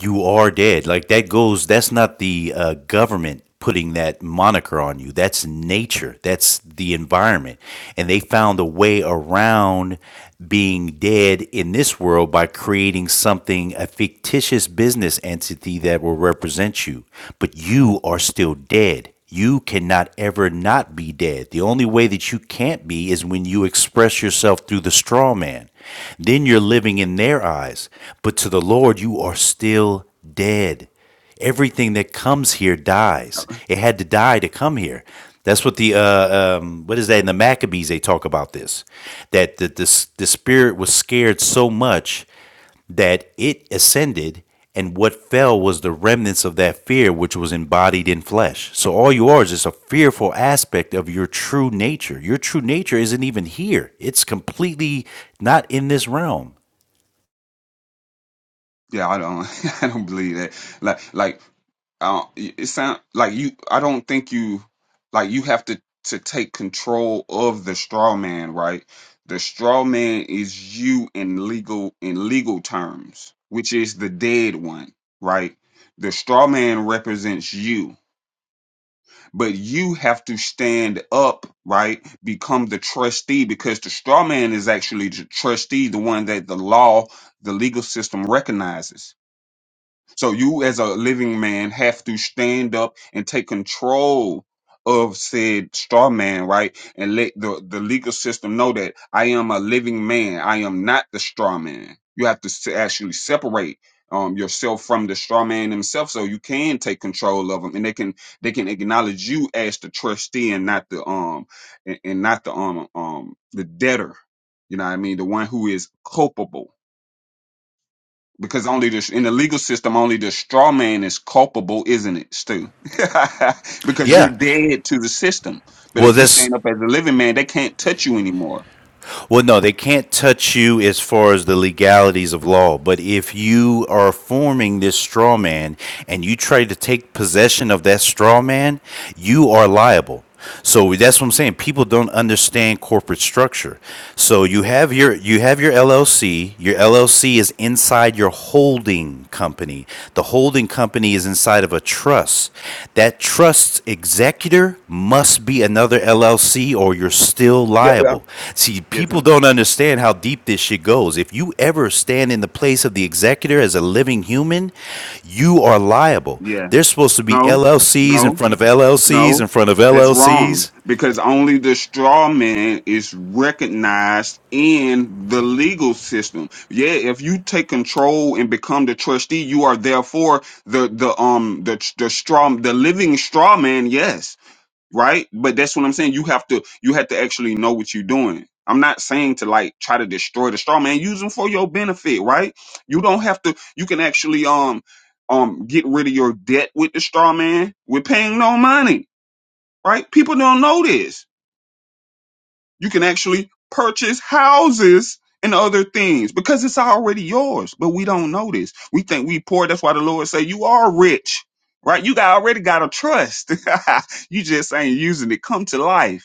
you are dead. Like that goes. That's not the uh, government putting that moniker on you. That's nature. That's the environment, and they found a way around being dead in this world by creating something a fictitious business entity that will represent you, but you are still dead you cannot ever not be dead. The only way that you can't be is when you express yourself through the straw man. Then you're living in their eyes. But to the Lord, you are still dead. Everything that comes here dies. It had to die to come here. That's what the uh, um, what is that in the Maccabees? They talk about this, that the, the the spirit was scared so much that it ascended, and what fell was the remnants of that fear which was embodied in flesh. So all you are is just a fearful aspect of your true nature. Your true nature isn't even here, it's completely not in this realm. Yeah, I don't, [laughs] I don't believe that. Like, like, uh, it sound like you. I don't think you, like, you have to to take control of the straw man, right? The straw man is you in legal in legal terms, which is the dead one, right? The straw man represents you but you have to stand up, right? Become the trustee because the straw man is actually the trustee, the one that the law, the legal system recognizes. So you, as a living man, have to stand up and take control of said straw man, right? And let the, the legal system know that I am a living man. I am not the straw man. You have to s- actually separate um, yourself from the straw man himself, so you can take control of them, and they can they can acknowledge you as the trustee and not the um and, and not the um um the debtor. You know what I mean? The one who is culpable because only the in the legal system only the straw man is culpable isn't it stu [laughs] because you're Yeah. dead to the system but Well, if you this stand up as a living man they can't touch you anymore Well, no, they can't touch you as far as the legalities of law. But if you are forming this straw man and you try to take possession of that straw man, you are liable. So that's what I'm saying. People don't understand corporate structure. So you have your you have your LLC. Your LLC is inside your holding company. The holding company is inside of a trust. That trust's executor must be another LLC or you're still yeah liable. well, See, yes people sir don't understand how deep this shit goes. If you ever stand in the place of the executor as a living human, you are liable. yeah There's supposed to be no LLCs in no front of LLCs no in front of that's LLCs. wrong because only the straw man is recognized in the legal system yeah if you take control and become the trustee you are therefore the the um the the straw the living straw man yes right? But that's what I'm saying. You have to you have to actually know what you're doing. I'm not saying to like try to destroy the straw man. Use them for your benefit, right? You don't have to. You can actually um um get rid of your debt with the straw man. We're paying no money, right? People don't know this. You can actually purchase houses and other things because it's already yours. But we don't know this. We think we poor. That's why the Lord say you are rich, right? You got already got a trust. [laughs] you just ain't using it. Come to life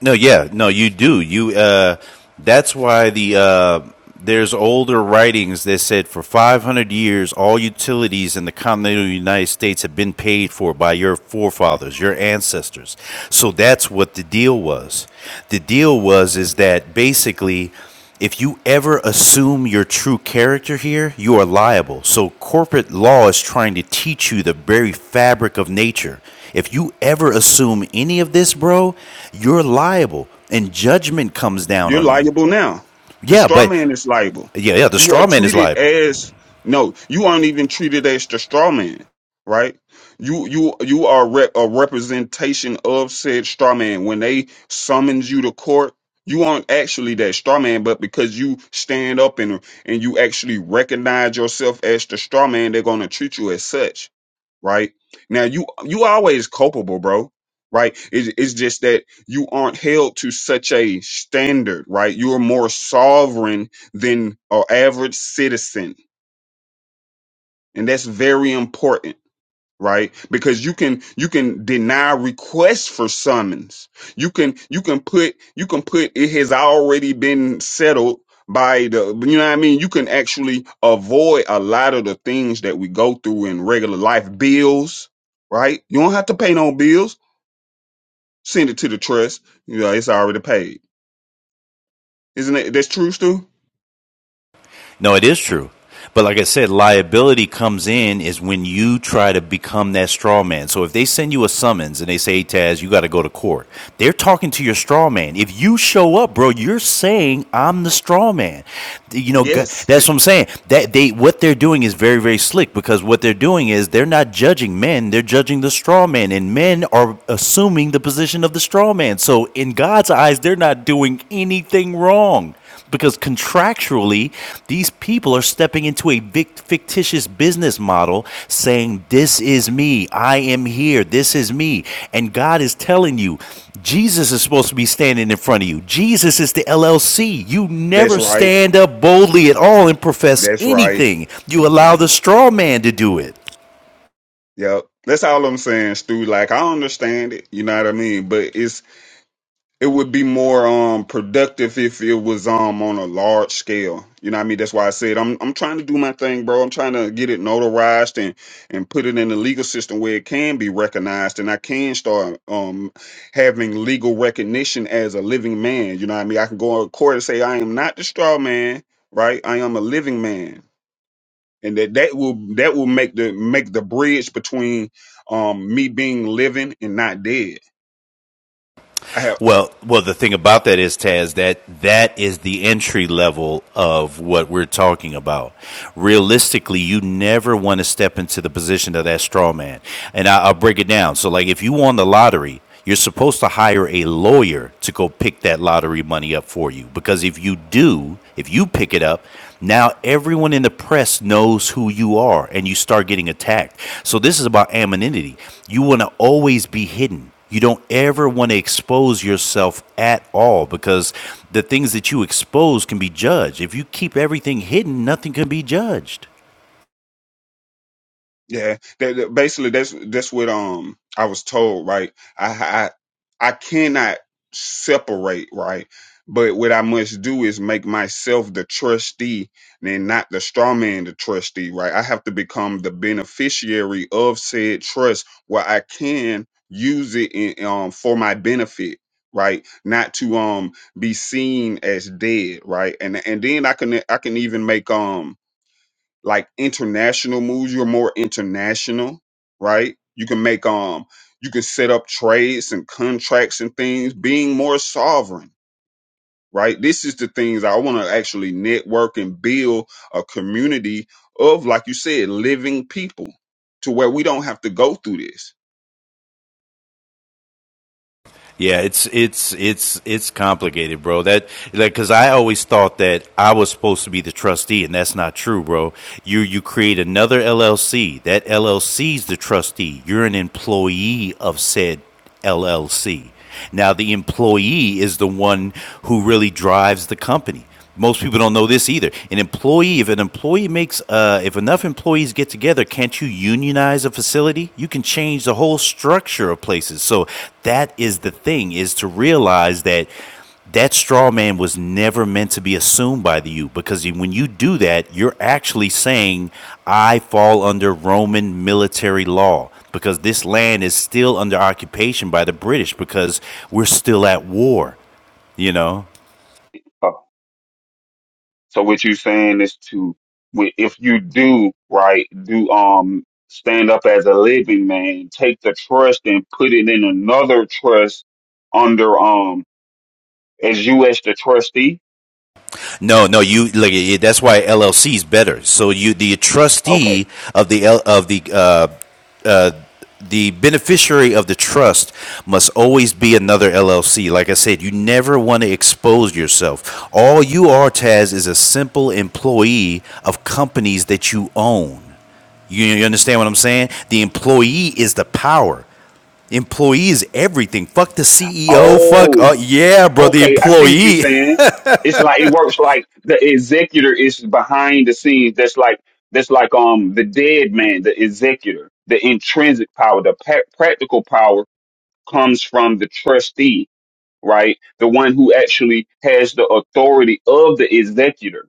No, yeah, no, you do. You uh, that's why the uh, there's older writings that said for 500 years all utilities in the continental United States have been paid for by your forefathers, your ancestors. So that's what the deal was. The deal was is that basically if you ever assume your true character here, you are liable. So corporate law is trying to teach you the very fabric of nature. If you ever assume any of this, bro, you're liable and judgment comes down You're on you. liable now. The Yeah, straw but man is liable. yeah, yeah, the You are straw man is treated liable. as no. You aren't even treated as the straw man, right? You you you are re- a representation of said straw man. When they summons you to court, you aren't actually that straw man, but because you stand up and and you actually recognize yourself as the straw man, they're gonna treat you as such right? Now you you always culpable, bro. Right? It's, it's just that you aren't held to such a standard, right? You are more sovereign than an average citizen, and that's very important right because you can you can deny requests for summons you can you can put you can put it has already been settled by the you know what i mean you can actually avoid a lot of the things that we go through in regular life bills right you don't have to pay no bills send it to the trust you know it's already paid isn't it that's true stu No, it is true. But like I said, liability comes in is when you try to become that straw man. So if they send you a summons and they say, hey, Taz, you got to go to court, they're talking to your straw man. If you show up, bro, you're saying I'm the straw man. You know, yes that's what I'm saying. That they what they're doing is very, very slick because what they're doing is they're not judging men, they're judging the straw man. And men are assuming the position of the straw man. So in God's eyes, they're not doing anything wrong because contractually, these people are stepping into a fictitious business model saying, This is me. I am here. This is me. And God is telling you, Jesus is supposed to be standing in front of you. Jesus is the LLC. You [laughs] that's never right stand up boldly at all and profess that's right anything, you allow the straw man to do it. yep that's all i'm saying stu like i understand it you know what i mean but it's It would be more um productive if it was um on a large scale. You know what I mean? That's why I said I'm I'm trying to do my thing, bro. I'm trying to get it notarized and and put it in the legal system where it can be recognized and I can start um having legal recognition as a living man. You know what I mean? I can go on court and say I am not the straw man, right? I am a living man. And that that will that will make the make the bridge between um me being living and not dead. I have. Well, well, the thing about that is, Taz, that that is the entry level of what we're talking about. Realistically, you never want to step into the position of that straw man. And I, I'll break it down. So, like, if you won the lottery, you're supposed to hire a lawyer to go pick that lottery money up for you. Because if you do, if you pick it up, now everyone in the press knows who you are and you start getting attacked. So, this is about anonymity. You want to always be hidden. You don't ever want to expose yourself at all because the things that you expose can be judged. If you keep everything hidden, nothing can be judged. Yeah, that, that- basically that's that's what um I was told, right? I I I cannot separate, right? But what I must do is make myself the trustee and not the straw man the trustee, right? I have to become the beneficiary of said trust where I can use it in, um for my benefit, right? Not to um be seen as dead, right? And and then I can I can even make um like international moves. You're more international, right? You can make um you can set up trades and contracts and things, being more sovereign, right? This is the things I want to actually network and build a community of, like you said, living people to where we don't have to go through this. Yeah, it's it's it's it's complicated, bro. That like cuz I always thought that I was supposed to be the trustee and that's not true, bro. You you create another LLC. That LLC's the trustee. You're an employee of said LLC. Now the employee is the one who really drives the company. Most people don't know this either. An employee, if an employee makes, uh, if enough employees get together, can't you unionize a facility? You can change the whole structure of places. So that is the thing: is to realize that that straw man was never meant to be assumed by the you because when you do that, you're actually saying, "I fall under Roman military law." Because this land is still under occupation by the British because we're still at war, you know? So what you're saying is to, wi- if you do right, do um stand up as a living man, take the trust and put it in another trust under um as you as the trustee. No, no, you like yeah, that's why LLC is better. So you the trustee Okay. of the L, of the uh, uh, the beneficiary of the trust must always be another LLC. Like I said, you never want to expose yourself. All you are, Taz, is a simple employee of companies that you own. You, you understand what I'm saying? The employee is the power. Employee is everything. Fuck the CEO. Fuck uh, Oh, yeah, bro. The okay. I see what you're employee. [laughs] saying. It's like it works like the executor is behind the scenes. That's like that's like um the dead man, the executor, the intrinsic power, the pa- practical power comes from the trustee right? The one who actually has the authority of the executor.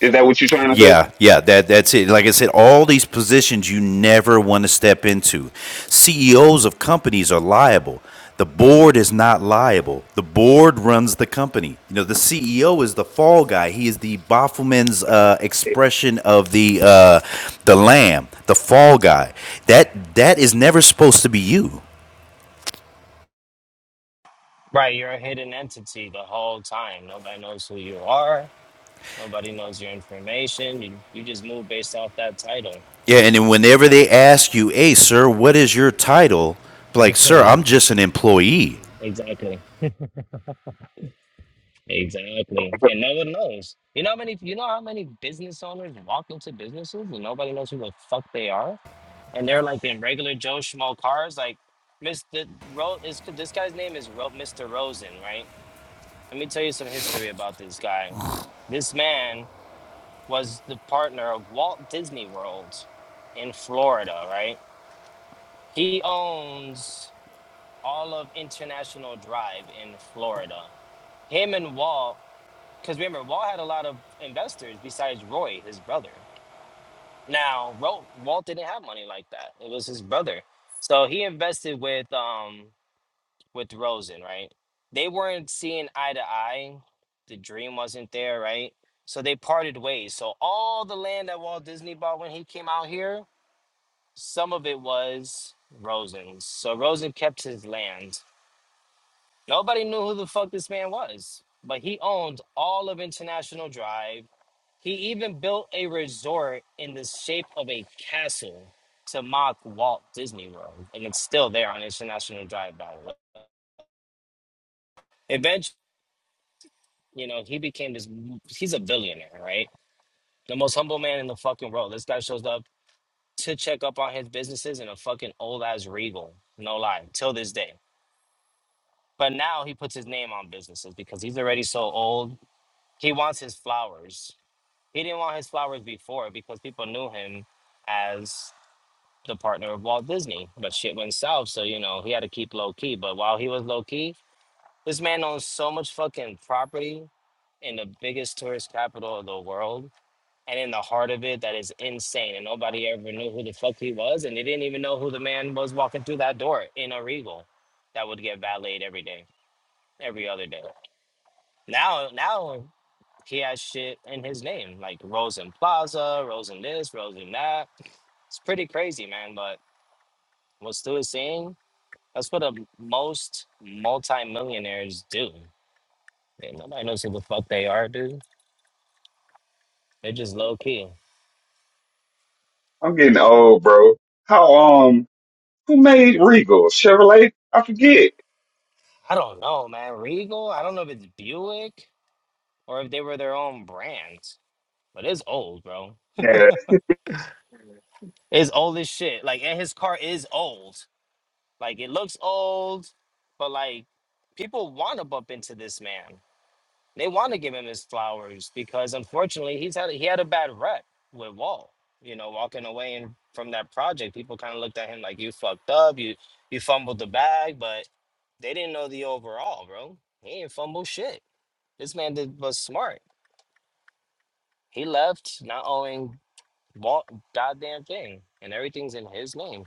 Is that what you're trying to Yeah, yeah, that that's it. Like I said, all these positions you never want to step into. CEOs of companies are liable. The board is not liable. The board runs the company. You know, the CEO is the fall guy. He is the Baffelman's uh, say? expression of the uh, the lamb, the fall guy. That that is never supposed to be you. Right, you're a hidden entity the whole time. Nobody knows who you are. Nobody knows your information. You you just move based off that title. Yeah, and then whenever they ask you, "Hey, sir, what is your title?" [laughs] Like, sir, I'm just an employee. Exactly. Exactly. And no one knows. You know how many you know how many business owners walk into businesses and nobody knows who the fuck they are? And they're like in regular Joe Schmo cars, like Mr. Ro is this guy's name is Ro- Mr. Rosen, right? Let me tell you some history about this guy. This man was the partner of Walt Disney World in Florida, right? He owns all of International Drive in Florida. Him and Wall, because remember, Wall had a lot of investors besides Roy, his brother. Now, Ro- Walt didn't have money like that. It was his brother. So he invested with um with Rosen, right? They weren't seeing eye to eye. The dream wasn't there, right? So they parted ways. So all the land that Walt Disney bought when he came out here, some of it was Rosen's. So Rosen kept his land Nobody knew who the fuck this man was, but he owned all of International Drive. He even built a resort in the shape of a castle to mock Walt Disney World, and it's still there on International Drive, by the way. Eventually, you know, he became this. He's a billionaire, right? The most humble man in the fucking world. This guy shows up to check up on his businesses in a fucking old ass Regal. No lie, till this day. But now he puts his name on businesses because he's already so old. He wants his flowers He didn't want his flowers before because people knew him as the partner of Walt Disney. But shit went south, so you know he had to keep low key. But while he was low key, this man owns so much fucking property in the biggest tourist capital of the world. And in the heart of it, that is insane. And nobody ever knew who the fuck he was. And they didn't even know who the man was walking through that door in a regal that would get valeted every day, every other day. Now, now he has shit in his name, like Rosen Plaza, Rosen this, Rosen that. It's pretty crazy, man. But what Stu is saying, that's what the most multimillionaires do. Man, nobody knows who the fuck they are, dude. They're just low key. I'm getting old, bro. How um who made Regal? Chevrolet? I forget. I don't know, man. Regal, I don't know if it's Buick or if they were their own brand, but it's old, bro. Yeah, It's old as shit. Like, and his car is old. Like, it looks old, but like, people want to bump into this man. They want to give him his flowers because unfortunately he's had he had a bad rep with Wall. You know, walking away and from that project, people kind of looked at him like you fucked up, you you fumbled the bag, but they didn't know the overall, bro. He ain't fumble shit. This man did, was smart. He left not owing Walt goddamn thing, and everything's in his name.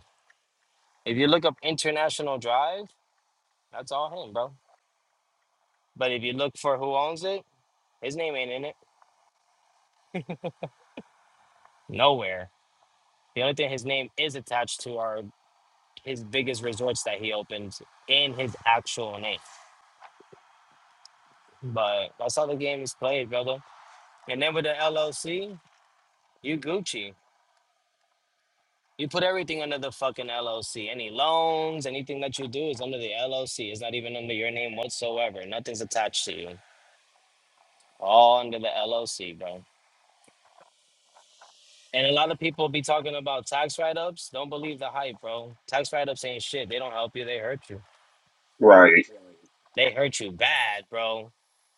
If you look up International Drive, that's all him, bro. But if you look for who owns it, his name ain't in it. Nowhere. The only thing his name is attached to are his biggest resorts that he opened in his actual name. But that's how the game is played, brother. And then with the LLC, you Gucci. You put everything under the fucking LLC. Any loans, anything that you do is under the LLC. It's not even under your name whatsoever. Nothing's attached to you. All under the LLC, bro. And a lot of people be talking about tax write ups. Don't believe the hype, bro. Tax write ups ain't shit. They don't help you, they hurt you. right. They hurt you bad, bro.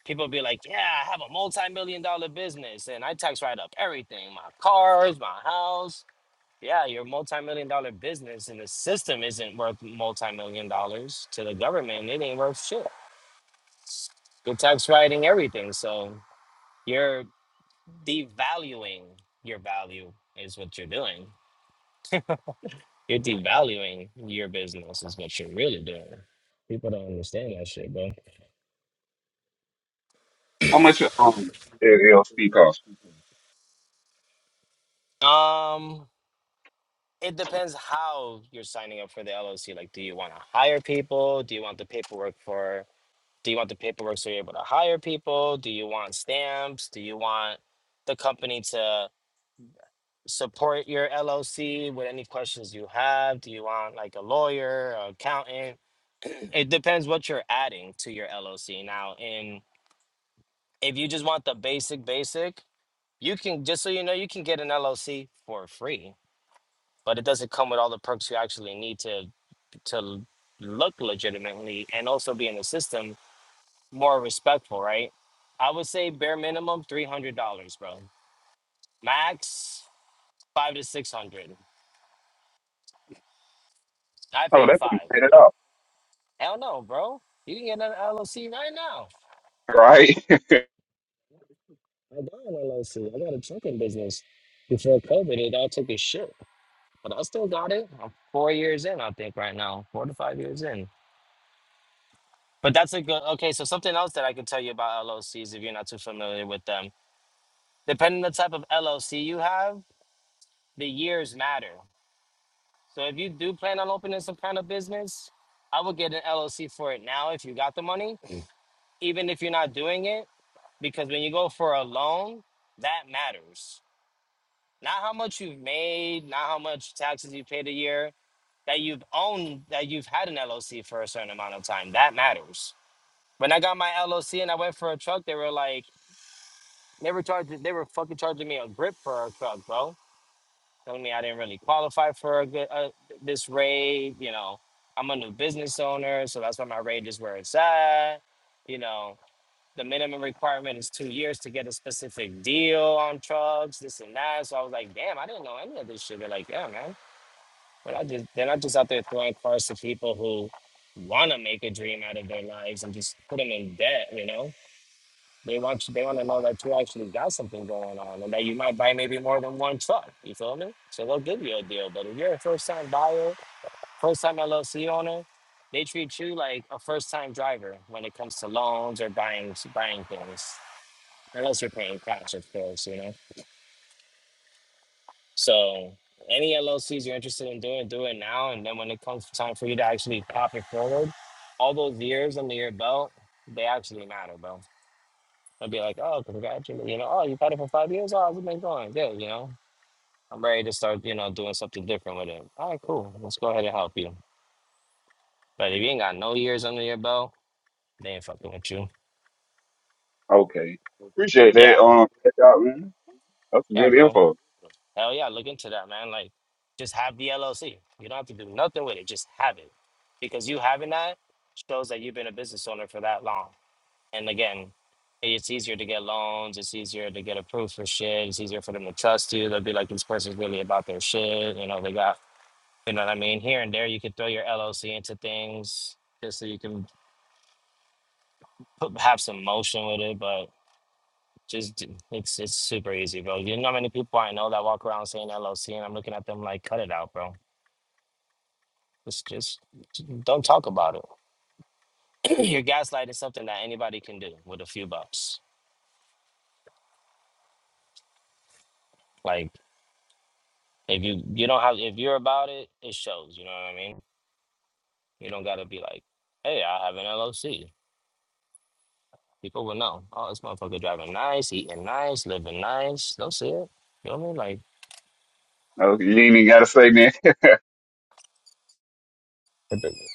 People be like, yeah, I have a multi-million dollar business and I tax write up everything, my cars, my house. Yeah, your multi-million dollar business and the system isn't worth multi-million dollars to the government. It ain't worth shit. You're tax writing everything. So you're devaluing your value is what you're doing. You're devaluing your business is what you're really doing. People don't understand that shit, bro. How much um LLC cost? Um, it depends how you're signing up for the LLC. Like, do you want to hire people? Do you want the paperwork for? Do you want the paperwork so you're able to hire people? Do you want stamps? Do you want the company to support your LLC with any questions you have? Do you want like a lawyer, an accountant? It depends what you're adding to your LLC. Now, in if you just want the basic, basic, you can just so you know, you can get an LLC for free, but it doesn't come with all the perks you actually need to to look legitimately and also be in the system more respectful, right? I would say bare minimum three hundred dollars, bro. Max five to six hundred. I Oh, paid that's been five. paid it off. Hell no, bro. You can get an LLC right now. Right? I got an LLC. I got a trucking business. Before COVID, it all took a shit, but I still got it. I'm four years in, I think, right now, four to five years in. But that's a good. Okay, so something else that I can tell you about LLCs if you're not too familiar with them. Depending on the type of LLC you have the years matter. So if you do plan on opening some kind of business, I would get an LLC for it now if you got the money, even if you're not doing it, because when you go for a loan, that matters. Not how much you've made, not how much taxes you paid a year, that you've owned, that you've had an LLC for a certain amount of time. That matters. When I got my LLC and I went for a truck, they were like, they were charging, they were fucking charging me a grip for a truck, bro telling me I didn't really qualify for a good, uh, this raid. You know, I'm a new business owner, so that's why my rate is where it's at. You know, the minimum requirement is two years to get a specific deal on trucks, this and that. So I was like, damn, I didn't know any of this shit. They're like, yeah, man. But I just they're not just out there throwing cars to people who want to make a dream out of their lives and just put them in debt. You know. They want they want to know that you actually got something going on and that you might buy maybe more than one truck. You feel me? So they'll give you a deal. But if you're a first time buyer, first time LLC owner, they treat you like a first time driver when it comes to loans or buying buying things. Unless you're paying cash, of course, you know. So any LLCs you're interested in doing, do it now. And then when it comes time for you to actually pop it forward, all those years under your belt, they actually matter, bro. I'd be like, oh, congratulations, you know, oh, you've had it for five years? Oh, we've been going. Good, you know. I'm ready to start, you know, doing something different with it. All right, cool. Let's go ahead and help you. But if you ain't got no years under your belt, they ain't fucking with you. [laughs] okay. Appreciate that. Yeah. Um check out, man. That's Yeah, good bro. info. Hell yeah, look into that, man. Like, just have the LLC. You don't have to do nothing with it. Just have it. Because you having that shows that you've been a business owner for that long. And again, it's easier to get loans. It's easier to get approved for shit. It's easier for them to trust you. They'll be like, this person's really about their shit. You know, they got, you know what I mean? Here and there, you could throw your LLC into things just so you can put, have some motion with it. But just, d- it's it's super easy, bro. You know how many people I know that walk around saying LLC and I'm looking at them like, cut it out, bro. Just, just don't talk about it. [clears throat] You're gaslighting something that anybody can do with a few bucks. Like, If you you don't have if you're about it, it shows. You know what I mean? You don't gotta be like, hey, I have an LOC." People will know. Oh, this motherfucker driving nice, eating nice, living nice. They'll see it. You know what I mean? Like, No, You ain't even gotta say man. [laughs] what the-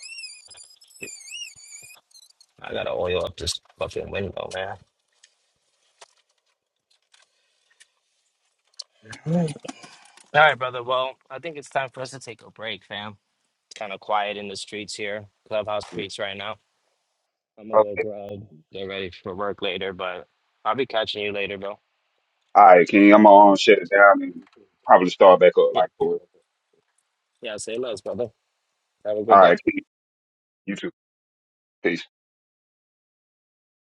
I gotta oil up this fucking window, man. Mm. All right, brother. Well, I think it's time for us to take a break, fam. It's kind of quiet in the streets here, clubhouse streets right now. I'm gonna go Okay. grab, get ready for work later, but I'll be catching you later, bro. All right, King. I'm gonna um, shut it down and probably start back up Yeah, like for it. yeah. Say less, brother. Have a good All day. right, King. You too. Peace.